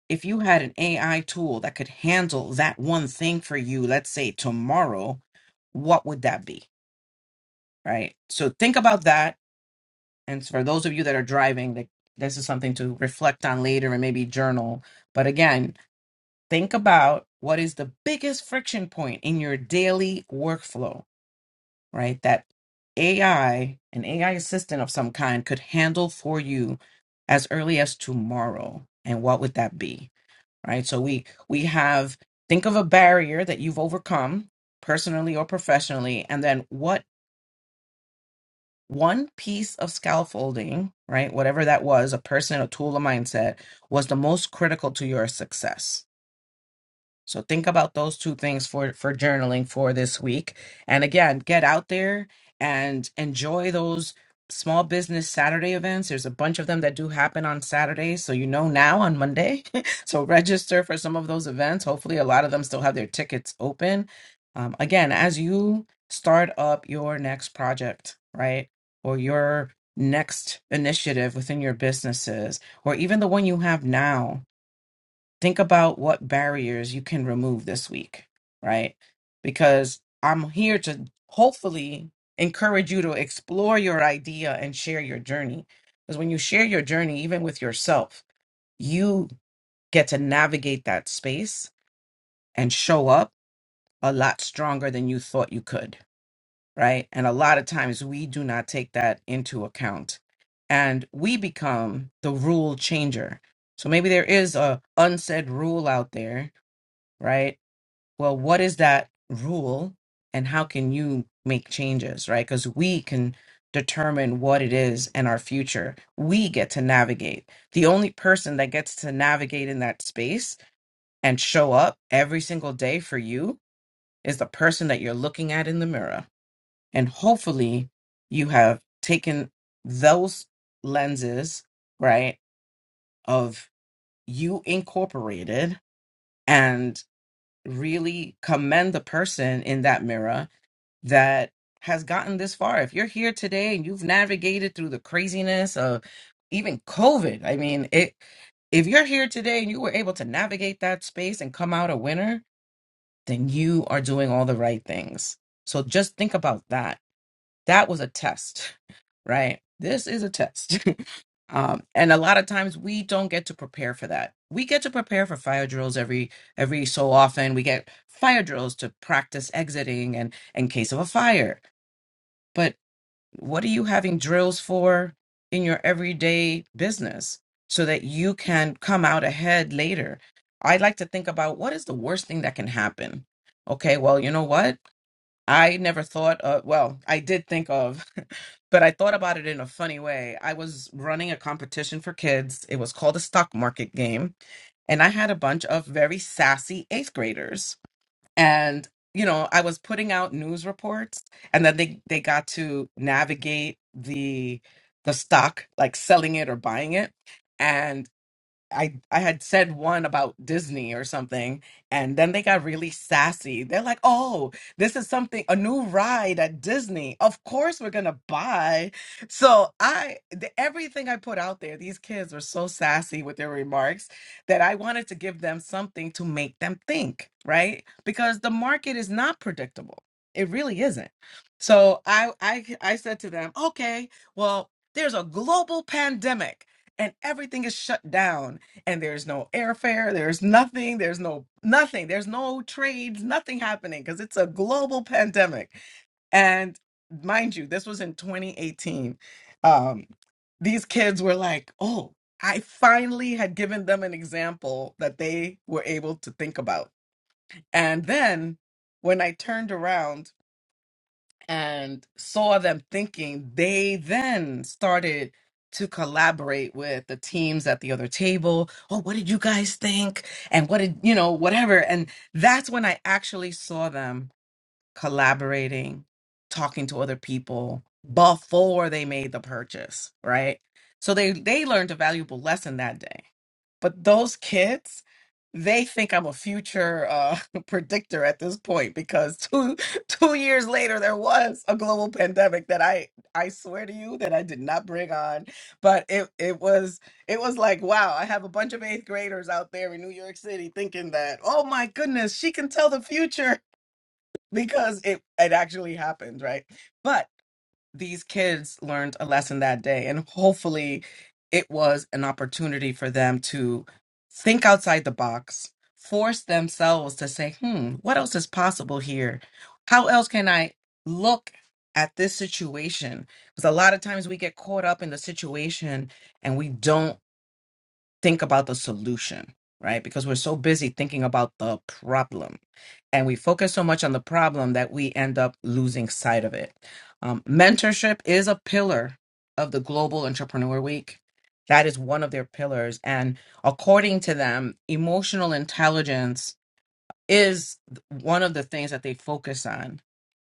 if you had an AI tool that could handle that one thing for you, let's say tomorrow, what would that be, right? So think about that. And for those of you that are driving, like, this is something to reflect on later and maybe journal. But again, think about what is the biggest friction point in your daily workflow, right? That AI, an AI assistant of some kind, could handle for you as early as tomorrow. And what would that be? Right. So we we have think of a barrier that you've overcome personally or professionally, and then what one piece of scaffolding, right, whatever that was, a person, a tool, a mindset, was the most critical to your success So think about those two things for for journaling for this week. And again, get out there and enjoy those small business Saturday events. There's a bunch of them that do happen on Saturdays, so you know now on Monday. so register for some of those events. Hopefully a lot of them still have their tickets open. Um, again, as you start up your next project, right? Or your next initiative within your businesses or even the one you have now think about what barriers you can remove this week, right? Because I'm here to hopefully encourage you to explore your idea and share your journey. Because when you share your journey, even with yourself, you get to navigate that space and show up a lot stronger than you thought you could, right? And a lot of times we do not take that into account. And we become the rule changer. So maybe there is a unsaid rule out there, right? well, what is that rule and how can you make changes, right? Because we can determine what it is and our future. We get to navigate. The only person that gets to navigate in that space and show up every single day for you is the person that you're looking at in the mirror. And hopefully you have taken those lenses, right, of you incorporated and really commend the person in that mirror that has gotten this far. If you're here today and you've navigated through the craziness of even COVID, I mean, it if you're here today and you were able to navigate that space and come out a winner, then you are doing all the right things. So just think about that. That was a test, right? This is a test. um, and a lot of times we don't get to prepare for that. We get to prepare for fire drills every every so often. We get fire drills to practice exiting and in case of a fire. but what are you having drills for in your everyday business so that you can come out ahead later i like to think about what is the worst thing that can happen okay well you know what i never thought of well i did think of but i thought about it in a funny way i was running a competition for kids it was called a stock market game and i had a bunch of very sassy eighth graders and you know i was putting out news reports and then they they got to navigate the the stock like selling it or buying it I I had said one about Disney or something, and then they got really sassy. They're like, "Oh, this is something a new ride at Disney. Of course we're gonna buy." So I the, everything I put out there, these kids were so sassy with their remarks that I wanted to give them something to make them think, right? Because the market is not predictable. It really isn't. So I I I said to them, "Okay, well, there's a global pandemic." And everything is shut down and there's no airfare, there's nothing, there's no nothing, there's no trades, nothing happening because it's a global pandemic. And mind you, this was in 2018. Um, these kids were like, oh, I finally had given them an example that they were able to think about. And then when I turned around and saw them thinking, they then started to collaborate with the teams at the other table. Oh, what did you guys think? And what did, you know, whatever. And that's when I actually saw them collaborating, talking to other people before they made the purchase, right? So they they learned a valuable lesson that day but those kids, they think I'm a future uh, predictor at this point because two two years later there was a global pandemic that I I swear to you that I did not bring on, but it it was it was like wow I have a bunch of eighth graders out there in New York City thinking that oh my goodness she can tell the future because it it actually happened right, but these kids learned a lesson that day and hopefully it was an opportunity for them to think outside the box force themselves to say hmm what else is possible here how else can i look at this situation because a lot of times we get caught up in the situation and we don't think about the solution, right? Because we're so busy thinking about the problem and we focus so much on the problem that we end up losing sight of it. Um, mentorship is a pillar of the Global Entrepreneur Week. That is one of their pillars. And according to them, emotional intelligence is one of the things that they focus on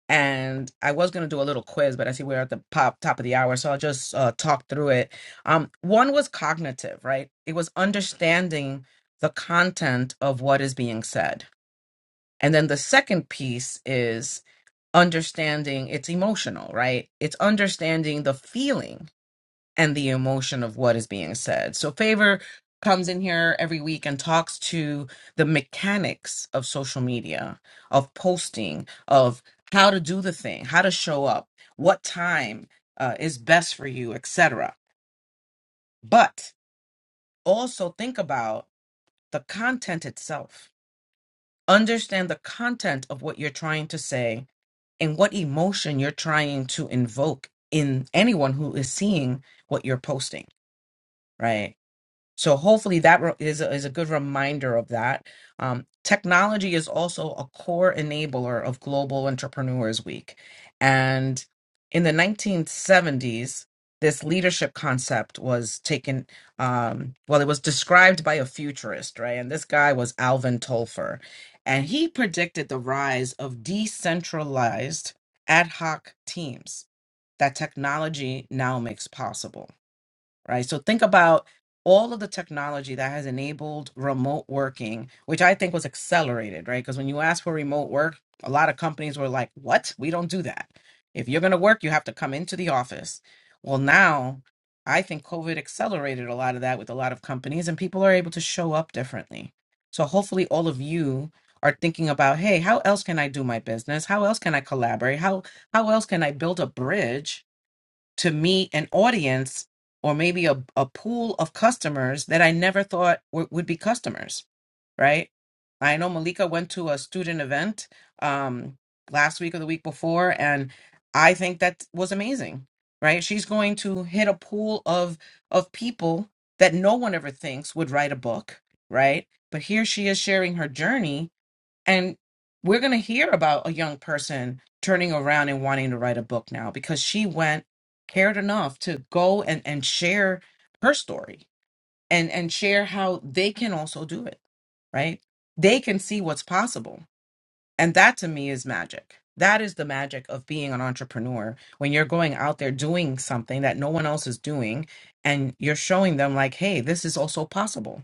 and I was going to do a little quiz, but I see we're at the pop top of the hour, so I'll just uh, talk through it. Um, one was cognitive, right? It was understanding the content of what is being said, and then the second piece is understanding it's emotional, right? It's understanding the feeling and the emotion of what is being said. So Favor comes in here every week and talks to the mechanics of social media, of posting, of how to do the thing, how to show up, what time uh, is best for you, etc. But also think about the content itself. Understand the content of what you're trying to say and what emotion you're trying to invoke in anyone who is seeing what you're posting, right? So hopefully that re- is a, is a good reminder of that. Um, technology is also a core enabler of Global Entrepreneurs Week, and in the 1970s, this leadership concept was taken. Um, well, it was described by a futurist, right? And this guy was Alvin Tolfer, and he predicted the rise of decentralized ad hoc teams that technology now makes possible right? So think about all of the technology that has enabled remote working, which I think was accelerated, right? Because when you ask for remote work, a lot of companies were like, what? We don't do that. If you're going to work, you have to come into the office. Well, now I think COVID accelerated a lot of that with a lot of companies, and people are able to show up differently. So hopefully, all of you are thinking about, hey, how else can I do my business? How else can I collaborate? How how else can I build a bridge to meet an audience or maybe a, a pool of customers that I never thought w- would be customers, right? I know Malika went to a student event um, last week or the week before, and I think that was amazing, right? She's going to hit a pool of of people that no one ever thinks would write a book, right? But here she is sharing her journey and we're going to hear about a young person turning around and wanting to write a book now because she went, cared enough to go and, and share her story and, and share how they can also do it, right? They can see what's possible. And that to me is magic. That is the magic of being an entrepreneur when you're going out there doing something that no one else is doing and you're showing them, like, hey, this is also possible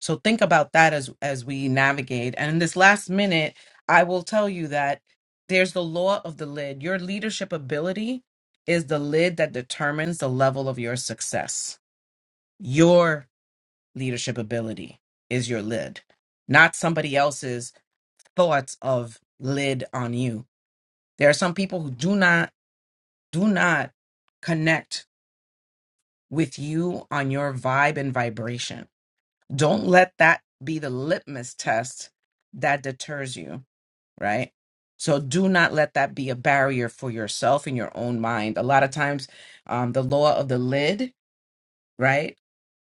so think about that as as we navigate. And in this last minute, I will tell you that there's the law of the lid. Your leadership ability is the lid that determines the level of your success. Your leadership ability is your lid, not somebody else's thoughts of lid on you. There are some people who do not do not connect with you on your vibe and vibration Don't let that be the litmus test that deters you, right? So do not let that be a barrier for yourself in your own mind. A lot of times, um, the law of the lid, right?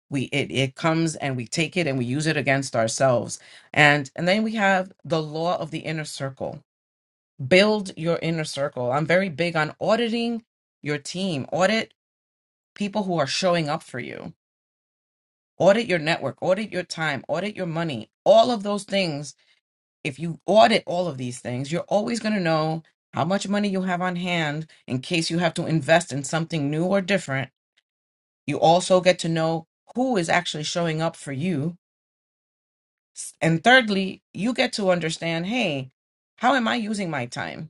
We it it comes and we take it and we use it against ourselves. And and then we have the law of the inner circle. Build your inner circle. I'm very big on auditing your team. Audit people who are showing up for you. Audit your network. Audit your time. Audit your money. All of those things if you audit all of these things, you're always going to know how much money you have on hand in case you have to invest in something new or different. You also get to know who is actually showing up for you. And thirdly, you get to understand hey, how am I using my time?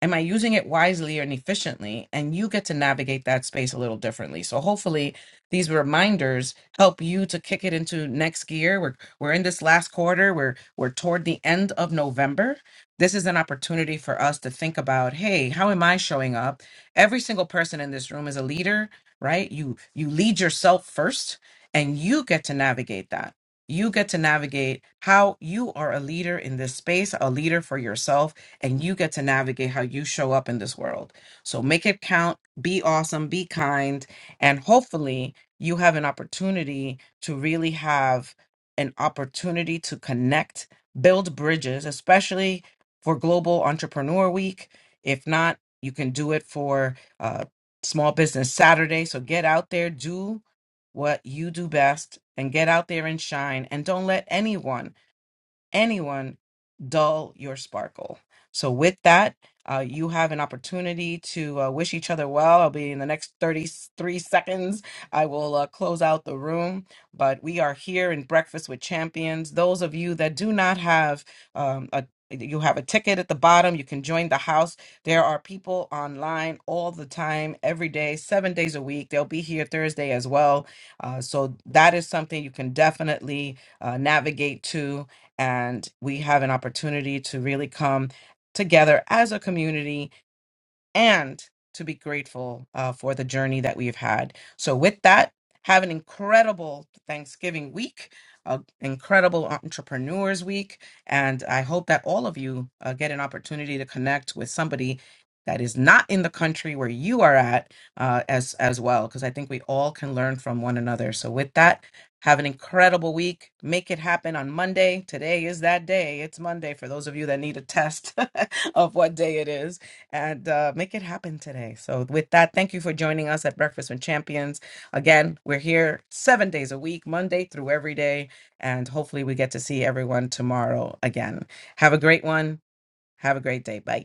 am I using it wisely and efficiently? And you get to navigate that space a little differently. So hopefully these reminders help you to kick it into next gear. We're we're in this last quarter. We're we're toward the end of November. This is an opportunity for us to think about, hey, how am I showing up? Every single person in this room is a leader, right? You you lead yourself first and you get to navigate that. You get to navigate how you are a leader in this space, a leader for yourself and you get to navigate how you show up in this world. So make it count, be awesome, be kind, and hopefully you have an opportunity to really have an opportunity to connect, build bridges, especially for Global Entrepreneur Week. If not, you can do it for uh, Small Business Saturday. So get out there, do what you do best, and get out there and shine. And don't let anyone anyone dull your sparkle. So, with that, uh, you have an opportunity to uh, wish each other well. I'll be in the next 33 seconds. I will uh, close out the room, but we are here in Breakfast with Champions. Those of you that do not have um, a you have a ticket at the bottom. You can join the house. There are people online all the time, every day, seven days a week. They'll be here Thursday as well. Uh, so, that is something you can definitely uh, navigate to and we have an opportunity to really come together as a community and to be grateful uh, for the journey that we've had. So, with that, have an incredible Thanksgiving week, an incredible Entrepreneurs Week. And I hope that all of you uh, get an opportunity to connect with somebody that is not in the country where you are at uh, as, as well, because I think we all can learn from one another. So, with that, have an incredible week. Make it happen on Monday. Today is that day. It's Monday for those of you that need a test of what day it is and uh, make it happen today. So, with that, thank you for joining us at Breakfast with Champions. Again, we're here seven days a week, Monday through every day. And hopefully, we get to see everyone tomorrow again. Have a great one. Have a great day. Bye.